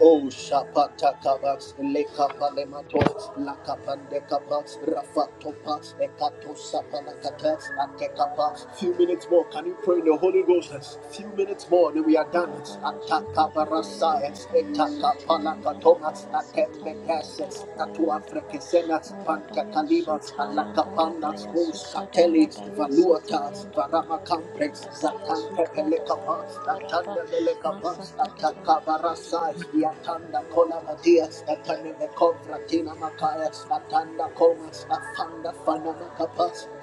Speaker 1: Oh, Shapata Kabas, Lekapa Lematos, Lakapande Kapas, Rafa Topas, Ekato Sapalakatas, Akekapas. Few minutes more, can you pray in the Holy Ghost? Few minutes more, then we are done.
Speaker 5: Sukarabaya
Speaker 1: Atakabarasayas,
Speaker 5: Dabaya Sutayan
Speaker 1: Etakapalakatomas,
Speaker 5: Darabaya Satayan
Speaker 1: Atembetasas, Tatua
Speaker 5: Darabayan Daba
Speaker 1: Frekesenas,
Speaker 5: Marabaya
Speaker 1: Pantakalibas,
Speaker 5: Sutayan
Speaker 1: Alakapanas,
Speaker 5: Darabaya
Speaker 1: O Satellites,
Speaker 5: Sukadarabaya
Speaker 1: Valuatas,
Speaker 5: Satayan Dabaya Duyan
Speaker 1: Varamakamprex,
Speaker 5: Dabaya Sukadabayan Daraba Masakadabaya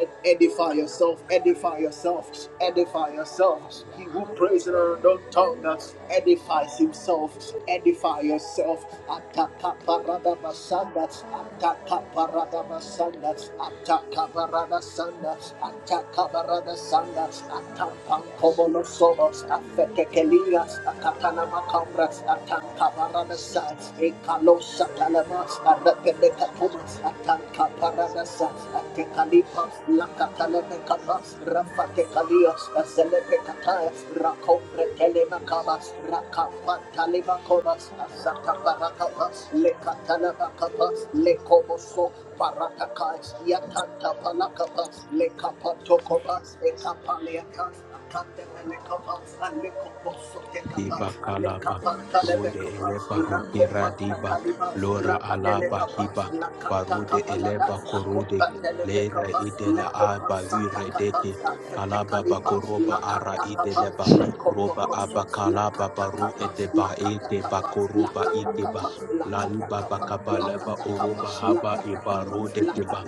Speaker 1: and edify yourself, edify yourself, edify yourself. He who prays in an
Speaker 5: Harabaya,
Speaker 1: unknown tongue
Speaker 5: Diyandabaya,
Speaker 1: edifies himself,
Speaker 5: Sutayandabaya.
Speaker 1: edify yourself.
Speaker 5: Ayariyata
Speaker 1: Atakaparadabasanda,
Speaker 5: Sukarabaya Sataya Daba
Speaker 1: Atakaparadabasanda, Atakabarada Sanda, Atakabarada Sanda, Atampan
Speaker 5: Arabaya
Speaker 1: Kobolo Sobo,
Speaker 5: Sukhada Bayi
Speaker 1: Afekekelia,
Speaker 5: Darabaya
Speaker 1: Akatana
Speaker 5: Dadaran
Speaker 1: Makambra,
Speaker 5: Darabayan Darabaya
Speaker 1: Atankabarada Sa,
Speaker 5: Sutaya
Speaker 1: Ekalo
Speaker 5: Daraba
Speaker 1: Satalama,
Speaker 5: Rabaya
Speaker 1: Arapele Katuma,
Speaker 5: Sutoya Darabaya
Speaker 1: Atankabarada Sa,
Speaker 5: Sataya Dabaya
Speaker 1: Atekalipa,
Speaker 5: Sukhada
Speaker 1: Lakataleme
Speaker 5: Rabaya
Speaker 1: Kapa,
Speaker 5: Sataya
Speaker 1: Rafa
Speaker 5: Daraba
Speaker 1: Tekalia, Azelepe Kataya, Rakombre
Speaker 5: Yes,
Speaker 1: Telemakaba, Rakapa Talimakoma, Azatabarakapa, Lekatalabakapa, Lekomoso, Paratakai, Yatanta Palakapa, Lekapa Tokopa, Ekapaliaka, Akatemelekapa, Alekopo Sotekapa,
Speaker 2: Diba Kalaba,
Speaker 1: Alekapa
Speaker 2: Rude
Speaker 1: Talebekapa,
Speaker 2: Eleba
Speaker 1: Rakopa
Speaker 2: Hokira Diba,
Speaker 1: Takaliba,
Speaker 2: Lora Alaba
Speaker 1: Rakadelekapa,
Speaker 2: Hiba,
Speaker 1: Lakata
Speaker 2: Barude
Speaker 1: Kapalada,
Speaker 2: Eleba Korude,
Speaker 1: Akopa
Speaker 2: Lera
Speaker 1: Telebekapa,
Speaker 2: Idela
Speaker 1: Lekopa
Speaker 2: Aba
Speaker 1: Satakapa,
Speaker 2: Yuredeke, Kalaba
Speaker 1: Atetekalipa,
Speaker 2: Bakoroba Ara
Speaker 1: Lakata Kapa,
Speaker 2: Ideleba,
Speaker 1: Lekopo
Speaker 2: Roba
Speaker 1: Koso,
Speaker 2: Aba Kalaba
Speaker 1: Lakata
Speaker 2: Baru
Speaker 1: Kapa, Strength
Speaker 2: Edeba Eke Bakoroba Ikeba,
Speaker 5: Bayashikad
Speaker 2: Laiba
Speaker 5: and Dada
Speaker 2: Bakabaleba Oroba Haba
Speaker 5: Bayashikad
Speaker 2: Eba Rode
Speaker 5: Bayandada
Speaker 2: Keba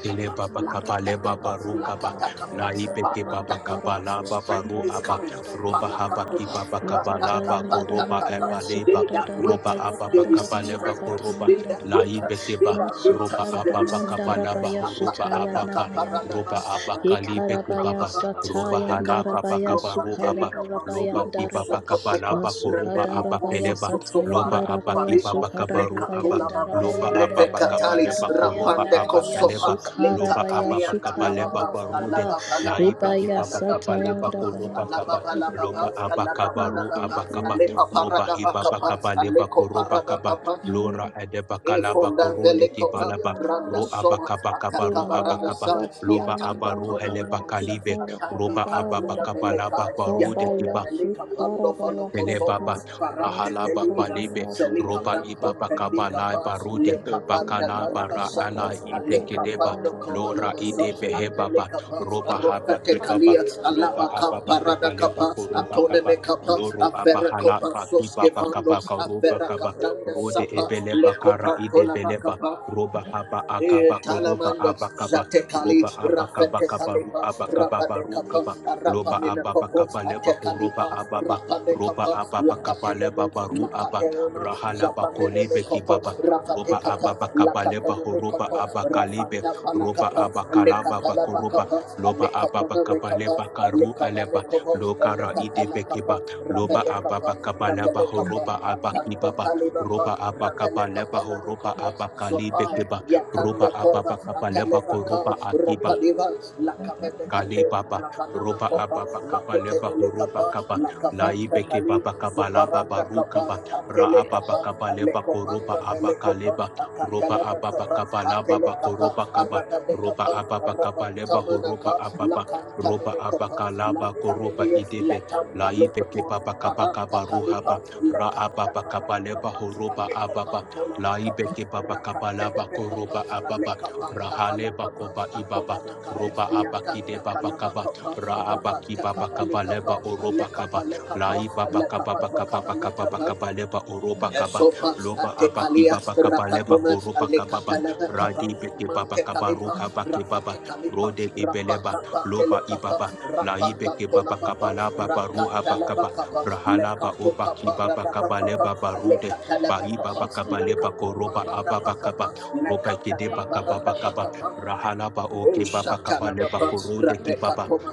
Speaker 2: Tele baba kaba le
Speaker 5: Bayada
Speaker 2: baba ru kaba
Speaker 5: Bayada
Speaker 2: la ibeke baba
Speaker 5: Bayasatayanda Dada
Speaker 2: kaba la baba ru
Speaker 1: is
Speaker 2: aba
Speaker 5: Bayasutayanda
Speaker 1: coming. They
Speaker 5: Dada
Speaker 2: roba
Speaker 5: Bayada
Speaker 2: haba ki baba kaba la ba
Speaker 5: Masatayanda
Speaker 2: ko
Speaker 5: Dada
Speaker 2: roba eba leba
Speaker 5: Bayasukada
Speaker 1: that
Speaker 5: Dada
Speaker 2: roba
Speaker 1: wait,
Speaker 2: aba
Speaker 5: Bayada
Speaker 1: they
Speaker 2: ba
Speaker 5: Dada
Speaker 2: kaba
Speaker 1: receive
Speaker 2: le ko
Speaker 1: strength.
Speaker 2: roba
Speaker 1: They
Speaker 5: Bayasatayanda
Speaker 1: that
Speaker 2: la
Speaker 1: wait, they
Speaker 5: Dada
Speaker 2: ibeke ba
Speaker 1: that wait,
Speaker 2: roba
Speaker 5: Masukara
Speaker 1: they
Speaker 2: aba ba
Speaker 1: receive
Speaker 5: Bayanda
Speaker 2: kaba la ba
Speaker 1: strength.
Speaker 2: ho roba aba
Speaker 5: Rabayasutayanda
Speaker 2: ka
Speaker 5: Bayanda
Speaker 2: roba aba ka li
Speaker 5: Ba Rabaya
Speaker 2: baba roba
Speaker 5: Satayanda
Speaker 2: hala baba
Speaker 5: Rabaya
Speaker 2: kaba ru aba
Speaker 5: Sukara
Speaker 2: loba ki
Speaker 5: Rabayanda Raba
Speaker 2: baba kaba la ba ko roba
Speaker 5: Masukada
Speaker 1: Rememo
Speaker 2: aba
Speaker 5: Rabaya
Speaker 1: posso
Speaker 2: keleba loba
Speaker 1: sovare,
Speaker 5: Satayanda
Speaker 2: aba
Speaker 5: Rabaya
Speaker 2: ki
Speaker 1: parico,
Speaker 2: baba
Speaker 5: Sukada
Speaker 2: kaba ru aba
Speaker 1: recatola
Speaker 5: Rabayanda
Speaker 1: baba,
Speaker 2: loba
Speaker 5: Rabayanda
Speaker 2: aba ba kaba
Speaker 1: repecatali,
Speaker 5: Rabayanda
Speaker 2: le ko roba
Speaker 5: Rabayanda
Speaker 1: rapande
Speaker 2: aba
Speaker 5: Rabaya
Speaker 2: keleba
Speaker 1: cosopa,
Speaker 5: Sukara
Speaker 1: lenta
Speaker 2: Loba
Speaker 5: Rabaya
Speaker 2: ababa
Speaker 1: calianda la
Speaker 2: kaba leba
Speaker 5: Sutayanda
Speaker 1: baba, alla
Speaker 2: barude
Speaker 5: Raba
Speaker 1: baba la
Speaker 2: la ibe
Speaker 1: baba,
Speaker 5: Ribaya
Speaker 2: baba
Speaker 1: alla baba
Speaker 2: kaba
Speaker 1: la
Speaker 2: leba
Speaker 5: Satayanda
Speaker 1: baba,
Speaker 5: Rabaya
Speaker 2: koroba
Speaker 1: alla
Speaker 2: kaba
Speaker 1: baba la
Speaker 5: Sukada
Speaker 2: loba
Speaker 5: Rabaya
Speaker 1: baba,
Speaker 2: aba
Speaker 1: alla
Speaker 2: kaba
Speaker 5: Thank
Speaker 2: ru
Speaker 5: you,
Speaker 2: aba
Speaker 5: Jesus.
Speaker 2: roba hi baba kaba leba koroba kaba lora
Speaker 5: Mm.
Speaker 2: edeba kalaba
Speaker 1: Efonda
Speaker 2: korode ki ro
Speaker 1: velekopa randa
Speaker 2: ru aba
Speaker 1: soma
Speaker 2: kaba kaba ru
Speaker 1: atakaba
Speaker 2: aba
Speaker 1: randa
Speaker 5: Rimbaya
Speaker 2: kaba
Speaker 1: sa
Speaker 2: loba
Speaker 5: Satayanda
Speaker 1: yatanda
Speaker 2: abaru ru
Speaker 1: tona
Speaker 2: heleba
Speaker 5: Rabaya
Speaker 1: manosa
Speaker 2: kalibe
Speaker 5: Sitaya
Speaker 1: atandi
Speaker 2: roba ababa
Speaker 1: katunda
Speaker 5: Katabayanda
Speaker 2: kaba laba
Speaker 1: velekai
Speaker 2: barude
Speaker 1: yatonda
Speaker 2: kiba.
Speaker 5: Rabaya
Speaker 1: velika pando falo
Speaker 5: Sukarabaya
Speaker 1: kosomo
Speaker 2: Belebaba
Speaker 5: Sata
Speaker 1: parake
Speaker 2: Rahalaba
Speaker 1: teliza
Speaker 2: Balibe
Speaker 5: Masatayanda
Speaker 1: selika
Speaker 2: Roba
Speaker 5: Rabaya
Speaker 1: prampo
Speaker 2: Ibaba
Speaker 5: Sitaya
Speaker 1: pendika
Speaker 2: Kabalai Barude
Speaker 1: Bas, kapanda
Speaker 5: Debriyanda
Speaker 2: Bakalaba
Speaker 1: kalaba sanda
Speaker 2: Raala
Speaker 5: Rabaya
Speaker 2: Ide
Speaker 1: aleka
Speaker 2: Kedeba
Speaker 1: pando kobalo
Speaker 5: Harabaya
Speaker 2: Lora
Speaker 1: so
Speaker 2: Ide
Speaker 5: Sitaya
Speaker 2: Behebaba
Speaker 1: akeleka pa
Speaker 2: Roba
Speaker 1: roka
Speaker 2: Haba
Speaker 1: te
Speaker 2: Kibaba
Speaker 5: Rabaya
Speaker 1: alaba
Speaker 2: Loba
Speaker 5: Satayanda
Speaker 2: Ababa
Speaker 1: kamparada
Speaker 2: Kabaleba
Speaker 1: kapa
Speaker 2: Koroba
Speaker 1: atone me
Speaker 2: Kaba
Speaker 1: kapa
Speaker 2: Loro
Speaker 1: afera
Speaker 2: Abahala
Speaker 1: kopa soske
Speaker 2: Bakibaba
Speaker 1: pando
Speaker 2: Kabaka Roba
Speaker 1: afera
Speaker 2: Kaba
Speaker 1: kapranda
Speaker 2: Rode
Speaker 1: sapa
Speaker 2: Ebeleba
Speaker 1: leko
Speaker 2: Kara Ide Beleba Roba Haba
Speaker 1: E
Speaker 2: Akaba Koroba
Speaker 1: Talamando,
Speaker 2: Abakaba
Speaker 1: Zatekali,
Speaker 2: Roba Abakaba
Speaker 1: Rafete
Speaker 2: Kabaru
Speaker 1: Kalipa,
Speaker 2: Abakaba
Speaker 1: Rapade
Speaker 2: Baru
Speaker 1: Kapa,
Speaker 2: Kaba
Speaker 1: Arapa
Speaker 2: Loba Ababa
Speaker 1: Minakopo,
Speaker 2: Kabaleba
Speaker 5: Rabaya
Speaker 2: Horoba
Speaker 1: Atekalipa,
Speaker 2: Ababa
Speaker 1: Rapade
Speaker 2: roba
Speaker 1: Kapa,
Speaker 2: ababa
Speaker 5: Sataya
Speaker 2: kabale
Speaker 1: Lakateneme,
Speaker 5: Sukada
Speaker 2: baba ru aba
Speaker 1: Lakatenema,
Speaker 5: Rabayanda
Speaker 2: rahala
Speaker 5: Rabaya
Speaker 1: Zapaneme
Speaker 2: bakolebe
Speaker 1: Kopo,
Speaker 2: kibaba
Speaker 5: Satayanda
Speaker 1: Rafate
Speaker 2: roba
Speaker 1: Kata,
Speaker 2: ababa
Speaker 5: Rabaya
Speaker 2: kabale
Speaker 1: Lakateneme
Speaker 2: bahoroba
Speaker 5: Sukada
Speaker 1: Kopo,
Speaker 5: Rabaya
Speaker 2: abakalebe
Speaker 1: Rafanda
Speaker 2: roba
Speaker 1: Panakapa,
Speaker 2: abakalaba
Speaker 1: Lekatalaba
Speaker 2: bakoroba
Speaker 1: Kapa,
Speaker 2: loba ababa
Speaker 1: Lekapana
Speaker 2: kabale
Speaker 1: Mekapa,
Speaker 2: bakaru aleba
Speaker 1: Lekamane Kopo,
Speaker 2: lokara
Speaker 1: Lekatala
Speaker 2: idebe
Speaker 1: Kapa,
Speaker 2: kiba loba
Speaker 1: Rafade
Speaker 2: ababa
Speaker 1: Kapa,
Speaker 2: kabale
Speaker 1: Rafade Kapa,
Speaker 2: bahoroba
Speaker 1: Antanda
Speaker 2: abakibaba
Speaker 1: Kalibapa,
Speaker 2: roba
Speaker 1: Rafade
Speaker 2: abakabale
Speaker 1: Kapana
Speaker 2: bahoroba
Speaker 1: kopo
Speaker 2: abakalebe
Speaker 1: Zopai,
Speaker 2: kiba roba
Speaker 1: Yatande Kova,
Speaker 2: ababa kabale
Speaker 1: Akaleva Kal,
Speaker 2: bakoroba
Speaker 5: Yes,
Speaker 2: akiba
Speaker 1: Rapaliva, Lakavende
Speaker 2: Kale
Speaker 1: Kate,
Speaker 2: Baba
Speaker 1: Rapanama
Speaker 2: Roba
Speaker 1: Kopa,
Speaker 2: Ababa Kaba
Speaker 1: Lakote
Speaker 2: Leba Horoba
Speaker 1: Lekapa,
Speaker 2: Kaba
Speaker 1: Lakapanta
Speaker 2: Laibeke
Speaker 1: Kali,
Speaker 2: Baba Kaba Laba
Speaker 1: Zuparanda
Speaker 2: Baru
Speaker 1: Kapa,
Speaker 2: Kaba Ra
Speaker 1: Atele
Speaker 2: Ababa
Speaker 1: Kapa,
Speaker 2: Kaba Leba
Speaker 1: Aleko
Speaker 2: Koroba
Speaker 1: Panda
Speaker 2: Abaka
Speaker 1: Velekopa,
Speaker 2: Leba Roba
Speaker 1: Akataleva
Speaker 2: Ababa
Speaker 1: Kapa,
Speaker 2: Kaba Laba
Speaker 1: Atele Kapa,
Speaker 2: Bakoroba Kaba
Speaker 1: Aragade
Speaker 2: Roba
Speaker 1: Kapa,
Speaker 2: Ababa Kaba Leba Horoba
Speaker 1: Rapantamanaka,
Speaker 2: Ababa Roba
Speaker 1: Lakantamene Kopa,
Speaker 2: Abaka Laba Koroba
Speaker 1: Lantamene,
Speaker 2: Idebe
Speaker 1: Latamba
Speaker 2: Laibeke
Speaker 1: Lokoton,
Speaker 2: Baba Kaba
Speaker 1: Paranta
Speaker 2: Kaba
Speaker 1: Kalipa,
Speaker 2: Ruhaba Ra
Speaker 1: Lekanta
Speaker 2: Ababa Kaba
Speaker 1: Kapa. Rapa
Speaker 2: Leba Horoba Ababa Laibeke Baba Kaba Laba Koroba Ababa Rahale Bakoba Ibaba roba abaki abakide babakaba ra abaki babakaba leba oroba kaba lai babakaba bakaba bakaba bakaba leba oroba kaba
Speaker 1: Sopas
Speaker 2: loba abaki
Speaker 1: atekalia
Speaker 2: babakaba leba
Speaker 1: rakatomas
Speaker 2: koroba kaba ba
Speaker 1: alekatalaba
Speaker 2: radi
Speaker 1: kabam
Speaker 2: beke
Speaker 5: Sutaravayanda
Speaker 2: babakaba
Speaker 5: Dabaya
Speaker 1: mantekalipa
Speaker 2: ruha bake baba
Speaker 5: Sutarianda
Speaker 1: rafatekalipa
Speaker 2: rode
Speaker 5: Dadabaya
Speaker 2: ibeleba
Speaker 1: rapakapa
Speaker 2: loba
Speaker 1: telekapa
Speaker 5: Sutayakada
Speaker 2: ibaba lai beke
Speaker 1: rapakatonababa
Speaker 2: babakaba la baba ruha
Speaker 5: Dadabaya
Speaker 1: rakatalaba
Speaker 2: bakaba
Speaker 1: kapa
Speaker 2: rahala ba
Speaker 1: lekatokapa
Speaker 2: obaki
Speaker 5: Sadabaya
Speaker 1: radaba
Speaker 2: babakaba
Speaker 1: kapa
Speaker 2: leba barude
Speaker 1: alekatalaba
Speaker 2: bai
Speaker 1: kapa
Speaker 2: babakaba
Speaker 5: Masukada
Speaker 2: leba
Speaker 1: rakatopa
Speaker 2: koroba
Speaker 5: Dadabaya
Speaker 1: radaba kapa
Speaker 5: Sukha.
Speaker 2: ababakaba roba kide
Speaker 1: nekatakapa
Speaker 5: Thank you,
Speaker 1: radaba
Speaker 2: bakaba
Speaker 1: kapa
Speaker 5: Jesus.
Speaker 2: Rahalaba
Speaker 1: Oh,
Speaker 2: oke baba kaba leba
Speaker 1: Shatalababa,
Speaker 2: korode ki
Speaker 1: Rebecca
Speaker 2: baba
Speaker 1: Poma,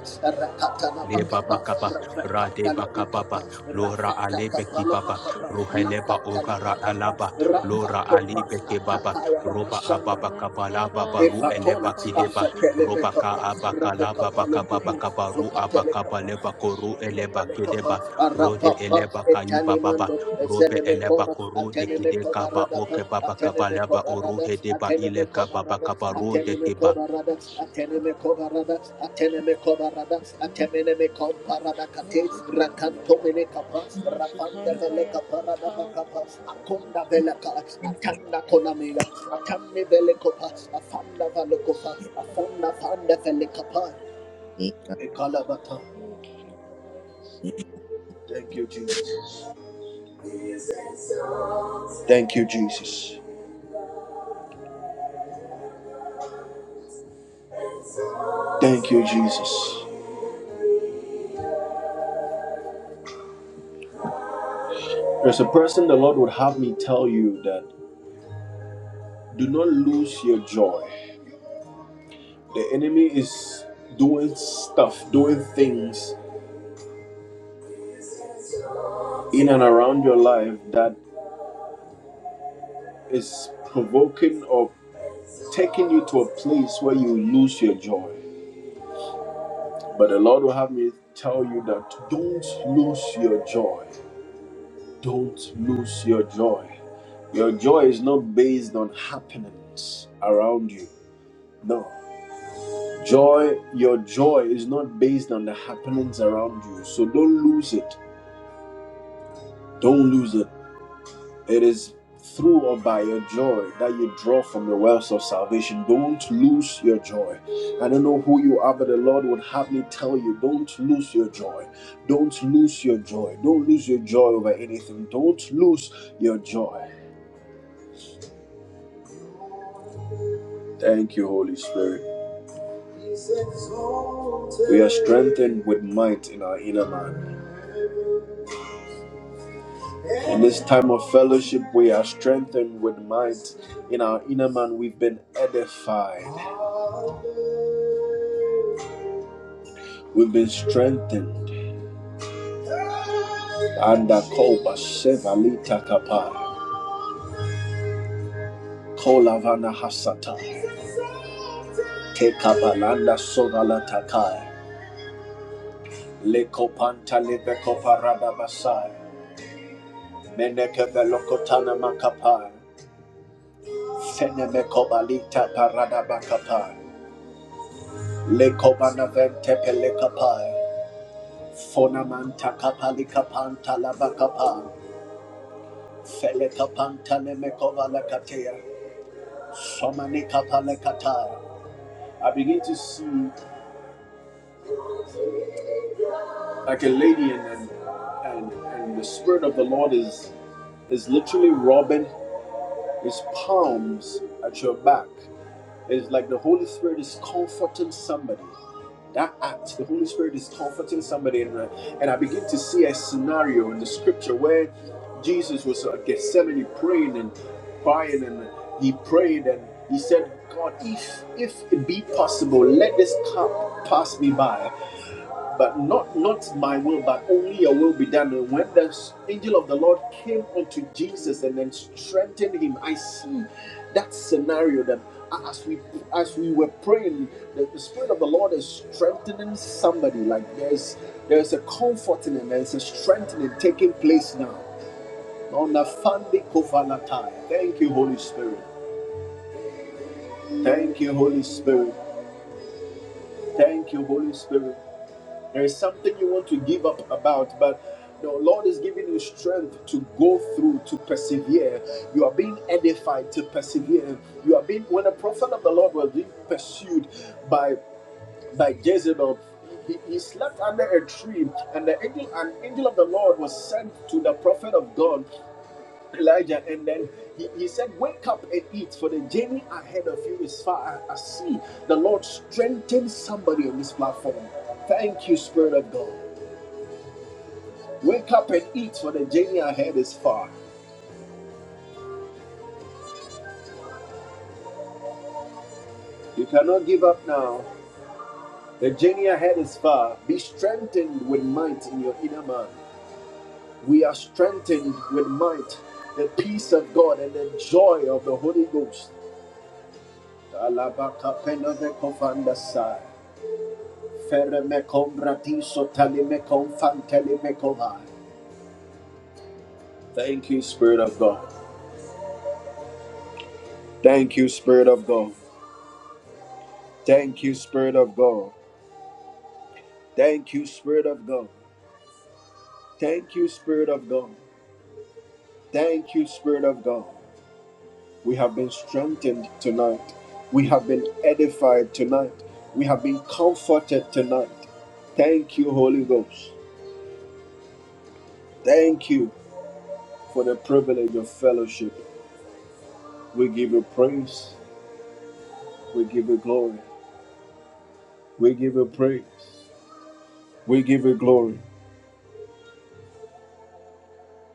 Speaker 2: leba
Speaker 1: Rakatalabakapa,
Speaker 2: bakaba
Speaker 1: Rebecca
Speaker 2: rade bakababa
Speaker 1: Talabakapa,
Speaker 2: lora
Speaker 5: Masakaya
Speaker 2: alebe ki baba
Speaker 1: Rafatakalabakapa,
Speaker 2: ruheleba oka ra
Speaker 1: Lakatalabakapa,
Speaker 2: alaba lora
Speaker 1: Rafatopa,
Speaker 2: alebe ki baba
Speaker 1: Atakaya
Speaker 2: roba
Speaker 1: Ramashanda.
Speaker 2: ababa kabala baba ru
Speaker 5: Raparayanda
Speaker 1: Epatona,
Speaker 2: eleba
Speaker 5: Rabaya
Speaker 2: kideba roba ka
Speaker 1: Afatelebekapa,
Speaker 5: Sukarabaya
Speaker 2: abakala
Speaker 1: Rebecca
Speaker 2: baba kababa
Speaker 1: Palokubu,
Speaker 5: Sukarabaya
Speaker 2: kabaru
Speaker 5: Satayanda
Speaker 2: abakaba
Speaker 1: Zopatelekapa,
Speaker 2: leba
Speaker 5: Baya
Speaker 2: koru eleba
Speaker 5: Sukhiyanda
Speaker 2: kideba
Speaker 5: Rabaya
Speaker 2: rode
Speaker 1: Arapapa,
Speaker 2: eleba kai baba ba
Speaker 1: Italimando,
Speaker 5: Abayanda
Speaker 2: robe eleba
Speaker 5: Rabaya
Speaker 1: Zenemekoma,
Speaker 2: korode kide
Speaker 5: Satayanda
Speaker 2: kaba
Speaker 1: Atenemekobarada,
Speaker 2: oke
Speaker 5: Rabayanda
Speaker 2: baba
Speaker 5: Baha
Speaker 2: kabaleba
Speaker 1: Atenemekobarada,
Speaker 2: oruhe deba ile
Speaker 5: Rabaya Su
Speaker 2: kababa
Speaker 1: Atenemekobarada,
Speaker 2: kabarode kiba
Speaker 1: Atenemekobarada,
Speaker 5: Rabaya Sutaya
Speaker 1: Atenemekobarada,
Speaker 5: Thank
Speaker 1: Atenemekobarada,
Speaker 5: you. Rabayanda.
Speaker 1: Atenemekobarada, Kate,
Speaker 5: Masutayanda
Speaker 1: Rakanto
Speaker 5: da da da,
Speaker 1: Menekapa, Rapanda
Speaker 5: Masukara
Speaker 1: Beleka
Speaker 5: baya
Speaker 1: Parada Bakapa,
Speaker 5: satayanda baya
Speaker 1: Akonda
Speaker 5: sutayanda da
Speaker 1: Beleka,
Speaker 5: da da
Speaker 1: Atanda
Speaker 5: baya da da
Speaker 1: Konamela,
Speaker 5: da baya
Speaker 1: Atande
Speaker 5: sukara
Speaker 1: Belekopa,
Speaker 5: da baya da
Speaker 1: Afanda
Speaker 5: baya
Speaker 1: Valekopa,
Speaker 5: sukara
Speaker 1: Afanda
Speaker 5: da da da
Speaker 1: Fanda
Speaker 5: baya
Speaker 1: Velekapa,
Speaker 5: sutayanda
Speaker 1: Ekalabata.
Speaker 5: yeke da baya sutayanda.
Speaker 1: Thank you, Jesus. Thank you, Jesus. Thank you, Jesus. There's a person the Lord would have me tell you that do not lose your joy. The enemy is doing stuff, doing things in and around your life that is provoking or taking you to a place where you lose your joy. But the Lord will have me tell you that don't lose your joy. Don't lose your joy. Your joy is not based on happenings around you. No. Joy, your joy is not based on the happenings around you. So don't lose it. Don't lose it. It is through or by your joy that you draw from the wells of salvation. Don't lose your joy. I don't know who you are, but the Lord would have me tell you don't lose your joy. Don't lose your joy. Don't lose your joy over anything. Don't lose your joy. Thank you, Holy Spirit. We are strengthened with might in our inner man. In this time of fellowship, we are strengthened with might. In our inner man, we've been edified. We've been strengthened. Anda koba sevalita kapa. Kolavana hasata. Kekabalanda sovalatakai. Lekopanta levekoparada Menekebelokotana makapai. Fenemekobalita parada Lekobana vente Fonamanta kapali kapanta laba kapa. Fele nemekova lakatea. Somani kapale kata. I begin to see like a lady and and, and and the spirit of the Lord is is literally rubbing his palms at your back. It's like the Holy Spirit is comforting somebody. That act, the Holy Spirit is comforting somebody, and I, and I begin to see a scenario in the scripture where Jesus was at Gethsemane praying and crying, and he prayed and he said, God, if if it be possible, let this cup pass me by but not not my will but only your will be done and when the angel of the lord came unto jesus and then strengthened him i see that scenario that as we as we were praying the, the spirit of the lord is strengthening somebody like there's there's a comforting and there's a strengthening taking place now on the Fandi Kovalatai. thank you holy spirit thank you holy spirit thank you holy spirit There is something you want to give up about, but the Lord is giving you strength to go through, to persevere. You are being edified to persevere. You are being, when the prophet of the Lord was being pursued by, by Jezebel, he, he slept under a tree, and the angel, an angel of the Lord was sent to the prophet of God, Elijah, and then he, he said, Wake up and eat, for the journey ahead of you is far. I, I see the Lord strengthen somebody on this platform. Thank you, Spirit of God. Wake up and eat, for the journey ahead is far. You cannot give up now. The journey ahead is far. Be strengthened with might in your inner man. We are strengthened with might, the peace of God and the joy of the Holy Ghost. Thank you, Spirit of God. Thank you, Spirit of God. Thank you, Spirit of God. Thank you, Spirit of God. Thank you, Spirit of God. Thank you, Spirit of God. We have been strengthened tonight. We have been edified tonight. We have been comforted tonight. Thank you, Holy Ghost. Thank you for the privilege of fellowship. We give you praise. We give you glory. We give you praise. We give you glory.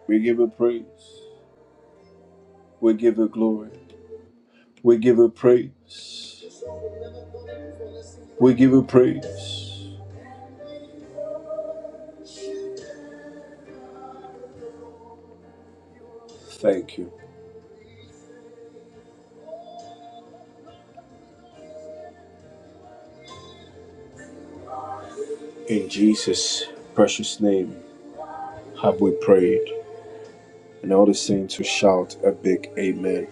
Speaker 1: We give you praise. We give you glory. We give you praise. We give you praise. Thank you. In Jesus' precious name. have we prayed? And all the saints who shout a big amen,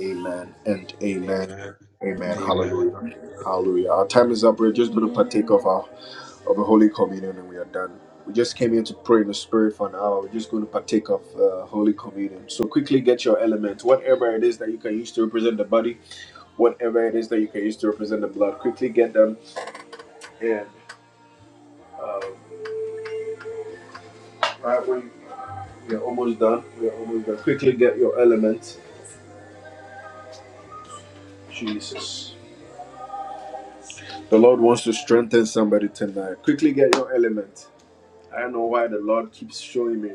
Speaker 1: amen, and amen,
Speaker 2: Amen.
Speaker 1: amen.
Speaker 2: Amen.
Speaker 1: Hallelujah, hallelujah. Our time is up. We're just going to partake
Speaker 5: Amen.
Speaker 1: of our of the Holy Communion, and we are done. We just came here to pray in the Spirit for an hour. We're just going to partake of uh, Holy Communion. So quickly get your elements, whatever it is that you can use to represent the body, whatever it is that you can use to represent the blood. Quickly get them, and uh, right when we are almost done, we are almost done. Quickly get your elements, Jesus. The Lord wants to strengthen somebody tonight. Quickly get your element. I don't know why the Lord keeps showing me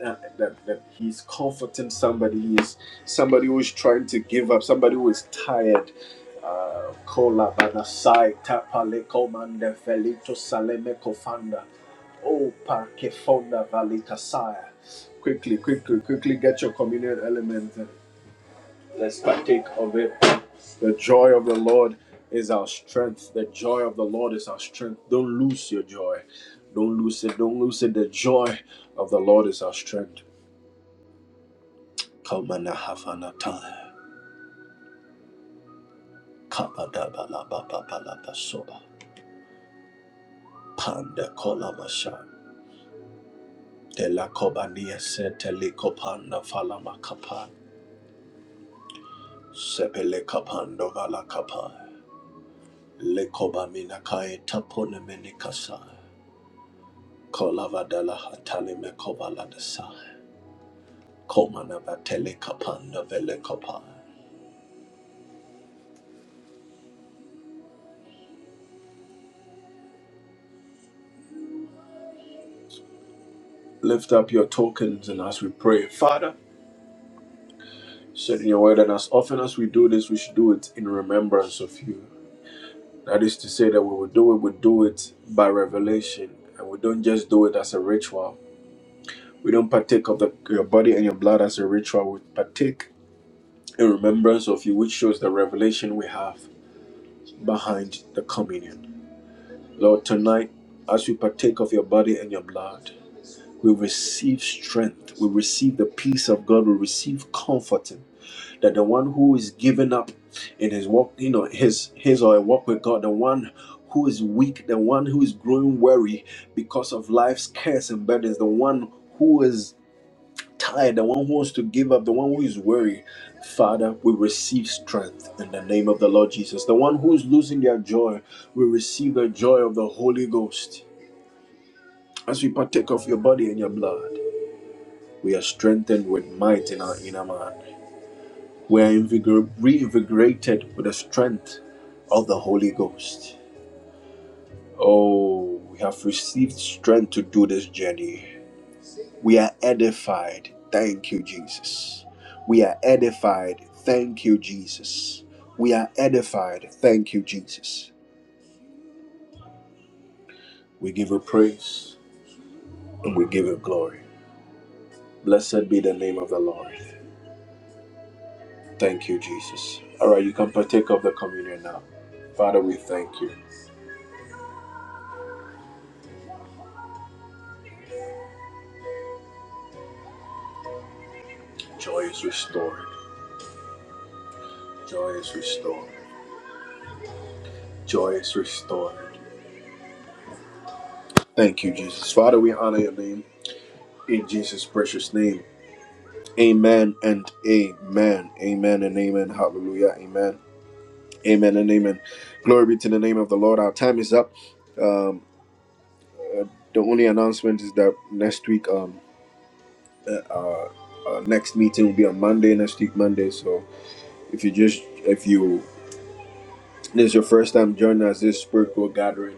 Speaker 1: that, that, that He's comforting somebody. He's somebody who is trying to give up, somebody who is tired. Uh, Oh, Quickly, quickly, quickly get your communion element. Let's partake of it. The joy of the Lord is our strength. The joy of the Lord is our strength. Don't lose your joy. Don't lose it. Don't lose it. The joy of the Lord is our strength. Kamana hafana ta. Panda kola masha. kobania se kopanda falama kapan. Sepele kapando vala kapan. Le kobamina kae tapone mene Kolavadala hatali mekovala Komanavatele Komanava vele velekapa. Lift up your tokens and as we pray, Father, said in your word, and as often as we do this, we should do it in remembrance of you. That is to say, that we will do it, we do it by revelation, and we don't just do it as a ritual. We don't partake of the, your body and your blood as a ritual. We partake in remembrance of you, which shows the revelation we have behind the communion. Lord, tonight, as we partake of your body and your blood, we receive strength, we receive the peace of God, we receive comforting. That the one who is given up in his walk, you know, his his or a walk with God, the one who is weak, the one who is growing weary because of life's cares and burdens, the one who is tired, the one who wants to give up, the one who is weary. Father, we receive strength in the name of the Lord Jesus. The one who is losing their joy, we receive the joy of the Holy Ghost as we partake of your body and your blood, we are strengthened with might in our inner man. We are invigor- reinvigorated with the strength of the Holy Ghost. Oh, we have received strength to do this journey. We are edified. Thank you, Jesus. We are edified. Thank you, Jesus. We are edified. Thank you, Jesus. We give you praise and we give you glory. Blessed be the name of the Lord. Thank you, Jesus. All right, you can partake of the communion now. Father, we thank you. Joy is restored. Joy is restored. Joy is restored. Thank you, Jesus. Father, we honor your name in Jesus' precious name. Amen and amen. Amen and amen. Hallelujah. Amen. Amen and amen. Glory be to the name of the Lord. Our time is up. Um, uh, the only announcement is that next week, um, uh, uh, uh, next meeting will be on Monday. Next week, Monday. So if you just if you This is your first time joining us this spiritual gathering.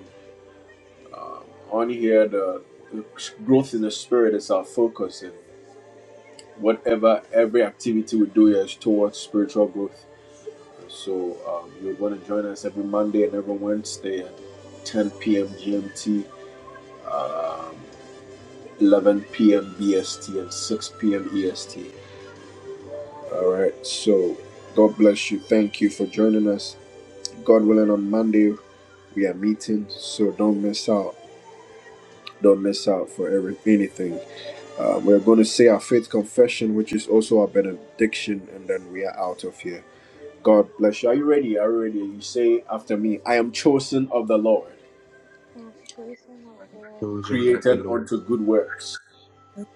Speaker 1: Um, on here, the, the growth in the spirit is our focus, and whatever every activity we do is towards spiritual growth. So um, you're going to join us every Monday and every Wednesday at 10 p.m. GMT, um, 11 p.m. BST, and 6 p.m. EST. All right. So God bless you. Thank you for joining us. God willing, on Monday we are meeting, so don't miss out. don't miss out for every, anything. Uh, we're going to say our faith confession, which is also our benediction, and then we are out of here. God bless you. Are you ready? Are you ready? You say after me, I am chosen of the Lord,
Speaker 5: I am chosen of the Lord,
Speaker 2: Chosen of the
Speaker 1: created
Speaker 2: Lord,
Speaker 1: unto good works.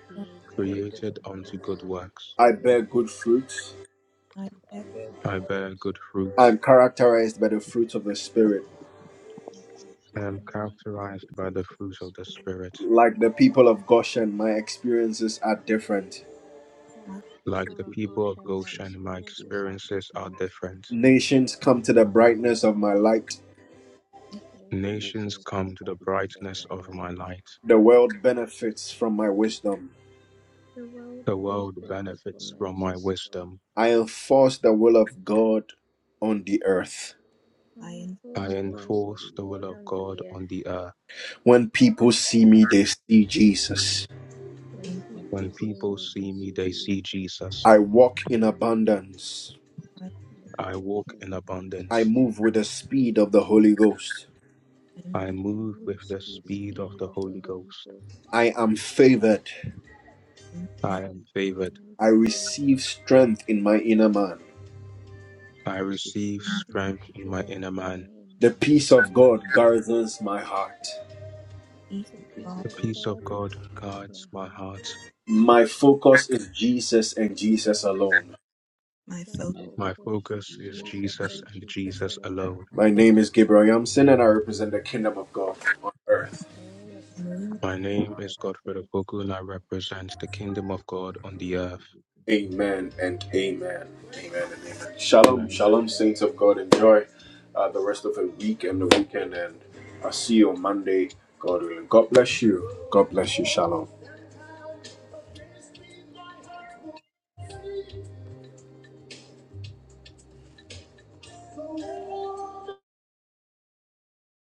Speaker 5: created unto
Speaker 2: created
Speaker 5: good
Speaker 2: unto
Speaker 5: works.
Speaker 2: good works.
Speaker 1: I bear good fruits.
Speaker 5: I bear good
Speaker 2: I bear
Speaker 5: fruits.
Speaker 2: good fruit.
Speaker 1: I'm characterized by the fruits of the Spirit.
Speaker 5: I'm
Speaker 2: I am
Speaker 5: characterized by
Speaker 2: characterized
Speaker 5: the
Speaker 2: by
Speaker 5: fruit
Speaker 2: the
Speaker 5: of
Speaker 2: fruit
Speaker 5: the
Speaker 2: of the
Speaker 5: Spirit.
Speaker 2: Spirit.
Speaker 1: Like the people of Goshen, my experiences are different.
Speaker 5: Like the
Speaker 3: As
Speaker 2: Like
Speaker 3: the
Speaker 5: people
Speaker 2: the
Speaker 5: of
Speaker 3: people of
Speaker 2: people of
Speaker 5: Goshen,
Speaker 3: God,
Speaker 5: my
Speaker 3: so
Speaker 2: Goshen, my
Speaker 3: much.
Speaker 5: experiences are
Speaker 2: experiences are
Speaker 5: different.
Speaker 2: different.
Speaker 1: Nations come to the brightness of my light.
Speaker 5: Nations
Speaker 3: This
Speaker 2: Nations
Speaker 5: come
Speaker 3: is
Speaker 5: to the
Speaker 2: come to the
Speaker 5: brightness
Speaker 3: contributing
Speaker 5: of
Speaker 2: brightness
Speaker 5: my
Speaker 2: of
Speaker 3: to
Speaker 2: my
Speaker 5: light.
Speaker 2: light.
Speaker 1: The world benefits from my wisdom.
Speaker 5: The world
Speaker 2: The
Speaker 3: World
Speaker 2: world
Speaker 3: Welfare
Speaker 5: benefits from
Speaker 2: benefits
Speaker 5: my
Speaker 2: from my
Speaker 3: Federation
Speaker 5: wisdom.
Speaker 2: wisdom.
Speaker 1: I enforce the will of God on the earth.
Speaker 5: I
Speaker 2: I
Speaker 3: and
Speaker 5: enforce the will
Speaker 2: enforce
Speaker 5: of
Speaker 3: forcible
Speaker 2: the will
Speaker 5: God
Speaker 2: of
Speaker 3: recruitment.
Speaker 5: on
Speaker 2: God
Speaker 5: the earth.
Speaker 2: on the earth.
Speaker 1: When people see me, they see Jesus.
Speaker 5: When
Speaker 3: When
Speaker 5: people
Speaker 2: When
Speaker 3: people
Speaker 5: see
Speaker 2: people
Speaker 3: see
Speaker 5: me, they
Speaker 2: see
Speaker 3: this
Speaker 2: me,
Speaker 5: see
Speaker 2: they
Speaker 3: issue,
Speaker 2: see
Speaker 5: Jesus.
Speaker 2: Jesus.
Speaker 1: I walk in abundance.
Speaker 5: I
Speaker 2: I
Speaker 3: they
Speaker 5: walk
Speaker 3: walk
Speaker 2: walk
Speaker 5: in
Speaker 3: in
Speaker 2: in
Speaker 1: I
Speaker 2: abundance.
Speaker 5: abundance.
Speaker 1: move with the speed of the Holy Ghost.
Speaker 2: I
Speaker 3: and
Speaker 5: I
Speaker 3: move
Speaker 2: move
Speaker 3: with
Speaker 2: with
Speaker 5: move
Speaker 3: the
Speaker 2: the
Speaker 5: with the
Speaker 3: spirit of
Speaker 2: speed of
Speaker 5: speed
Speaker 2: the
Speaker 5: of
Speaker 3: numbers.
Speaker 5: the
Speaker 2: Holy
Speaker 5: Holy
Speaker 2: Ghost.
Speaker 5: Ghost.
Speaker 1: I am favored.
Speaker 2: I
Speaker 3: I
Speaker 2: am
Speaker 3: am
Speaker 5: I
Speaker 2: favored.
Speaker 3: favored.
Speaker 5: am
Speaker 1: I receive
Speaker 5: favored.
Speaker 1: strength in my inner man.
Speaker 3: I
Speaker 2: I
Speaker 3: receive
Speaker 5: I
Speaker 2: receive
Speaker 3: strength in my
Speaker 5: receive
Speaker 2: strength in
Speaker 3: enemy.
Speaker 2: my inner
Speaker 5: strength in my
Speaker 2: man.
Speaker 1: The
Speaker 5: inner.
Speaker 1: peace of God guards my heart.
Speaker 5: The
Speaker 3: The peace
Speaker 5: peace
Speaker 3: of
Speaker 2: The
Speaker 5: of
Speaker 3: God
Speaker 2: peace of
Speaker 5: God
Speaker 3: comes
Speaker 2: God
Speaker 3: from
Speaker 5: governs
Speaker 2: guards
Speaker 5: my
Speaker 2: my
Speaker 5: heart.
Speaker 2: heart.
Speaker 1: My focus is Jesus and Jesus alone.
Speaker 5: My
Speaker 3: my
Speaker 2: My
Speaker 5: focus
Speaker 3: focus is
Speaker 5: is
Speaker 2: focus is
Speaker 3: Jesus
Speaker 5: Jesus
Speaker 3: and
Speaker 2: Jesus
Speaker 5: and
Speaker 2: and
Speaker 3: Jesus.
Speaker 5: Jesus
Speaker 2: Jesus
Speaker 5: alone.
Speaker 2: alone.
Speaker 1: My name is Gabriel Yamson and I represent the kingdom of God on earth.
Speaker 5: My name is Nadia
Speaker 4: focus
Speaker 5: Block.
Speaker 2: My
Speaker 5: I
Speaker 2: name is Godfred
Speaker 5: represent the
Speaker 2: Opoku and I
Speaker 5: Kingdom of
Speaker 2: represent the kingdom of God on the earth.
Speaker 1: Amen and amen. Amen and amen. Shalom,
Speaker 2: Amen.
Speaker 5: God.
Speaker 1: shalom,
Speaker 5: Amen.
Speaker 1: saints of God. Enjoy uh, the rest of the week and the weekend, and I'll see you on Monday. God willing. God bless you. God bless you. Shalom.